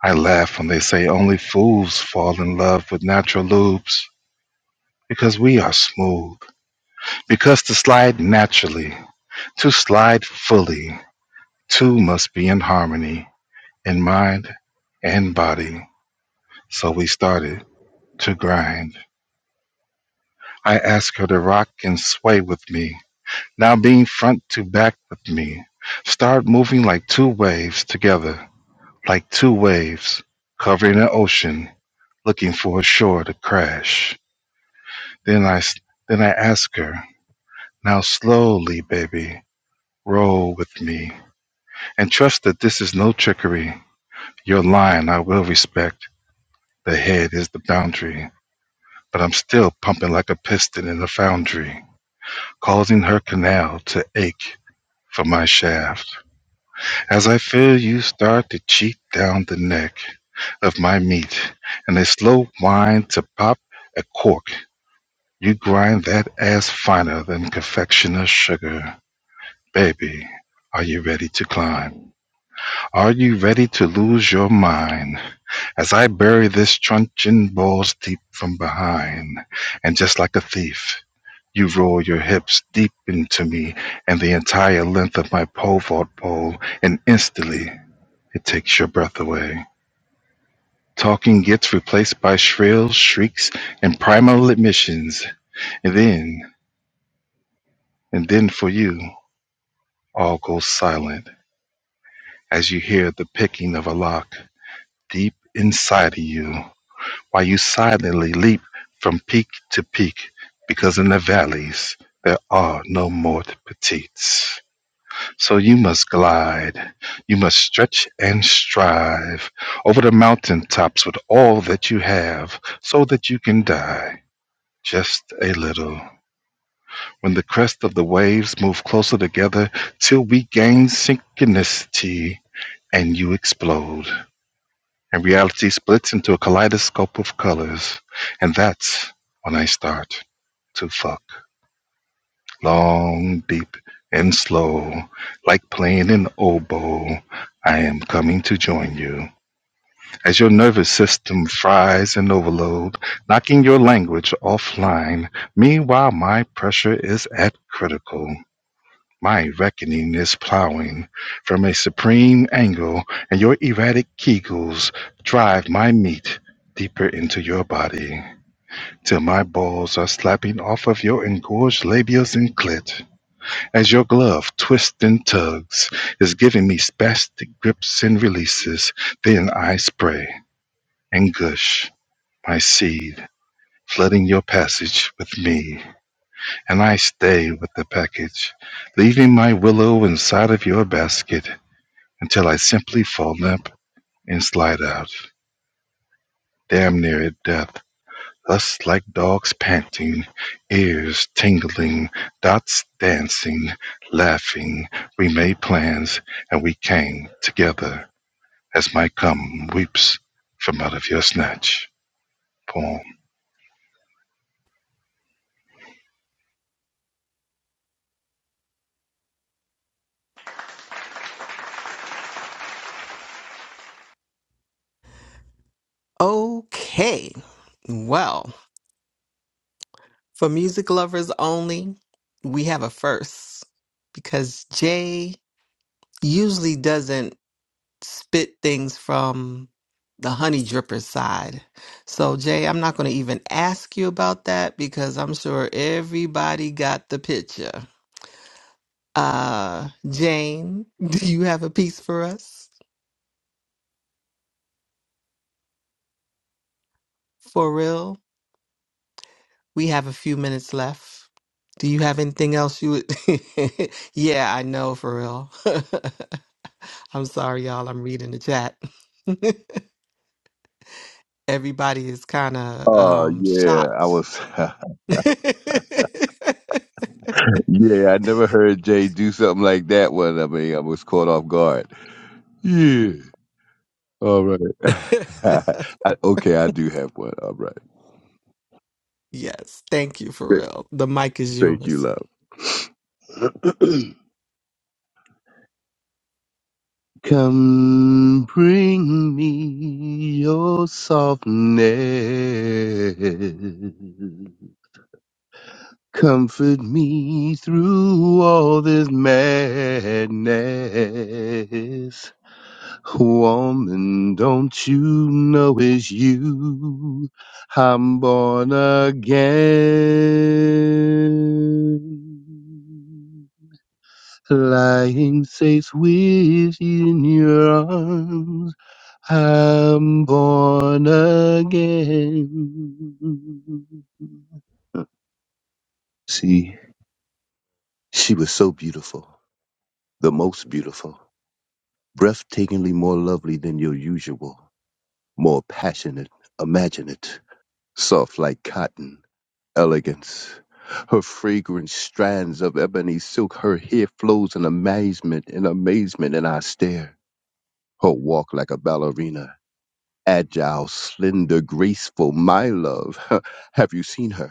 Speaker 3: I laugh when they say only fools fall in love with natural lubes, because we are smooth, because to slide naturally, to slide fully, two must be in harmony, in mind and body. So we started to grind. I ask her to rock and sway with me, now being front to back with me. Start moving like two waves together, like two waves covering an ocean, looking for a shore to crash. Then I, s- then I ask her, now slowly, baby, roll with me, and trust that this is no trickery. Your line I will respect. The head is the boundary, but I'm still pumping like a piston in a foundry. causing her canal to ache for my shaft, as I feel you start to cheat down the neck of my meat, and a slow whine to pop a cork. You grind that ass finer than confectioner's sugar. Baby, are you ready to climb? Are you ready to lose your mind? As I bury this truncheon balls deep from behind, and just like a thief, You roll your hips deep into me and the entire length of my pole vault pole, and instantly it takes your breath away. Talking gets replaced by shrill shrieks and primal admissions, and then, and then for you, all goes silent as you hear the picking of a lock deep inside of you, while you silently leap from peak to peak, because in the valleys there are no more petites. So you must glide, you must stretch and strive over the mountaintops with all that you have, so that you can die just a little. When the crest of the waves move closer together till we gain synchronicity and you explode, and reality splits into a kaleidoscope of colors, and that's when I start to fuck. long, deep, and slow, like playing an oboe. I am coming to join you. As your nervous system fries in overload, knocking your language offline, meanwhile, my pressure is at critical. My reckoning is plowing from a supreme angle, and your erratic kegels drive my meat deeper into your body till my balls are slapping off of your engorged labias and clit. As your glove twists and tugs, is giving me spastic grips and releases, then I spray and gush my seed, flooding your passage with me. And I stay with the package, leaving my willow inside of your basket until I simply fall limp and slide out, damn near at death. Thus like dogs panting, ears tingling, dots dancing, laughing, we made plans, and we came together as my come weeps from out of your snatch poem.
Speaker 2: okay. Well, for music lovers only, we have a first because Jay usually doesn't spit things from the honey dripper side. So, Jay, I'm not going to even ask you about that because I'm sure everybody got the picture. Uh, Jane, do you have a piece for us? For real? We have a few minutes left. Do you have anything else you would? yeah, I know, for real. I'm sorry, y'all. I'm reading the chat. Everybody is kind of
Speaker 6: Oh
Speaker 2: um,
Speaker 6: yeah, I
Speaker 2: shocked
Speaker 6: was. yeah, I never heard Jay do something like that. One, I mean, I was caught off guard. Yeah. All right. I, okay, I do have one. All right.
Speaker 2: yes, thank you,
Speaker 6: Th-
Speaker 2: Pharrell. The mic is
Speaker 6: Thank you,
Speaker 2: yours.
Speaker 6: love. Come bring me your softness. Comfort me through all this madness. Woman, don't you know it's you? I'm born again lying safe within your arms. I'm born again. See, she was so beautiful, the most beautiful, breathtakingly more lovely than your usual, more passionate, imaginative, soft like cotton, elegance. Her fragrant strands of ebony silk, her hair flows in amazement, in amazement, and I stare. Her walk like a ballerina, agile, slender, graceful, my love. Have you seen her?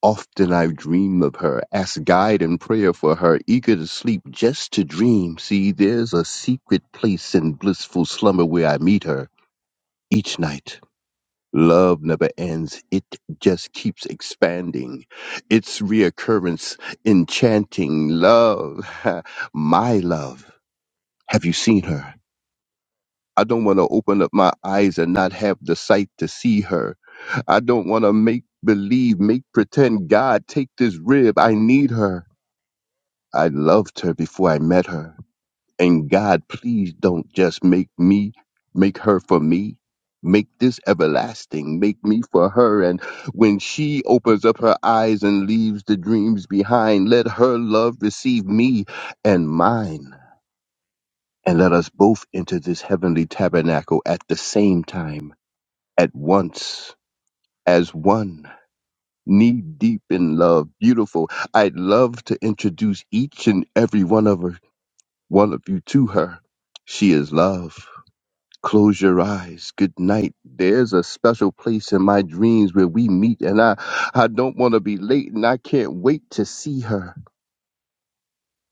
Speaker 6: Often I've dreamed of her, asked guide and prayer for her, eager to sleep just to dream. See, there's a secret place in blissful slumber where I meet her each night. Love never ends, it just keeps expanding. Its reoccurrence enchanting. Love, my love. Have you seen her? I don't want to open up my eyes and not have the sight to see her. I don't want to make believe, make pretend, God, take this rib. I need her. I loved her before I met her. And God, please don't just make me, make her for me. Make this everlasting. Make me for her. And when she opens up her eyes and leaves the dreams behind, let her love receive me and mine. And let us both enter this heavenly tabernacle at the same time at once as one, knee deep in love. Beautiful. I'd love to introduce each and every one of her, one of you to her. She is love. Close your eyes. Good night. There's a special place in my dreams where we meet, and I, I don't want to be late, and I can't wait to see her,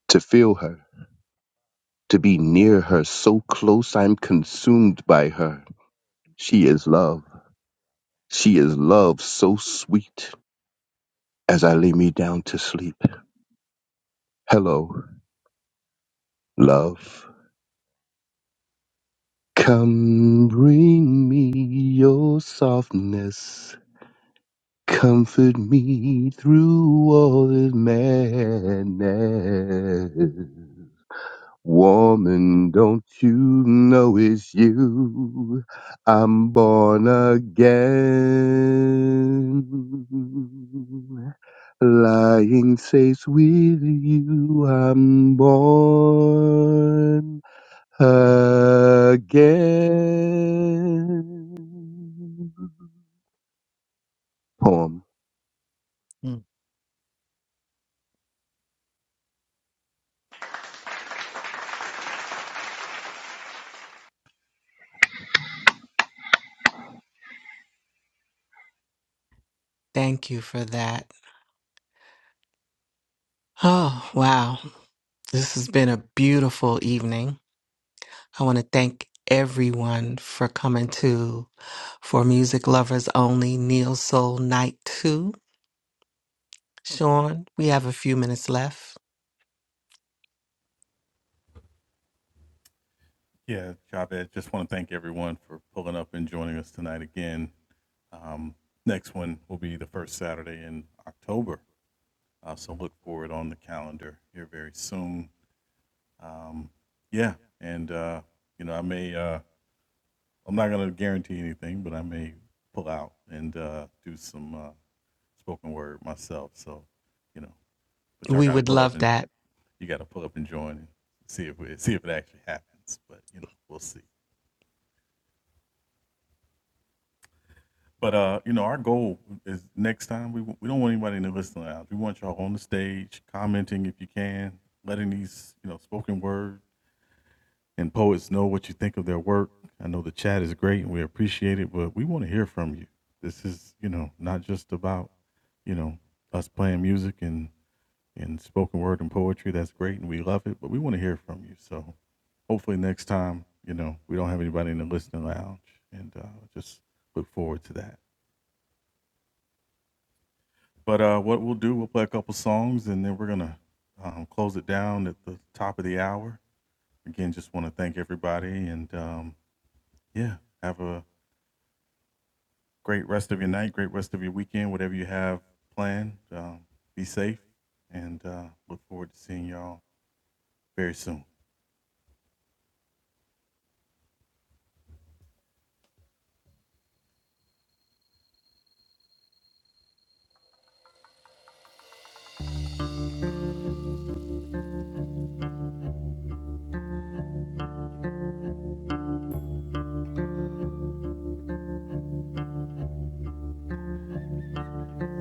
Speaker 6: to feel her, to be near her. So close, I'm consumed by her. She is love. She is love so sweet as I lay me down to sleep. Hello, love. Come bring me your softness. Comfort me through all this madness. Woman, don't you know it's you? I'm born again. Lying safe with you, I'm born again. Poem.
Speaker 2: Mm. Thank you for that. Oh, wow. This has been a beautiful evening. I want to thank everyone for coming to For Music Lovers Only Neo Soul Night 2. Sean, we have a few minutes left. We would love that.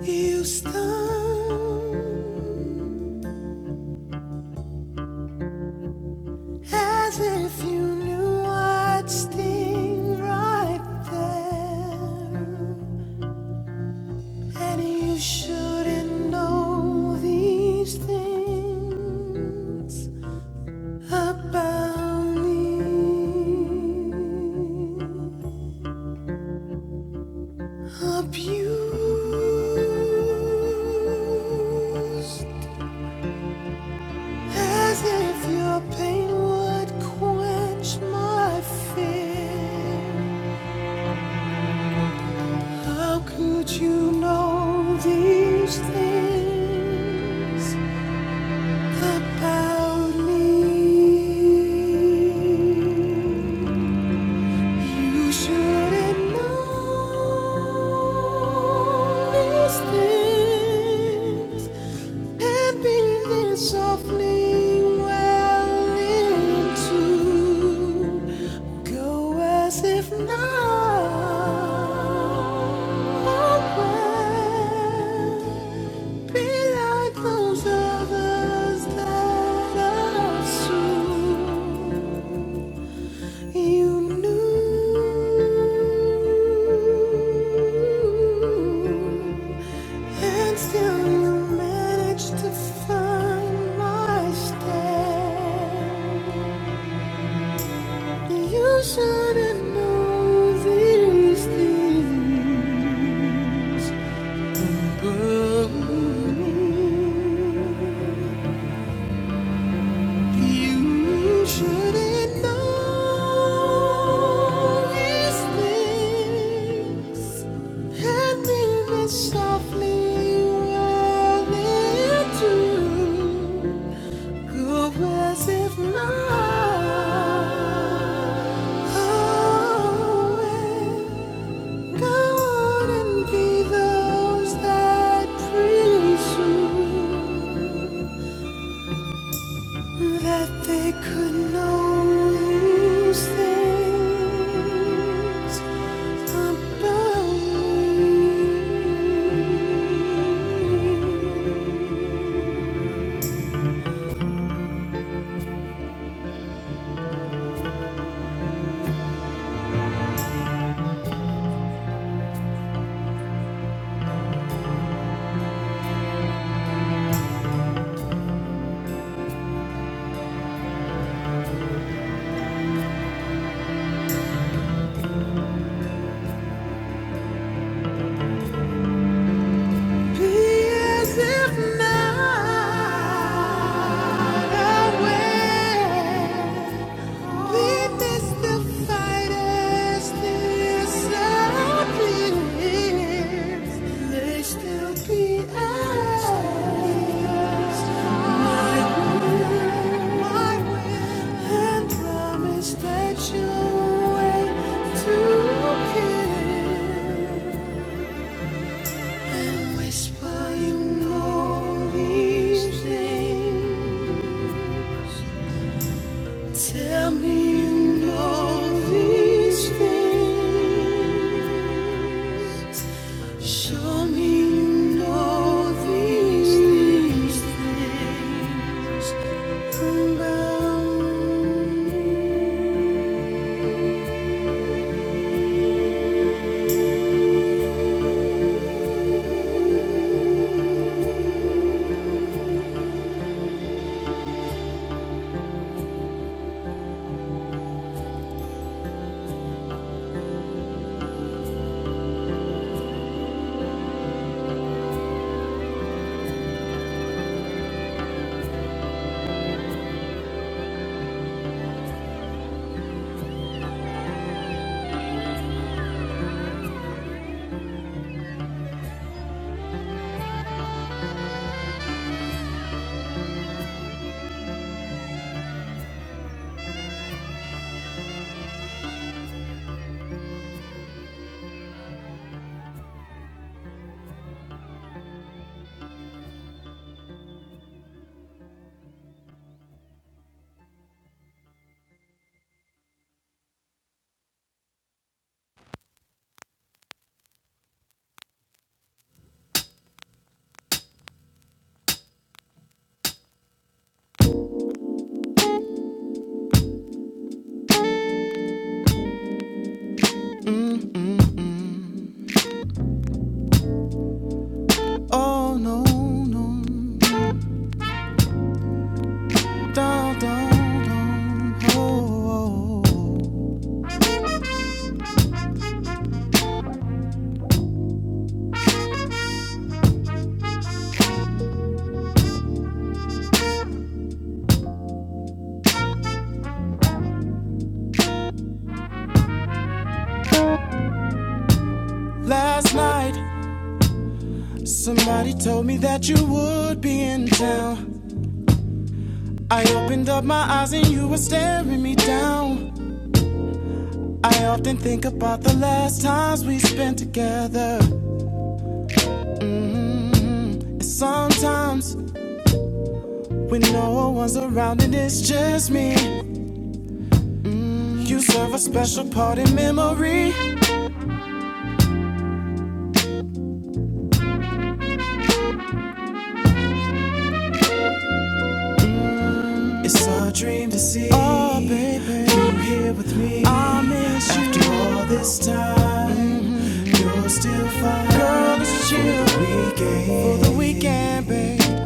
Speaker 1: You stun as if you knew I'd sting right there. And you shouldn't know these things about me. Abused as if your pain would quench my fear. How could you know these things? about me. You shouldn't know these things. And breathe in softly well into go as if now be like those others that are soon you knew and still you manage to find my step. You shouldn't know these things. Girl, you shouldn't know these things. Handling it softly, well it do. Who was it not? Oh, go on and be those that presume that they could know these things about me. As if not aware, we mystified as this appears. They still be ours. My will, my will, and promise that you wait to kill. Oh no, no, don't, don't, don't. Oh. Last night, somebody told me that you would be in town. I opened up my eyes and you were staring me down. I often think about the last times we spent together. And sometimes, when no one's around and it's just me, you serve a special part in memory. It's a dream to see. Oh, baby. You here with after all this time. You're still fine. Girl, let's chill. For the weekend. For the weekend, babe.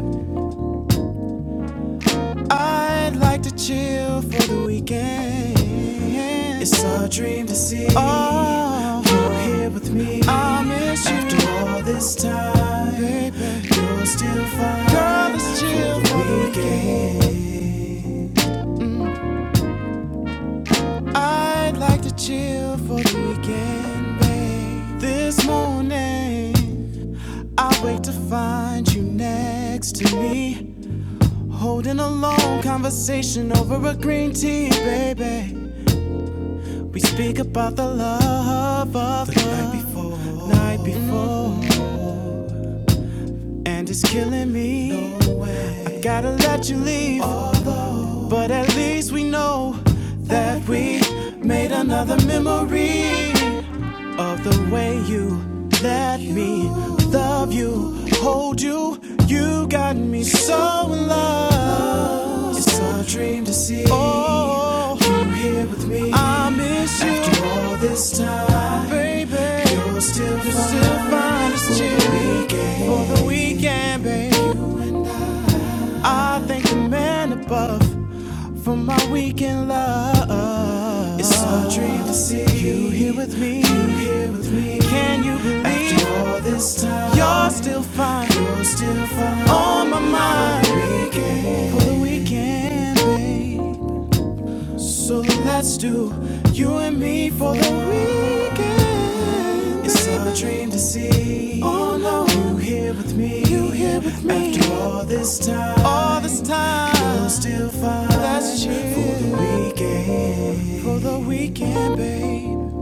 Speaker 1: I'd like to chill for the weekend. It's a dream to see. Oh, you're here with me. I miss you. After all this neck me with an ocean over a green tea, baby. Think about the love of the love. night before, night before, and it's killing me. Gotta let you leave, but at least we know that we made another memory of the way you let me love you, hold you. You got me so in love. It's a dream to see oh, you here with me. you here with me. Can you? Yours, my can be. So let's do you and me for the weekend. It's our dream to see. Oh no, you here with me? You here with me? After all this time, all this time, you'll still find. Let's cheer for the weekend. For the weekend, babe.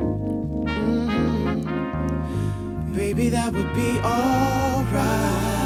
Speaker 1: Baby, that would be alright.